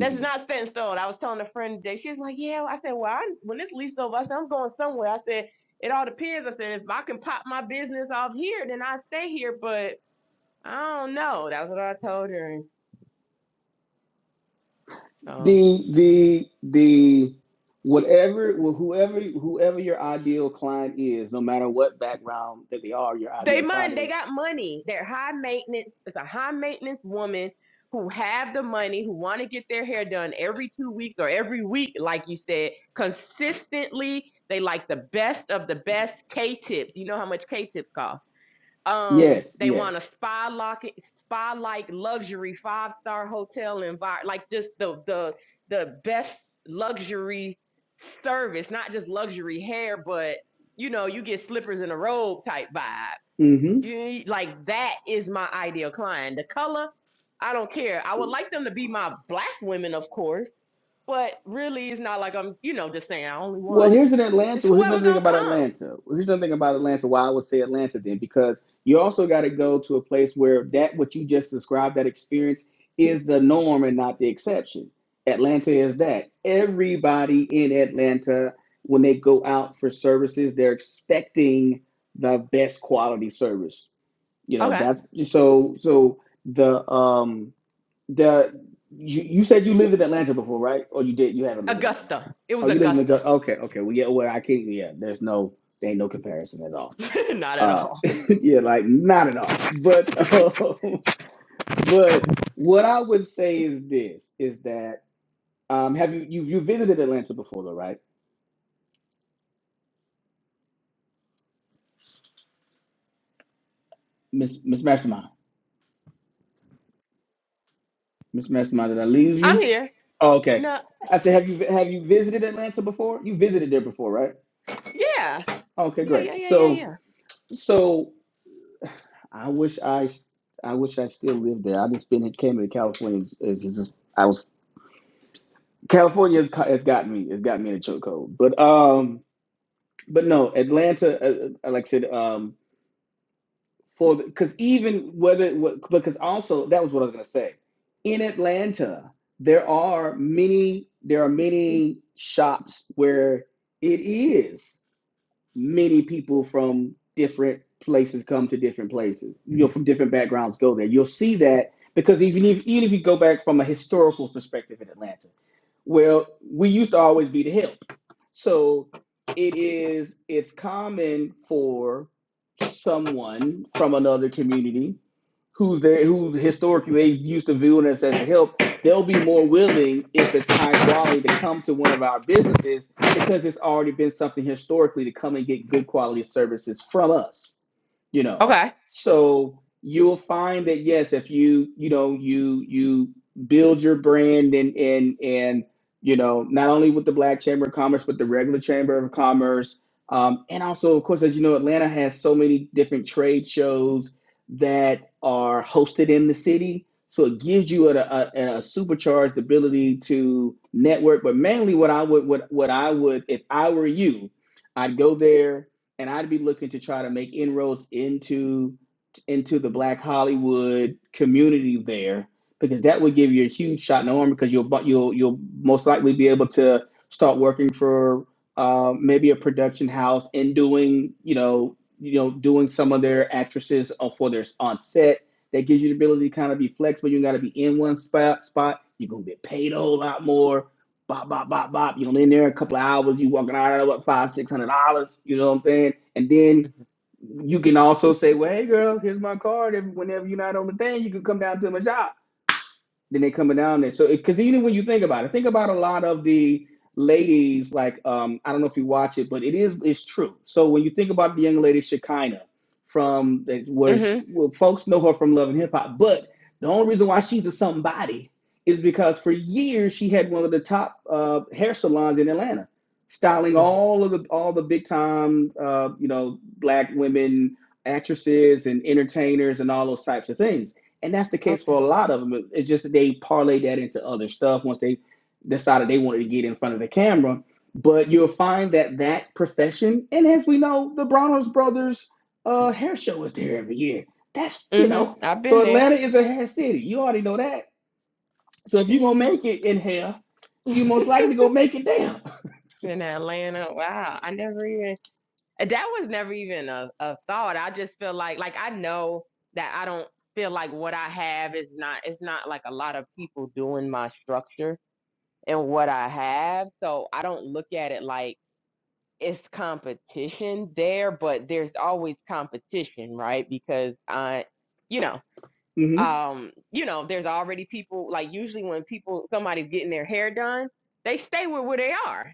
Speaker 2: that's not set in stone. I was telling a friend today, she was like, Yeah, I said, Well, I, when this lease over, I said, I'm going somewhere. I said, it all depends. I said, if I can pop my business off here, then I stay here. But I don't know. That's what I told her.
Speaker 3: <laughs>
Speaker 2: So
Speaker 3: the the the whatever well, whoever whoever your ideal client is no matter what background that they are your
Speaker 2: They
Speaker 3: ideal client
Speaker 2: money. They
Speaker 3: is
Speaker 2: got money. They're high maintenance. It's a high maintenance woman who have the money, who want to get their hair done every two weeks or every week, like you said, consistently. They like the best of the best K-tips. You know how much K-tips cost. Um,
Speaker 3: yes
Speaker 2: they want a
Speaker 3: yes
Speaker 2: spa lock, spa like luxury five star hotel environment, like just the the the best luxury service, not just luxury hair, but you know, you get slippers in a robe type vibe.
Speaker 3: Mm-hmm.
Speaker 2: You like that is my ideal client. The color, I don't care. I would like them to be my black women, of course, but really, it's not like I'm, you know, just saying I only
Speaker 3: Well,
Speaker 2: want.
Speaker 3: here's an
Speaker 2: It's
Speaker 3: Atlanta. Well, here's
Speaker 2: whoever
Speaker 3: another thing
Speaker 2: gonna
Speaker 3: about
Speaker 2: come.
Speaker 3: Atlanta. Well, here's another thing about Atlanta. Why I would say Atlanta then, because you also got to go to a place where that what you just described, that experience, is the norm and not the exception. Atlanta is that. Everybody in Atlanta, when they go out for services, they're expecting the best quality service. You know,
Speaker 2: Okay,
Speaker 3: that's so. So the um the you, you said you lived in Atlanta before, right? Or you did? You haven't lived in Atlanta.
Speaker 2: Augusta. It
Speaker 3: Oh,
Speaker 2: was
Speaker 3: you live in the
Speaker 2: Augusta.
Speaker 3: gut. Okay, okay. Well, yeah. Well, I can't. Yeah, there's no. There ain't no comparison at all.
Speaker 2: <laughs> not at
Speaker 3: Uh,
Speaker 2: all.
Speaker 3: <laughs> yeah, like not at all. But um, <laughs> but what I would say is this: is that um, have you you you visited Atlanta before, though, right, Miss Miss Mastermind? Miss Mastermind, did I lose
Speaker 2: I'm
Speaker 3: you?
Speaker 2: here.
Speaker 3: Oh, okay.
Speaker 2: No.
Speaker 3: I said, have you have you visited Atlanta before? You visited there before, right?
Speaker 2: Yeah.
Speaker 3: Okay,
Speaker 2: Yeah. Yeah.
Speaker 3: great.
Speaker 2: Yeah. Yeah.
Speaker 3: So
Speaker 2: Yeah.
Speaker 3: so I wish I, I wish I still lived there. I just been came to California. It's just I was California has, ca- has got me. It's got me in a chokehold. But um, but no, Atlanta. Uh, uh, like I said, um, for because even whether what because also that was what I was gonna say. In Atlanta, there are many there are many shops where it is. many people from different places come to different places. You know, from different backgrounds go there. You'll see that because even if even if you go back from a historical perspective in Atlanta, well, we used to always be the help. So it is it's common for someone from another community who's there who historically they used to view us as the help, they'll be more willing if it's high quality to come to one of our businesses because it's already been something historically to come and get good quality services from us you know
Speaker 2: Okay.
Speaker 3: so you'll find that yes if you you know you you build your brand and and and you know not only with the black chamber of commerce but the regular chamber of commerce um, and also of course as you know atlanta has so many different trade shows that are hosted in the city so it gives you a, a, a supercharged ability to network. But mainly, what I would what what I would if I were you, I'd go there and I'd be looking to try to make inroads into into the Black Hollywood community there because that would give you a huge shot in the arm because you'll bu- you'll you'll most likely be able to start working for uh, maybe a production house and doing you know you know doing some of their actresses uh, for their on set that gives you the ability to kind of be flexible. You got to be in one spot. Spot. You're gonna get paid a whole lot more. Bop, bop, bop, bop. You're gonna in there a couple of hours. You walking out of what five, six hundred dollars. You know what I'm saying? And then you can also say, "Well, hey, girl, here's my card. If whenever you're not on the thing, you can come down to my shop." then they coming down there. So, because even when you think about it, think about a lot of the ladies. Like, um, I don't know if you watch it, but it is it's true. So when you think about the young lady Shekinah from the, where she,
Speaker 2: Mhm.
Speaker 3: well, folks know her from Love and Hip Hop, but the only reason why she's a somebody is because for years she had one of the top uh, hair salons in Atlanta, styling
Speaker 2: Mhm.
Speaker 3: all of the all the big time, uh, you know, black women actresses and entertainers and all those types of things and that's the case
Speaker 2: Okay.
Speaker 3: for a lot of them. It's just that they parlay that into other stuff once they decided they wanted to get in front of the camera. But you'll find that that profession, and as we know, the Bronner's Brothers uh, hair show is there every year. That's you
Speaker 2: hmm
Speaker 3: know,
Speaker 2: I've
Speaker 3: so
Speaker 2: been there.
Speaker 3: Atlanta is a hair city. You already know that. So if you're gonna
Speaker 2: Yeah.
Speaker 3: make it in hair, you most likely gonna make it there.
Speaker 2: <laughs> in Atlanta. Wow. I never even that was never even a, a thought. I just feel like like I know that I don't feel like what I have is not it's not like a lot of people doing my structure and what I have. So I don't look at it like it's competition there, but there's always competition, right? Because I you know.
Speaker 3: hmm
Speaker 2: um, you know, there's already people like usually when people somebody's getting their hair done, they stay with where they are.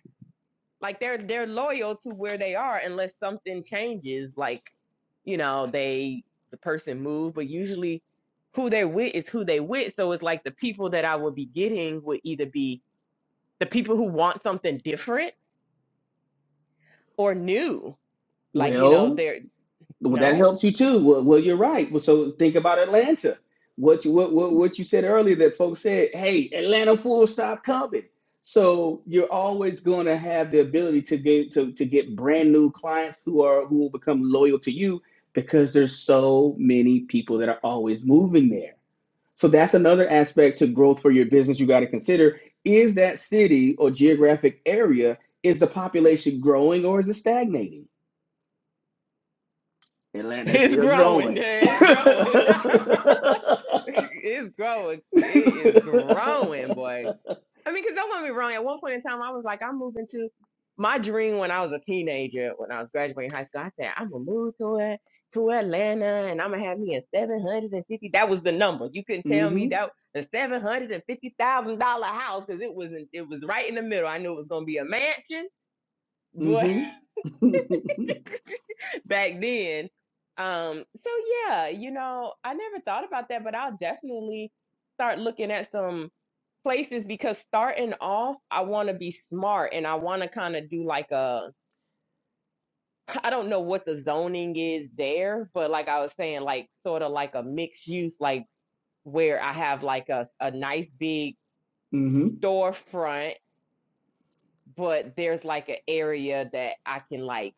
Speaker 2: Like they're they're loyal to where they are unless something changes, like, you know, they the person moved, but usually who they're with is who they with. So it's like the people that I would be getting would either be the people who want something different or new. Like, you know,
Speaker 3: Well,
Speaker 2: they're
Speaker 3: Well, that
Speaker 2: no. <laughs>
Speaker 3: helps you too. Well, well, you're right. Well, so think about Atlanta. What you what, what what you said earlier that folks said, "Hey, Atlanta fools stop coming." So you're always going to have the ability to get to, to get brand new clients who are who will become loyal to you because there's so many people that are always moving there. So that's another aspect to growth for your business you got to consider is that city or geographic area is the population growing or is it stagnating? Atlanta's
Speaker 2: It's
Speaker 3: still
Speaker 2: growing.
Speaker 3: growing. <laughs>
Speaker 2: It's growing. <laughs> it's growing. It is growing, boy. I mean, because don't get me wrong. At one point in time, I was like, I'm moving to my dream when I was a teenager, when I was graduating high school. I said, I'm gonna move to it to Atlanta, and I'm gonna have me a seven hundred and fifty. That was the number. You couldn't tell me
Speaker 3: mhm.
Speaker 2: that the seven hundred and fifty thousand dollar house because it was in- it was right in the middle. I knew it was gonna be a mansion, but
Speaker 3: Mhm.
Speaker 2: <laughs> back then. Um, so yeah, you know, I never thought about that, but I'll definitely start looking at some places because starting off, I want to be smart and I want to kind of do like a, <laughs> I don't know what the zoning is there, but like I was saying, like sort of like a mixed use, like where I have like a, a nice big
Speaker 3: mhm. <laughs>
Speaker 2: storefront, but there's like an area that I can like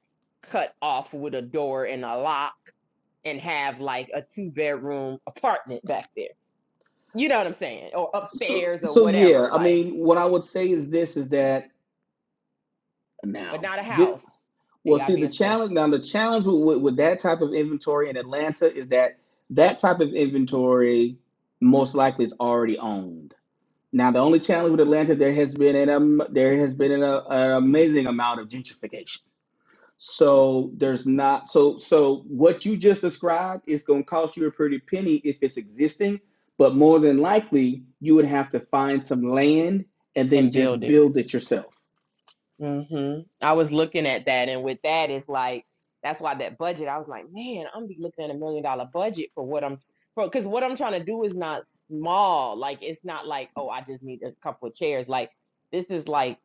Speaker 2: cut off with a door and a lock and have like a two bedroom apartment back there. You know what I'm saying? Or
Speaker 3: So
Speaker 2: upstairs or
Speaker 3: so yeah,
Speaker 2: whatever,
Speaker 3: I
Speaker 2: like,
Speaker 3: mean, what I would say is this is that
Speaker 2: but
Speaker 3: now
Speaker 2: not a
Speaker 3: thi-
Speaker 2: house. It
Speaker 3: well,
Speaker 2: gotta
Speaker 3: see
Speaker 2: be a
Speaker 3: the
Speaker 2: storefront
Speaker 3: challenge now the challenge with, with, with that type of inventory in Atlanta is that that type of inventory most likely is already owned. Now the only challenge with Atlanta there has been an um, there has been an, uh, an amazing amount of gentrification So there's not so so what you just described is going to cost you a pretty penny if it's existing, but more than likely you would have to find some land and then
Speaker 2: and build
Speaker 3: just
Speaker 2: it.
Speaker 3: build it yourself.
Speaker 2: hmm I was looking at that, and with that, it's like that's why that budget. I was like, man, I'm be looking at a million dollar budget for what I'm for because what I'm trying to do is not small. Like it's not like oh, I just need a couple of chairs. Like this is like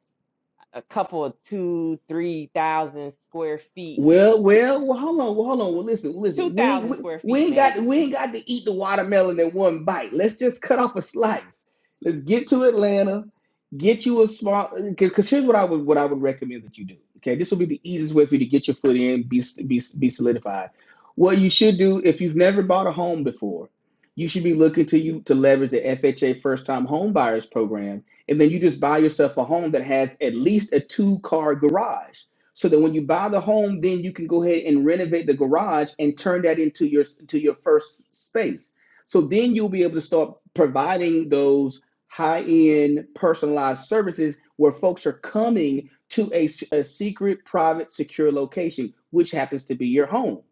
Speaker 2: a couple of two, three thousand square feet,
Speaker 3: Well, well, well, hold on, well, hold on. Well, listen,
Speaker 2: two
Speaker 3: listen. We, ain't-
Speaker 2: thousand
Speaker 3: we
Speaker 2: square
Speaker 3: we
Speaker 2: feet
Speaker 3: ain't got
Speaker 2: maybe.
Speaker 3: we ain't got to eat the watermelon at one bite. Let's just cut off a slice. Let's get to Atlanta, get you a small. Because here's what I would what I would recommend that you do. Okay, this will be the easiest way for you to get your foot in, be be be solidified. What you should do if you've never bought a home before, you should be looking to you to leverage the FHA First Time Home Buyers Program, and then you just buy yourself a home that has at least a two car garage so that when you buy the home, then you can go ahead and renovate the garage and turn that into your to your first space. So then you'll be able to start providing those high-end personalized services where folks are coming to a a secret, private, secure location, which happens to be your home.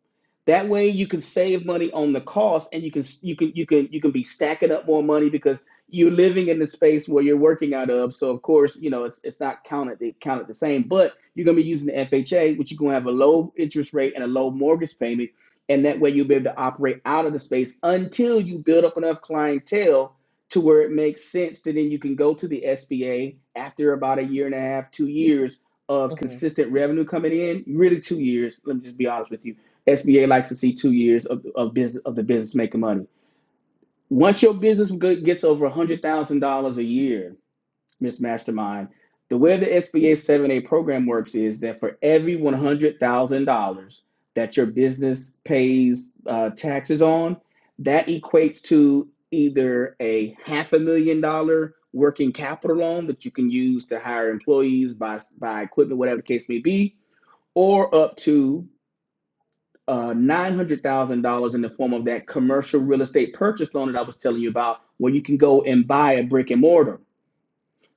Speaker 3: That way, you can save money on the cost, and you can you can you can you can be stacking up more money because you're living in the space where you're working out of. So of course, you know it's it's not counted counted the same, but you're going to be using the FHA, which you're going to have a low interest rate and a low mortgage payment. And that way you'll be able to operate out of the space until you build up enough clientele to where it makes sense to then you can go to the SBA after about a year and a half, two years of
Speaker 2: hmm
Speaker 3: consistent revenue coming in. Really two years. Let me just be honest with you. SBA likes to see two years of, of business of the business making money. Once your business gets over $100,000 a year, Miss Mastermind. The way the SBA 7A program works is that for every $100,000 that your business pays uh, taxes on, that equates to either a half a million dollar working capital loan that you can use to hire employees, buy, buy equipment, whatever the case may be, or up to uh, $900,000 in the form of that commercial real estate purchase loan that I was telling you about, where you can go and buy a brick and mortar.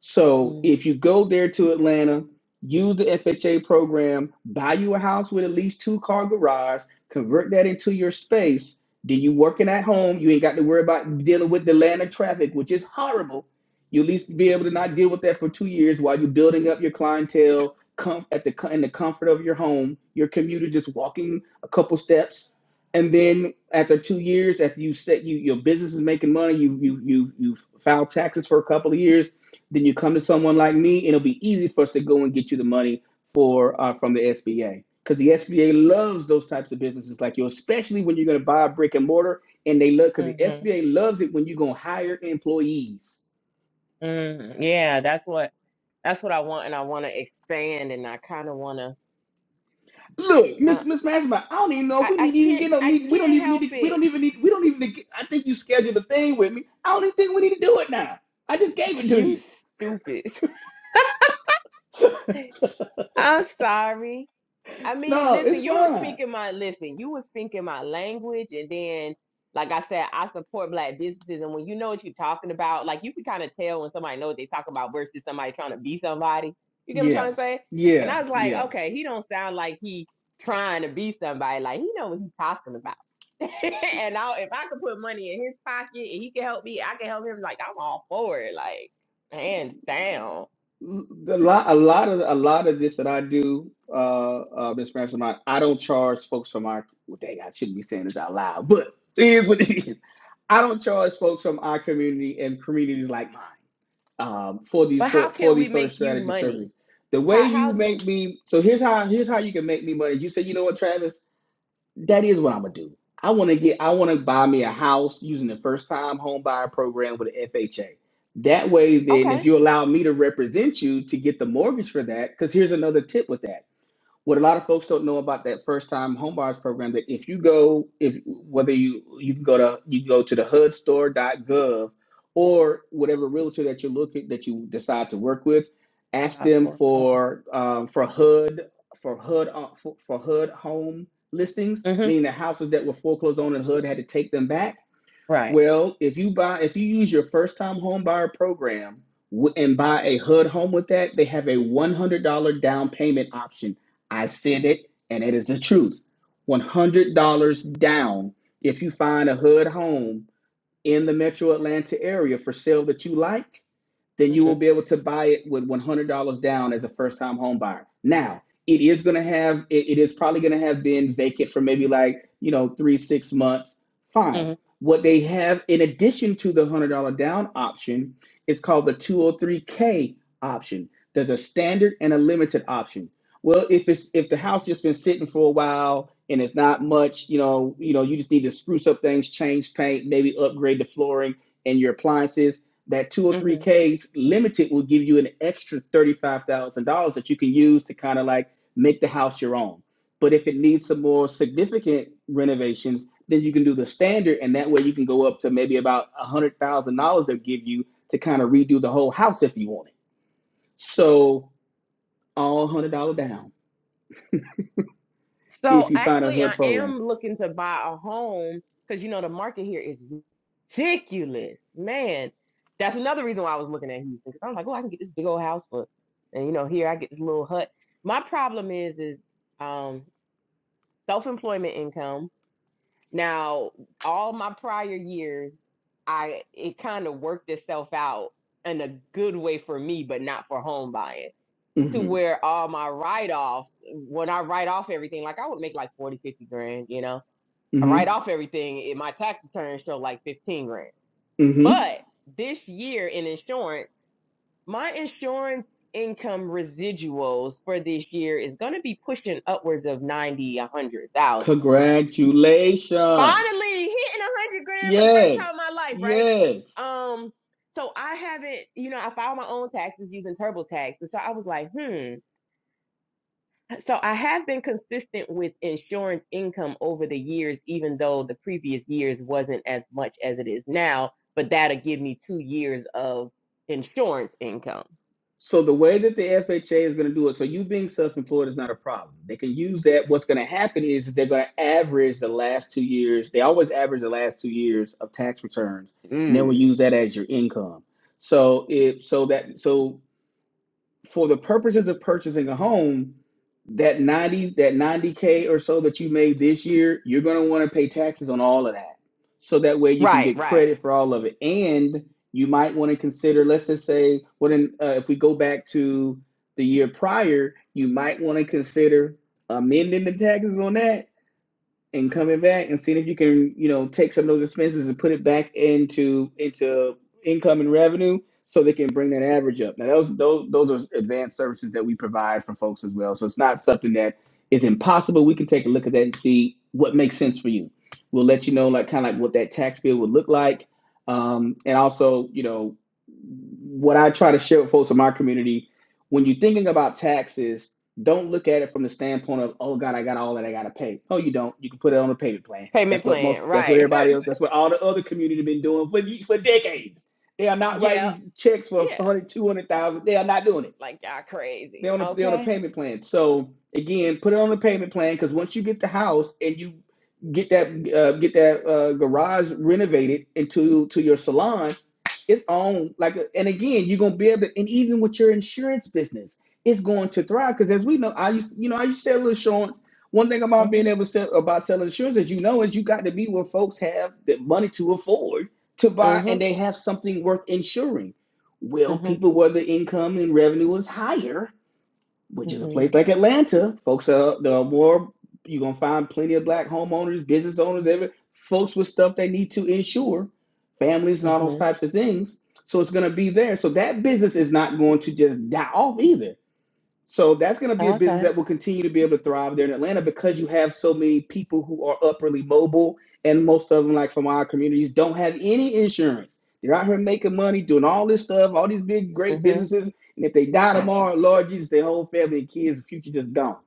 Speaker 3: So if you go there to Atlanta, use the FHA program, buy you a house with at least two car garage, convert that into your space. Then you working at home, you ain't got to worry about dealing with the Atlanta traffic, which is horrible. You at least be able to not deal with that for two years while you're building up your clientele comf- at the co- in the comfort of your home, your commuter just walking a couple steps. And then after two years, after you set you your business is making money, you you you you filed taxes for a couple of years then you come to someone like me, and it'll be easy for us to go and get you the money for uh, from the SBA because the SBA loves those types of businesses like you, especially when you're going to buy a brick and mortar, and they love because the
Speaker 2: Mm-hmm.
Speaker 3: SBA loves it when you're going to hire employees.
Speaker 2: hmm Yeah, that's what that's what I want, and I want to expand, and I kind of want to.
Speaker 3: Look,
Speaker 2: Uh,
Speaker 3: Miss Miss Mastermind, I don't even know if
Speaker 2: I
Speaker 3: we
Speaker 2: I
Speaker 3: need even
Speaker 2: can't
Speaker 3: get no
Speaker 2: I
Speaker 3: need. We don't
Speaker 2: can't
Speaker 3: even need
Speaker 2: help
Speaker 3: to. We
Speaker 2: it
Speaker 3: don't even need. We don't even. Need, I think you scheduled a thing with me. I don't even think we need to do it now. I just gave
Speaker 2: <laughs>
Speaker 3: it to
Speaker 2: You
Speaker 3: you.
Speaker 2: stupid.
Speaker 3: <laughs>
Speaker 2: <laughs> I'm sorry. I mean,
Speaker 3: no,
Speaker 2: listen,
Speaker 3: it's
Speaker 2: you were
Speaker 3: fine.
Speaker 2: speaking my listen, you were speaking my language and then like I said, I support black businesses and when you know what you're talking about, like you can kind of tell when somebody know what they talk about versus somebody trying to be somebody. You get what I'm
Speaker 3: Yeah,
Speaker 2: trying to say? And
Speaker 3: yeah,
Speaker 2: I was like,
Speaker 3: yeah.
Speaker 2: okay, he don't sound like he trying to be somebody. Like he know what he's talking about. <laughs> and I, if I could put money in his pocket and he can help me, I can help him. Like I'm all for it. Like hands down.
Speaker 3: A lot, a lot of a lot of this that I do, uh, uh, Miss Ransom, I, I don't charge folks from our. Well, dang, I shouldn't be saying this out loud, but it is what it is. I don't charge folks from our community and communities like mine um, for these
Speaker 2: But how
Speaker 3: for for
Speaker 2: can we
Speaker 3: these sort of
Speaker 2: make you
Speaker 3: strategy
Speaker 2: money?
Speaker 3: services. The way
Speaker 2: How how
Speaker 3: you
Speaker 2: do
Speaker 3: make me so here's how here's how you can make me money. You say, you know what, Travis? that is what I'm gonna do. I want to get, I want to buy me a house using the first time home buyer program with the FHA. That way, then,
Speaker 2: okay.
Speaker 3: if you allow me to represent you to get the mortgage for that, because here's another tip with that what a lot of folks don't know about that first time home buyers program that if you go if whether you you can go to you can go to the hudstore.gov or whatever realtor that you look at that you decide to work with ask
Speaker 2: Not
Speaker 3: them
Speaker 2: foreclosure.
Speaker 3: for um, for hud for hud uh, for, for hud home listings
Speaker 2: hmm
Speaker 3: meaning the houses that were foreclosed on and hud had to take them back
Speaker 2: Right.
Speaker 3: well, if you buy, if you use your first time home buyer program and buy a HUD home with that, they have a $100 down payment option. I said it, and it is the truth. $100 down if you find a HUD home in the metro Atlanta area for sale that you like then you
Speaker 2: hmm
Speaker 3: will be able to buy it with $100 down as a first-time home buyer. Now, it is going to have it, it is probably going to have been vacant for maybe like, you know, 3 6 months. Fine.
Speaker 2: hmm
Speaker 3: What they have in addition to the $100 down option is called the 203k option. There's a standard and a limited option. Well, if it's if the house just been sitting for a while and it's not much, you know, you know, you just need to spruce up things, change paint, maybe upgrade the flooring and your appliances that
Speaker 2: hmm
Speaker 3: 203k's limited will give you an extra $35,000 that you can use to kind of like make the house your own. But if it needs some more significant renovations, then you can do the standard and that way you can go up to maybe about $100,000 they'll give you to kind of redo the whole house if you want it. So all $100 down
Speaker 2: So
Speaker 3: if you find a
Speaker 2: actually I
Speaker 3: HUD program.
Speaker 2: am looking to buy a home because you know the market here is ridiculous. Man, that's another reason why I was looking at Houston. Because I was like, oh, I can get this big old house for and you know, here I get this little hut. My problem is is um self-employment income Now, all my prior years, I it kind of worked itself out in a good way for me, but not for home buying. To
Speaker 3: Mhm.
Speaker 2: where all my write offs, when I write off everything, like I would make like 40, 50 grand, you know. I write
Speaker 3: Mhm.
Speaker 2: off everything in my tax return show like 15 grand.
Speaker 3: Mhm.
Speaker 2: But this year in insurance, my insurance income residuals for this year is going to be pushing upwards of 90, a 100,000.
Speaker 3: Congratulations.
Speaker 2: Finally hitting a hundred grand for the first time in my
Speaker 3: Yes.
Speaker 2: life, right?
Speaker 3: Yes.
Speaker 2: Um, so I haven't, you know, I filed my own taxes using TurboTax. And so I was like, hmm. So I have been consistent with insurance income over the years, even though the previous years wasn't as much as it is now, but that'll give me two years of insurance income.
Speaker 3: So the way that the FHA is going to do it, so you being self-employed is not a problem. They can use that. What's going to happen is they're going to average the last two years. They always average the last two years of tax returns, and they will
Speaker 2: Mm.
Speaker 3: use that as your income. So if so that so for the purposes of purchasing a home, that 90 that 90k or so that you made this year, you're going to want to pay taxes on all of that. So that way you can
Speaker 2: Right,
Speaker 3: get
Speaker 2: right.
Speaker 3: credit for all of it and you might want to consider let's just say what in, uh, if we go back to the year prior, you might want to consider amending the taxes on that and coming back and seeing if you can, you know, take some of those expenses and put it back into into income and revenue so they can bring that average up. Now those those those are advanced services that we provide for folks as well. So it's not something that is impossible. We can take a look at that and see what makes sense for you. We'll let you know like kind of like what that tax bill would look like. Um, and also, you know, what I try to share with folks in my community, when you're thinking about taxes, don't look at it from the standpoint of, oh God, I got all that I gotta pay. No, you don't. You can put it on a payment plan.
Speaker 2: Payment
Speaker 3: That's what
Speaker 2: plan,
Speaker 3: most. That's what
Speaker 2: right.
Speaker 3: everybody else. That's what all the other community have been doing for for decades. They are
Speaker 2: <laughs>
Speaker 3: not
Speaker 2: yeah,
Speaker 3: writing checks for
Speaker 2: yeah.
Speaker 3: 100, 200,000. They are not doing it.
Speaker 2: Like y'all crazy.
Speaker 3: They're on a they're on a
Speaker 2: Okay.
Speaker 3: payment plan. So again, put it on a payment plan because once you get the house and you get that uh, get that uh, garage renovated into to your salon, it's on like uh, and again you're gonna be able to and even with your insurance business, it's going to thrive because as we know, I used you know I used to sell insurance. One thing about
Speaker 2: Mm-hmm.
Speaker 3: being able to sell about selling insurance, as you know, is you got to be where folks have the money to afford to buy and
Speaker 2: Mm-hmm.
Speaker 3: they have something worth insuring. Well,
Speaker 2: Mm-hmm.
Speaker 3: people where the income and revenue is higher which is a
Speaker 2: Mm-hmm.
Speaker 3: place like Atlanta. Folks are there are more. You're gonna find plenty of black homeowners, business owners, every folks with stuff they need to insure, families and all those
Speaker 2: hmm
Speaker 3: types of things. So it's gonna be there. So that business is not going to just die off either. So that's going to be a business
Speaker 2: Okay.
Speaker 3: that will continue to be able to thrive there in Atlanta because you have so many people who are upwardly mobile, and most of them, like from our communities, don't have any insurance. They're out here making money, doing all this stuff, all these big, great
Speaker 2: hmm
Speaker 3: businesses, and if they die tomorrow, Lord Jesus, their whole family and kids, the future just gone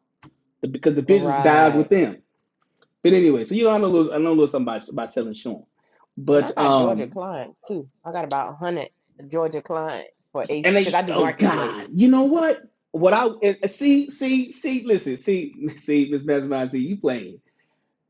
Speaker 3: because the business dies
Speaker 2: Right.
Speaker 3: with them. But anyway, so you know I know a little, I know a little something about, about selling insurance,
Speaker 2: And
Speaker 3: but
Speaker 2: I got Georgia
Speaker 3: um,
Speaker 2: clients too. I got about a hundred Georgia clients for AC
Speaker 3: And
Speaker 2: because
Speaker 3: they,
Speaker 2: I do
Speaker 3: oh
Speaker 2: marketplace.
Speaker 3: God, you know what? What I and- and see, see, see, listen, see, <laughs> see, Miss Mesmer, see you playing.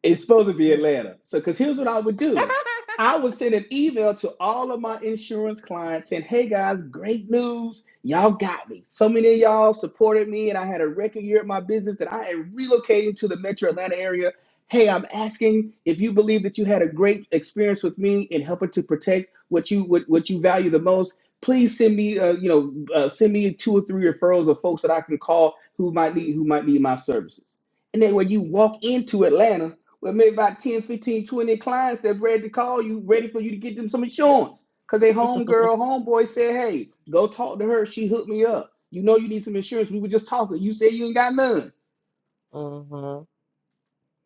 Speaker 3: It's supposed to be
Speaker 2: Mm.
Speaker 3: Atlanta. So, because here's what I would
Speaker 2: <laughs>
Speaker 3: do I would send an email to all of my insurance clients saying, hey guys, great news. Y'all got me. So many of y'all supported me, and I had a record year at my business that I am relocating to the metro Atlanta area. Hey, I'm asking if you believe that you had a great experience with me in helping to protect what you what, what you value the most. Please send me, uh, you know, uh, send me two or three referrals of folks that I can call who might need who might need my services. And then when you walk into Atlanta, well, maybe about 10, 15, 20 clients that ready to call you, ready for you to get them some insurance. Cause they homegirl, homeboy said, hey, go talk to her. She hooked me up. You know you need some insurance. We were just talking. You said you ain't got none.
Speaker 2: mm-hmm.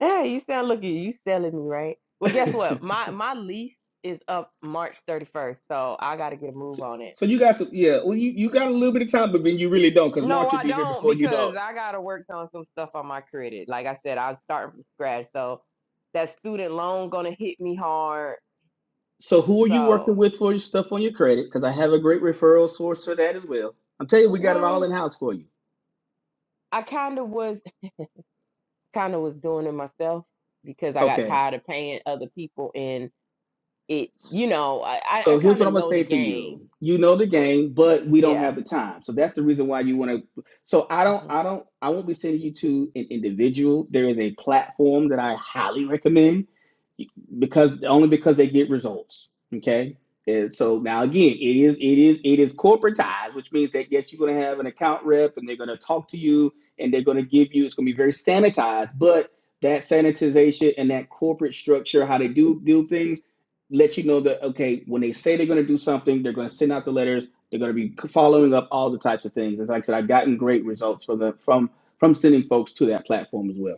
Speaker 2: Yeah, you sound looking. You selling me, right? Well, guess what? My my lease is up March 31st, so I got to get a move
Speaker 3: So,
Speaker 2: on it.
Speaker 3: so you got some, yeah. Well, you, you got a little bit of time, but then you really don't, because
Speaker 2: No,
Speaker 3: March will
Speaker 2: I
Speaker 3: be here
Speaker 2: don't
Speaker 3: before you know
Speaker 2: because
Speaker 3: it.
Speaker 2: I got to work on some stuff on my credit. Like I said, I was starting from scratch, so that student loan gonna hit me hard.
Speaker 3: So who are you working
Speaker 2: So,
Speaker 3: with for your stuff on your credit? Because I have a great referral source for that as well. I'm telling you, we got it
Speaker 2: well.
Speaker 3: all in house for you.
Speaker 2: I kind of was kind of was doing it myself because I got
Speaker 3: Okay.
Speaker 2: tired of paying other people and it you know I I
Speaker 3: So here's
Speaker 2: kind
Speaker 3: what
Speaker 2: of
Speaker 3: I'm gonna
Speaker 2: know the
Speaker 3: say to
Speaker 2: game
Speaker 3: you. You know the
Speaker 2: but
Speaker 3: game, but we don't
Speaker 2: yeah
Speaker 3: have the time. So that's the reason why you want to. So I don't,
Speaker 2: hmm
Speaker 3: I don't, I won't be sending you to an individual. There is a platform that I highly recommend because only because they get results. Okay. And so now again, it is it is it is corporatized, which means that yes, you're gonna have an account rep and they're gonna talk to you and they're gonna give you it's gonna be very sanitized, but that sanitization and that corporate structure, how they do do things, let you know that okay, when they say they're gonna do something, they're gonna send out the letters, they're gonna be following up all the types of things. As like I said, I've gotten great results from the from from sending folks to that platform as well.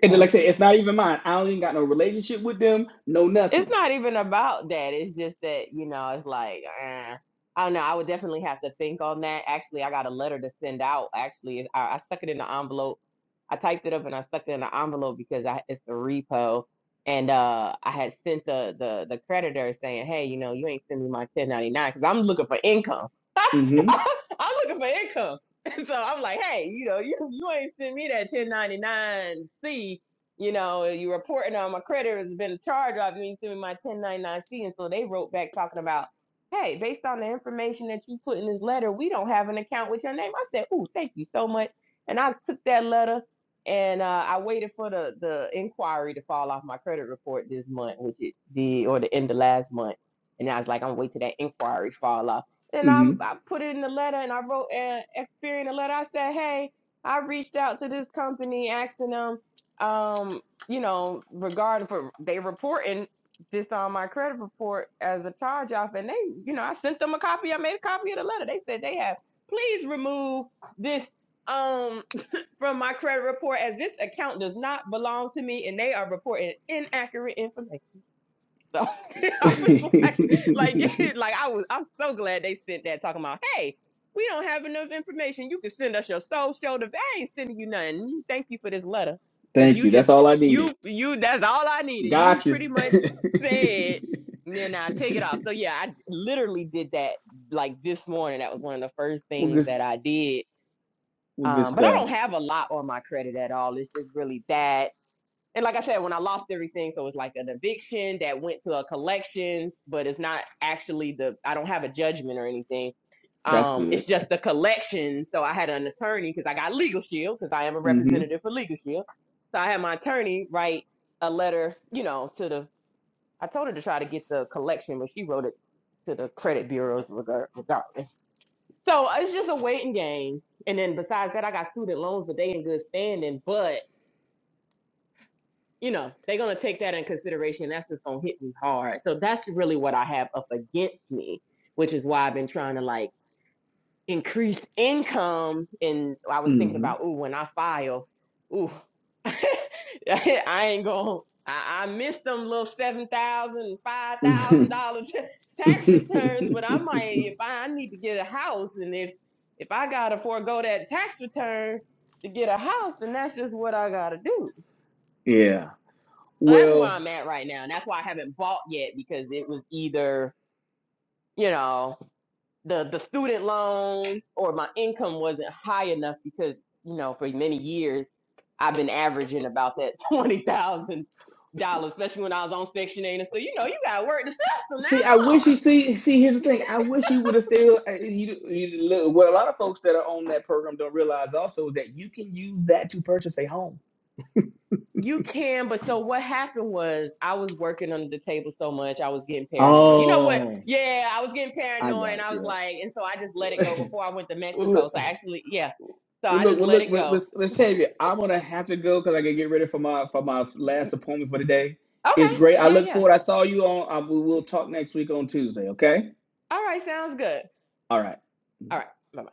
Speaker 3: And then, like I said, it's
Speaker 2: okay
Speaker 3: not even mine. I don't even got no relationship with them, no
Speaker 2: It's
Speaker 3: nothing.
Speaker 2: not even about that. It's just that, you know, it's like, eh. I don't know. I would definitely have to think on that. Actually, I got a letter to send out. Actually, I, I stuck it in the envelope. I typed it up and I stuck it in the envelope because I, it's the repo. And uh, I had sent the, the the creditor saying, hey, you know, you ain't send me my 1099 because I'm looking for income. <laughs>
Speaker 3: Mm-hmm.
Speaker 2: I'm looking for income. <laughs> And so I'm like, hey, you know, you, you ain't send me that 1099C you know, you reporting on my creditors has been a charge off you ain't send me my 1099C. And so they wrote back talking about, hey, based on the information that you put in this letter, we don't have an account with your name. I said, ooh, thank you so much. And I took that letter and uh, I waited for the, the inquiry to fall off my credit report this month, which it did, or the end of last month. And I was like, I'm gonna wait till that inquiry fall off. And I'm, I put it in the letter and I wrote uh, Experian a letter. I said, hey, I reached out to this company asking them um, you know, regarding for they reporting this on my credit report as a charge off, and they, you know, I sent them a copy. I made a copy of the letter. They said they have please remove this um from my credit report as this account does not belong to me, and they are reporting inaccurate information. So <laughs> I was like,
Speaker 3: Mm-hmm.
Speaker 2: like, <laughs> like I was, I'm so glad they sent that talking about, hey, we don't have enough information. You can send us your soul shoulder. I ain't sending you nothing. Thank you for this letter.
Speaker 3: <laughs>
Speaker 2: Cause
Speaker 3: Thank
Speaker 2: you
Speaker 3: you. That's
Speaker 2: just,
Speaker 3: all I needed.
Speaker 2: you, you, that's all I needed. You
Speaker 3: Gotcha.
Speaker 2: pretty much
Speaker 3: <laughs>
Speaker 2: said, and then I take it off. So yeah, I literally did that like this morning. That was one of the first
Speaker 3: well,
Speaker 2: things
Speaker 3: good.
Speaker 2: that I did.
Speaker 3: Well, good
Speaker 2: Um, but I
Speaker 3: stuff.
Speaker 2: don't have a lot on my credit at all. It's just really that and like I said, when I lost everything, so it was like an eviction that went to a collections, but it's not actually the I don't have a judgment or anything.
Speaker 3: That's
Speaker 2: Um, it's
Speaker 3: good.
Speaker 2: just the collection. So I had an attorney because I got Legal Shield because I am a representative for Legal Shield. So I had my attorney write a letter, you know, to the I told her to try to get the collection, but she wrote it to the credit bureaus regar- regardless. So it's just a waiting game. And then besides that, I got student loans, but they in good standing. But you know, they're going to take that in consideration. That's just going to hit me hard. So that's really what I have up against me, which is why I've been trying to like increase income. And I was thinking
Speaker 3: Mm-hmm.
Speaker 2: about, ooh, when I file, ooh, <laughs> I ain't going, to, I, I missed them little seven thousand, dollars, five thousand dollars <laughs>
Speaker 3: Mm-hmm.
Speaker 2: tax returns, but I might,
Speaker 3: <laughs>
Speaker 2: if I, I need to get a house and if, if I got to forego that tax return to get a house, then that's just what I got to do.
Speaker 3: yeah.
Speaker 2: So that's where
Speaker 3: Well,
Speaker 2: I'm at right now. And that's why I haven't bought yet because it was either, you know, the the student loans or my income wasn't high enough because, you know, for many years I've been averaging about that <laughs> twenty thousand dollars, especially when I was on Section 8 and so you know, you gotta work the system now.
Speaker 3: see, I
Speaker 2: Come on.
Speaker 3: wish you see. See, here's the thing. I wish you would have still. uh, You, you, look, what a lot of folks that are on that program don't realize also is that you can use that to purchase a home.
Speaker 2: You can, but so what happened was I was working under the table so much I was getting paranoid. You know what?
Speaker 3: Oh,
Speaker 2: Yeah, I was getting
Speaker 3: I
Speaker 2: paranoid
Speaker 3: got
Speaker 2: and
Speaker 3: it.
Speaker 2: I was like, and so I just let it go
Speaker 3: Yeah.
Speaker 2: before I went to
Speaker 3: <laughs> well,
Speaker 2: Mexico.
Speaker 3: look.
Speaker 2: So I actually, yeah.
Speaker 3: Well,
Speaker 2: So I
Speaker 3: look.
Speaker 2: just
Speaker 3: Well,
Speaker 2: let
Speaker 3: look.
Speaker 2: it
Speaker 3: Well,
Speaker 2: go.
Speaker 3: Miss Miss Tavia, I'm gonna have to go because I gotta get ready for my for my last appointment for the day.
Speaker 2: Okay.
Speaker 3: It's great. I
Speaker 2: Yeah,
Speaker 3: look
Speaker 2: yeah.
Speaker 3: forward. I saw you on. I, we will talk next week on Tuesday. Okay.
Speaker 2: All right, sounds good.
Speaker 3: All right.
Speaker 2: All right. Bye.